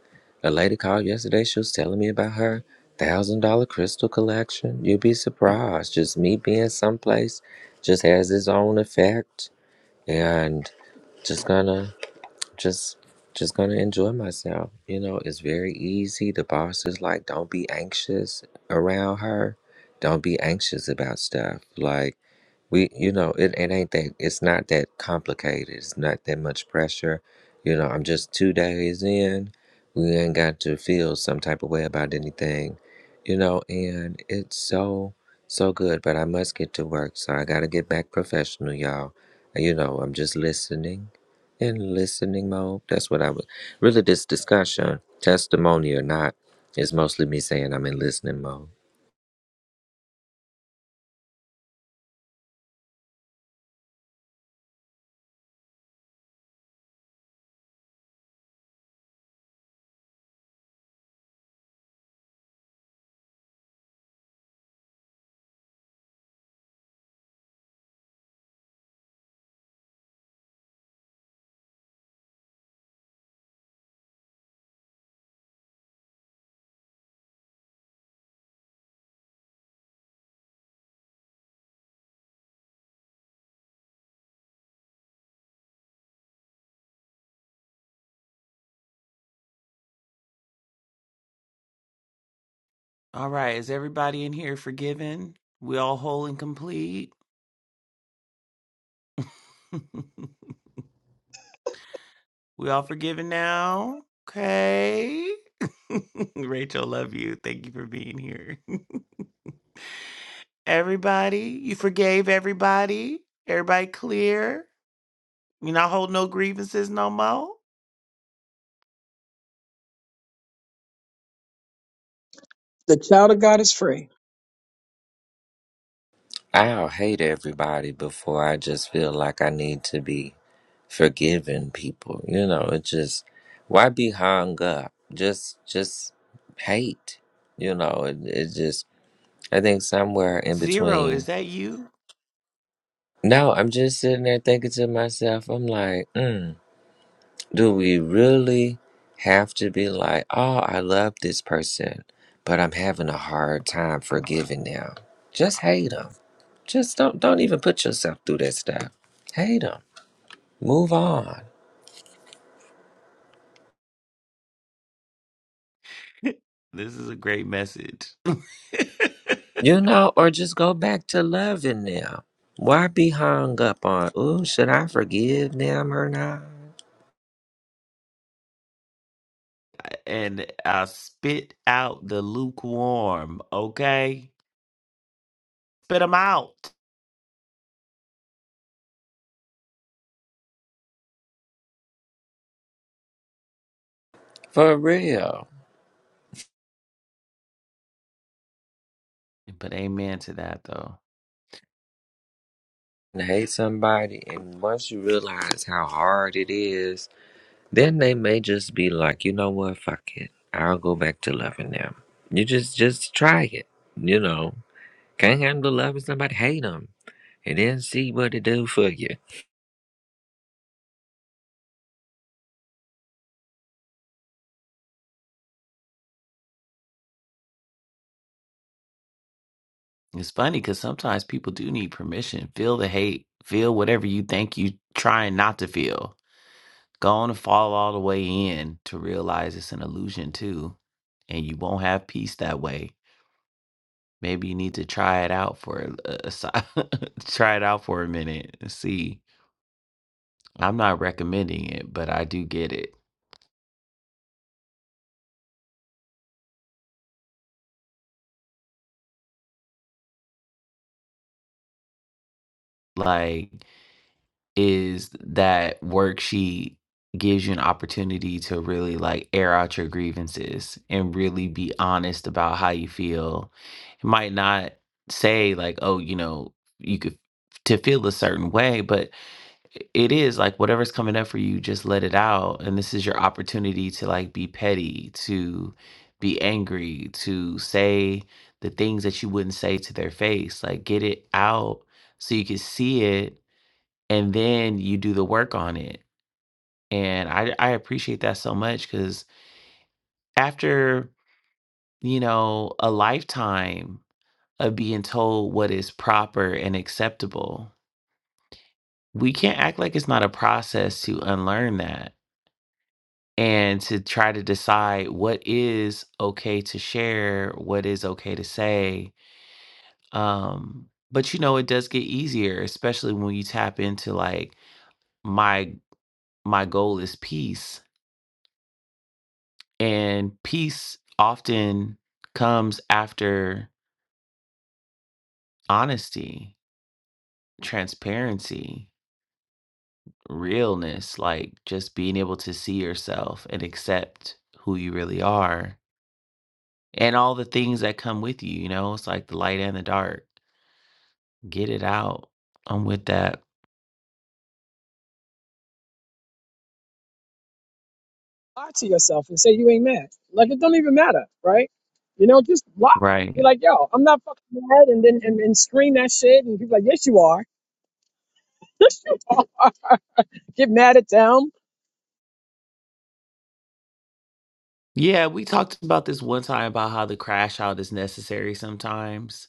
Speaker 6: A lady called yesterday, she was telling me about her thousand dollar crystal collection. You'd be surprised. Just me being someplace just has its own effect and just gonna just just gonna enjoy myself. You know, it's very easy. The boss is like, don't be anxious around her. Don't be anxious about stuff. Like we you know it, it ain't that it's not that complicated it's not that much pressure you know i'm just two days in we ain't got to feel some type of way about anything you know and it's so so good but i must get to work so i gotta get back professional y'all And, you know i'm just listening in listening mode that's what i was really this discussion testimony or not is mostly me saying i'm in listening mode
Speaker 1: All right, is everybody in here forgiven? We all whole and complete? we all forgiven now? Okay. Rachel, love you. Thank you for being here. everybody, you forgave everybody? Everybody clear? You not hold no grievances no more?
Speaker 3: The child of God is free.
Speaker 6: I'll hate everybody before I just feel like I need to be forgiving people. You know, it just why be hung up? Just just hate. You know, it, it just I think somewhere in
Speaker 1: Zero, is
Speaker 6: between.
Speaker 1: that you?
Speaker 6: No, I'm just sitting there thinking to myself, I'm like, mm, do we really have to be like, oh, I love this person, but I'm having a hard time forgiving them? Just hate them. Just don't don't even put yourself through that stuff. Hate them. Move on.
Speaker 1: this is a great message.
Speaker 6: You know, or just go back to loving them. Why be hung up on? Ooh, should I forgive them or not?
Speaker 1: and I spit out the lukewarm, okay? Spit them out.
Speaker 6: For real.
Speaker 1: But amen to that, though.
Speaker 6: And Hate somebody, and once you realize how hard it is, then they may just be like, you know what, fuck it. I'll go back to loving them. You just just try it. You know, can't handle loving somebody, hate them, and then see what it do for you.
Speaker 1: It's funny because sometimes people do need permission. Feel the hate, feel whatever you think you trying not to feel. Go on and fall all the way in to realize it's an illusion, too. And you won't have peace that way. Maybe you need to try it out for a, a, si- try it out for a minute. and See, I'm not recommending it, but I do get it. Like is that worksheet gives you an opportunity to really like air out your grievances and really be honest about how you feel. It might not say like, oh, you know, you could to feel a certain way, but it is like whatever's coming up for you, just let it out. And this is your opportunity to like be petty, to be angry, to say the things that you wouldn't say to their face. Like get it out so you can see it and then you do the work on it. And I I appreciate that so much cuz after, you know, a lifetime of being told what is proper and acceptable, we can't act like it's not a process to unlearn that and to try to decide what is okay to share, what is okay to say. Um but you know it does get easier especially when you tap into like my my goal is peace And peace often comes after honesty, transparency, realness, like just being able to see yourself and accept who you really are and all the things that come with you. You know, it's like the light and the dark. Get it out. I'm with that.
Speaker 3: Lie to yourself and say you ain't mad. Like it don't even matter, right? You know, just lie.
Speaker 1: Right.
Speaker 3: Be like, yo, I'm not fucking mad, and then and, and scream that shit, and people like, yes, you are. Yes, you are. Get mad at them.
Speaker 1: Yeah, we talked about this one time about how the crash out is necessary sometimes.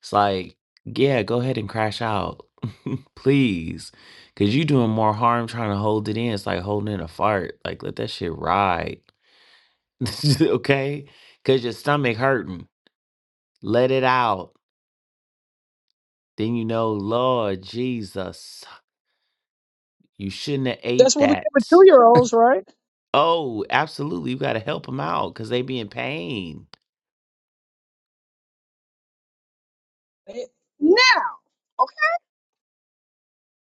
Speaker 1: It's like, yeah, go ahead and crash out. Please. Cause you doing more harm trying to hold it in. It's like holding in a fart. Like let that shit ride. okay? Cause your stomach hurting. Let it out. Then you know, Lord Jesus, you shouldn't have
Speaker 3: That's
Speaker 1: ate
Speaker 3: what we give
Speaker 1: that.
Speaker 3: with two year olds, right?
Speaker 1: Oh, absolutely. You gotta help them out because they be in pain.
Speaker 3: They- Now, okay.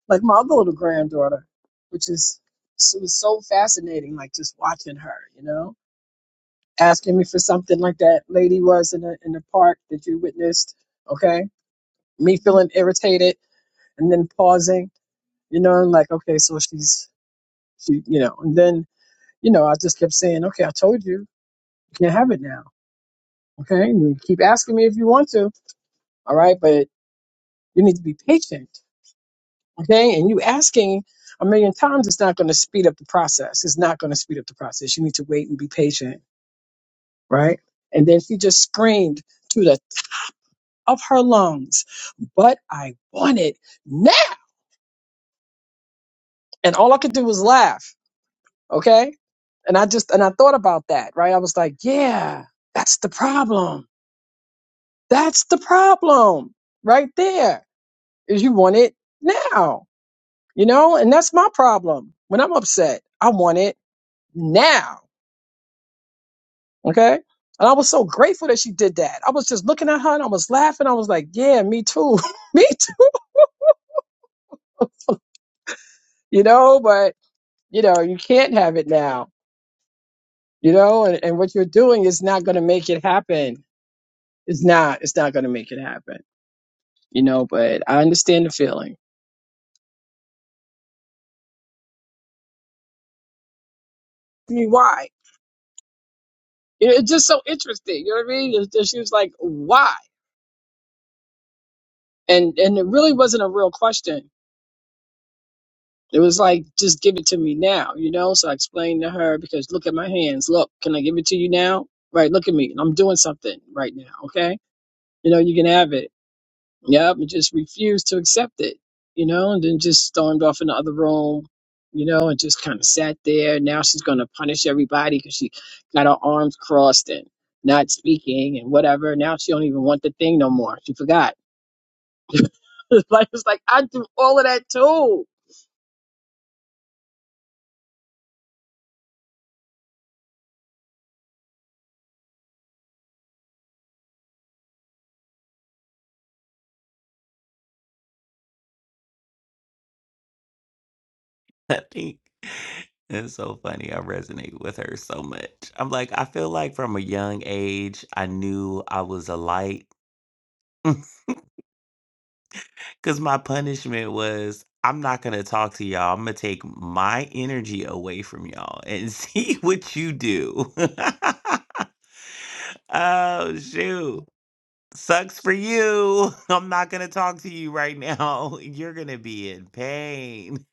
Speaker 3: Like my other little granddaughter, which is it was so fascinating, like just watching her, you know. asking me for something like that lady was in the in the park that you witnessed. Okay, me feeling irritated and then pausing. You know, and like okay, so she's she, you know, and then you know I just kept saying, okay, I told you, you can't have it now. Okay, and you keep asking me if you want to. All right, but you need to be patient. Okay, and you asking a million times is not going to speed up the process. It's not going to speed up the process. You need to wait and be patient, right? And then she just screamed to the of her lungs, but I want it now. And all I could do was laugh. Okay. And I just, and I thought about that, right? I was like, yeah, that's the problem. That's the problem right there is you want it now, you know? And that's my problem. When I'm upset, I want it now. Okay. And I was so grateful that she did that. I was just looking at her and I was laughing. I was like, yeah, me too. me too. You know, but you know, you can't have it now you know and, and what you're doing is not going to make it happen it's not it's not going to make it happen you know but i understand the feeling i mean why You know, it's just so interesting you know what i mean It's just- she was like why and and it really wasn't a real question it was like just give it to me now you know so i explained to her because look at my hands look can i give it to you now right look at me i'm doing something right now okay you know you can have it Yep, and just refused to accept it, you know, and then just stormed off in the other room, you know, and just kind of sat there. Now she's going to punish everybody because she got her arms crossed and not speaking and whatever. Now she don't even want the thing no more. She forgot. like it's like I do all of that too,
Speaker 1: I think it's so funny. I resonate with her so much. I'm like, I feel like from a young age, I knew I was a light because my punishment was I'm not going to talk to y'all. I'm going to take my energy away from y'all and see what you do. oh, shoot. Sucks for you. I'm not going to talk to you right now. You're going to be in pain.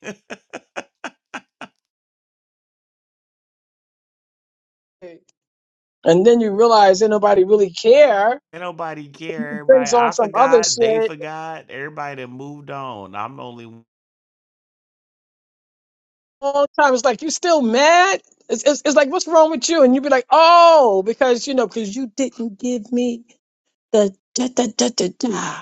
Speaker 3: and then you realize that nobody really care.
Speaker 1: Ain't nobody care.
Speaker 3: It brings
Speaker 1: Everybody,
Speaker 3: on
Speaker 1: I
Speaker 3: some other
Speaker 1: forgot. They
Speaker 3: shit
Speaker 1: forgot. Everybody that moved on. I'm the only.
Speaker 3: all the time. It's like you still mad. It's, it's, it's like what's wrong with you? And you be like, oh, because you know, because you didn't give me. The da da da da da.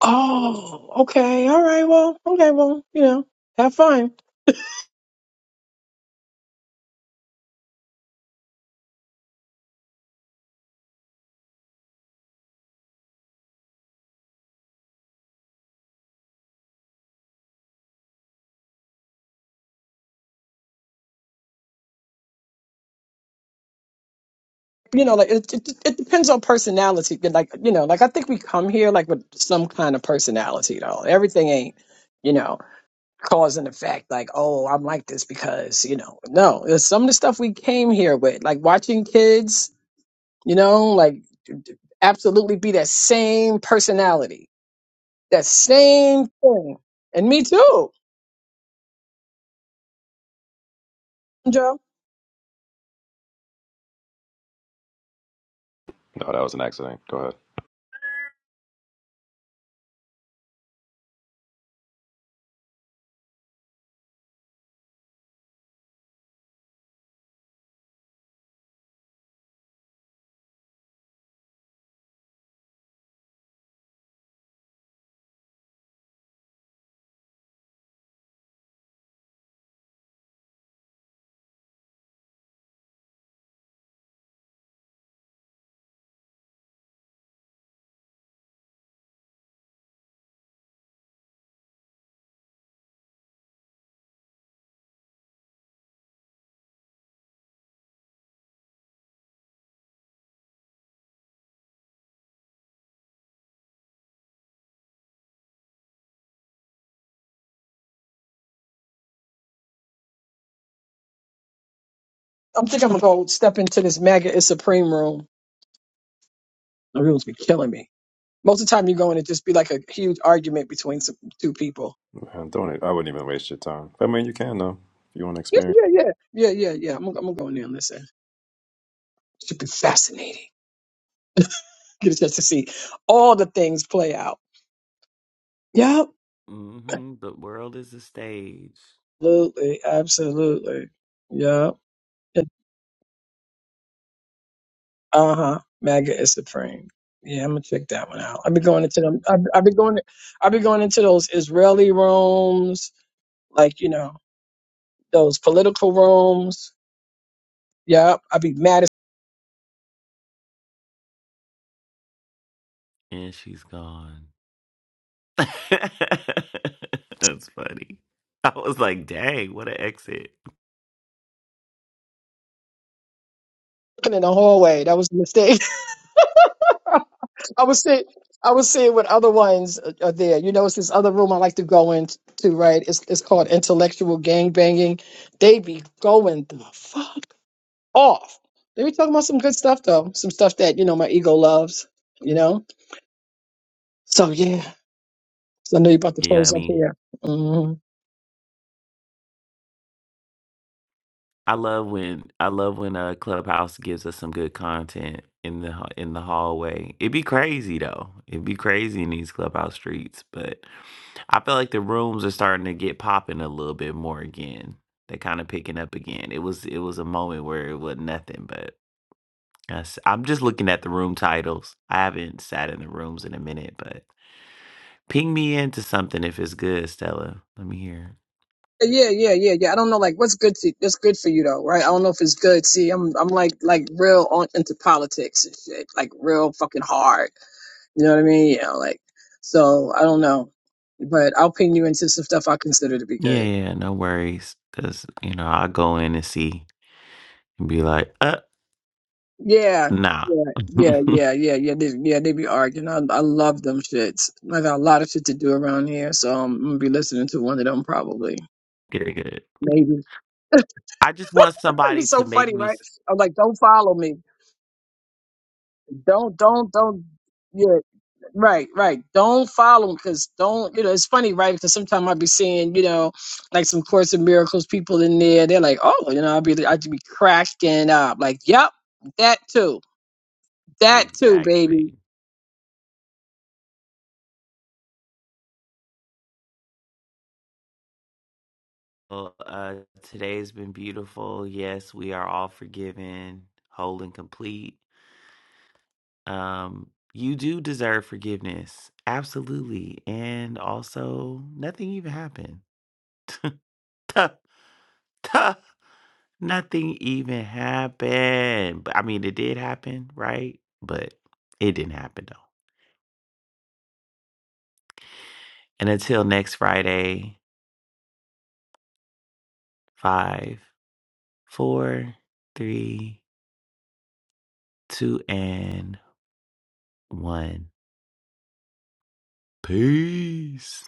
Speaker 3: Oh, okay, all right. Well, okay, well, you know, have fun. You know, like it, it, it depends on personality. but, Like you know, like I think we come here like with some kind of personality though. Everything ain't, you know, cause and effect. Like oh, I'm like this because you know. No, there's some of the stuff we came here with, like watching kids. You know, like absolutely be that same personality, that same thing, and me too. Joe.
Speaker 5: No, that was an accident. Go ahead.
Speaker 3: I'm thinking I'm gonna go step into this MAGA is supreme room. The room's be killing me. Most of the time you go in, it just be like a huge argument between some two people.
Speaker 5: Man, don't. I wouldn't even waste your time. I mean, you can though. If you want to
Speaker 3: Yeah,
Speaker 5: experience.
Speaker 3: yeah, yeah, yeah, yeah, yeah. I'm gonna, I'm gonna go in there and listen. Should be fascinating. Get a chance to see all the things play out. Yep,
Speaker 1: Mm-hmm. The world is a stage,
Speaker 3: absolutely, absolutely. Yep. Uh huh. MAGA is supreme. Yeah, I'm gonna check that one out. I've been going into them. I've, I've been going. I've been going into those Israeli rooms, like you know those political rooms. Yeah, I'd be mad as
Speaker 1: and she's gone. That's funny. I was like, "Dang, what an exit!"
Speaker 3: looking in the hallway. That was a mistake. I was seeing, I was seeing what other ones are are there. You know, it's this other room I like to go into, right? It's it's called intellectual gang banging. They be going the fuck off. They be talking about some good stuff though, some stuff that you know my ego loves. You know, so yeah. So I know you're about to
Speaker 1: Yeah, I
Speaker 3: close up
Speaker 1: mean,
Speaker 3: here. Mm-hmm.
Speaker 1: I love when I love when uh, Clubhouse gives us some good content in the ha- in the hallway. It'd be crazy though. It'd be crazy in these Clubhouse streets, but I feel like the rooms are starting to get popping a little bit more again. They're kind of picking up again. It was it was a moment where it was nothing, but that's- I'm just looking at the room titles. I haven't sat in the rooms in a minute, but ping me into something if it's good, Stella. Let me hear.
Speaker 3: Yeah, yeah, yeah, yeah. I don't know, like, what's good to that's good for you though, right? I don't know if it's good. See, I'm I'm like like real on into politics and shit, like real fucking hard. You know what I mean? Yeah, like so I don't know, but I'll pin you into some stuff I consider to be
Speaker 1: Yeah,
Speaker 3: good.
Speaker 1: yeah, yeah, no worries. Cause you know I'll go in and see. and be like, uh,
Speaker 3: Yeah,
Speaker 1: nah.
Speaker 3: yeah, yeah,
Speaker 1: good,
Speaker 3: yeah, yeah, yeah. They, yeah, they be arguing. I I love them shits. I got a lot of shit to do around here, so I'm gonna be listening to one of them probably.
Speaker 1: good.
Speaker 3: Maybe
Speaker 1: I just want
Speaker 3: it'd be
Speaker 1: somebody to
Speaker 3: so
Speaker 1: make
Speaker 3: funny,
Speaker 1: me
Speaker 3: right?
Speaker 1: s-
Speaker 3: I'm like, don't follow me. Don't, don't, don't. Yeah, Right, right. Don't follow them because don't, you know, it's funny, right? Because sometimes I'll be seeing, you know, like some Course of Miracles people in there. They're like, oh, you know, I'll be, I'd be cracking up. Like, yep, that too. That too, baby.
Speaker 1: exactly. Well, uh, today's been beautiful. Yes, we are all forgiven, whole and complete. Um, you do deserve forgiveness, absolutely, and also nothing even happened. Tuh, tuh, nothing even happened. But I mean, it did happen, right? But it didn't happen though. And until next Friday. five, four, three, two, and one. Peace.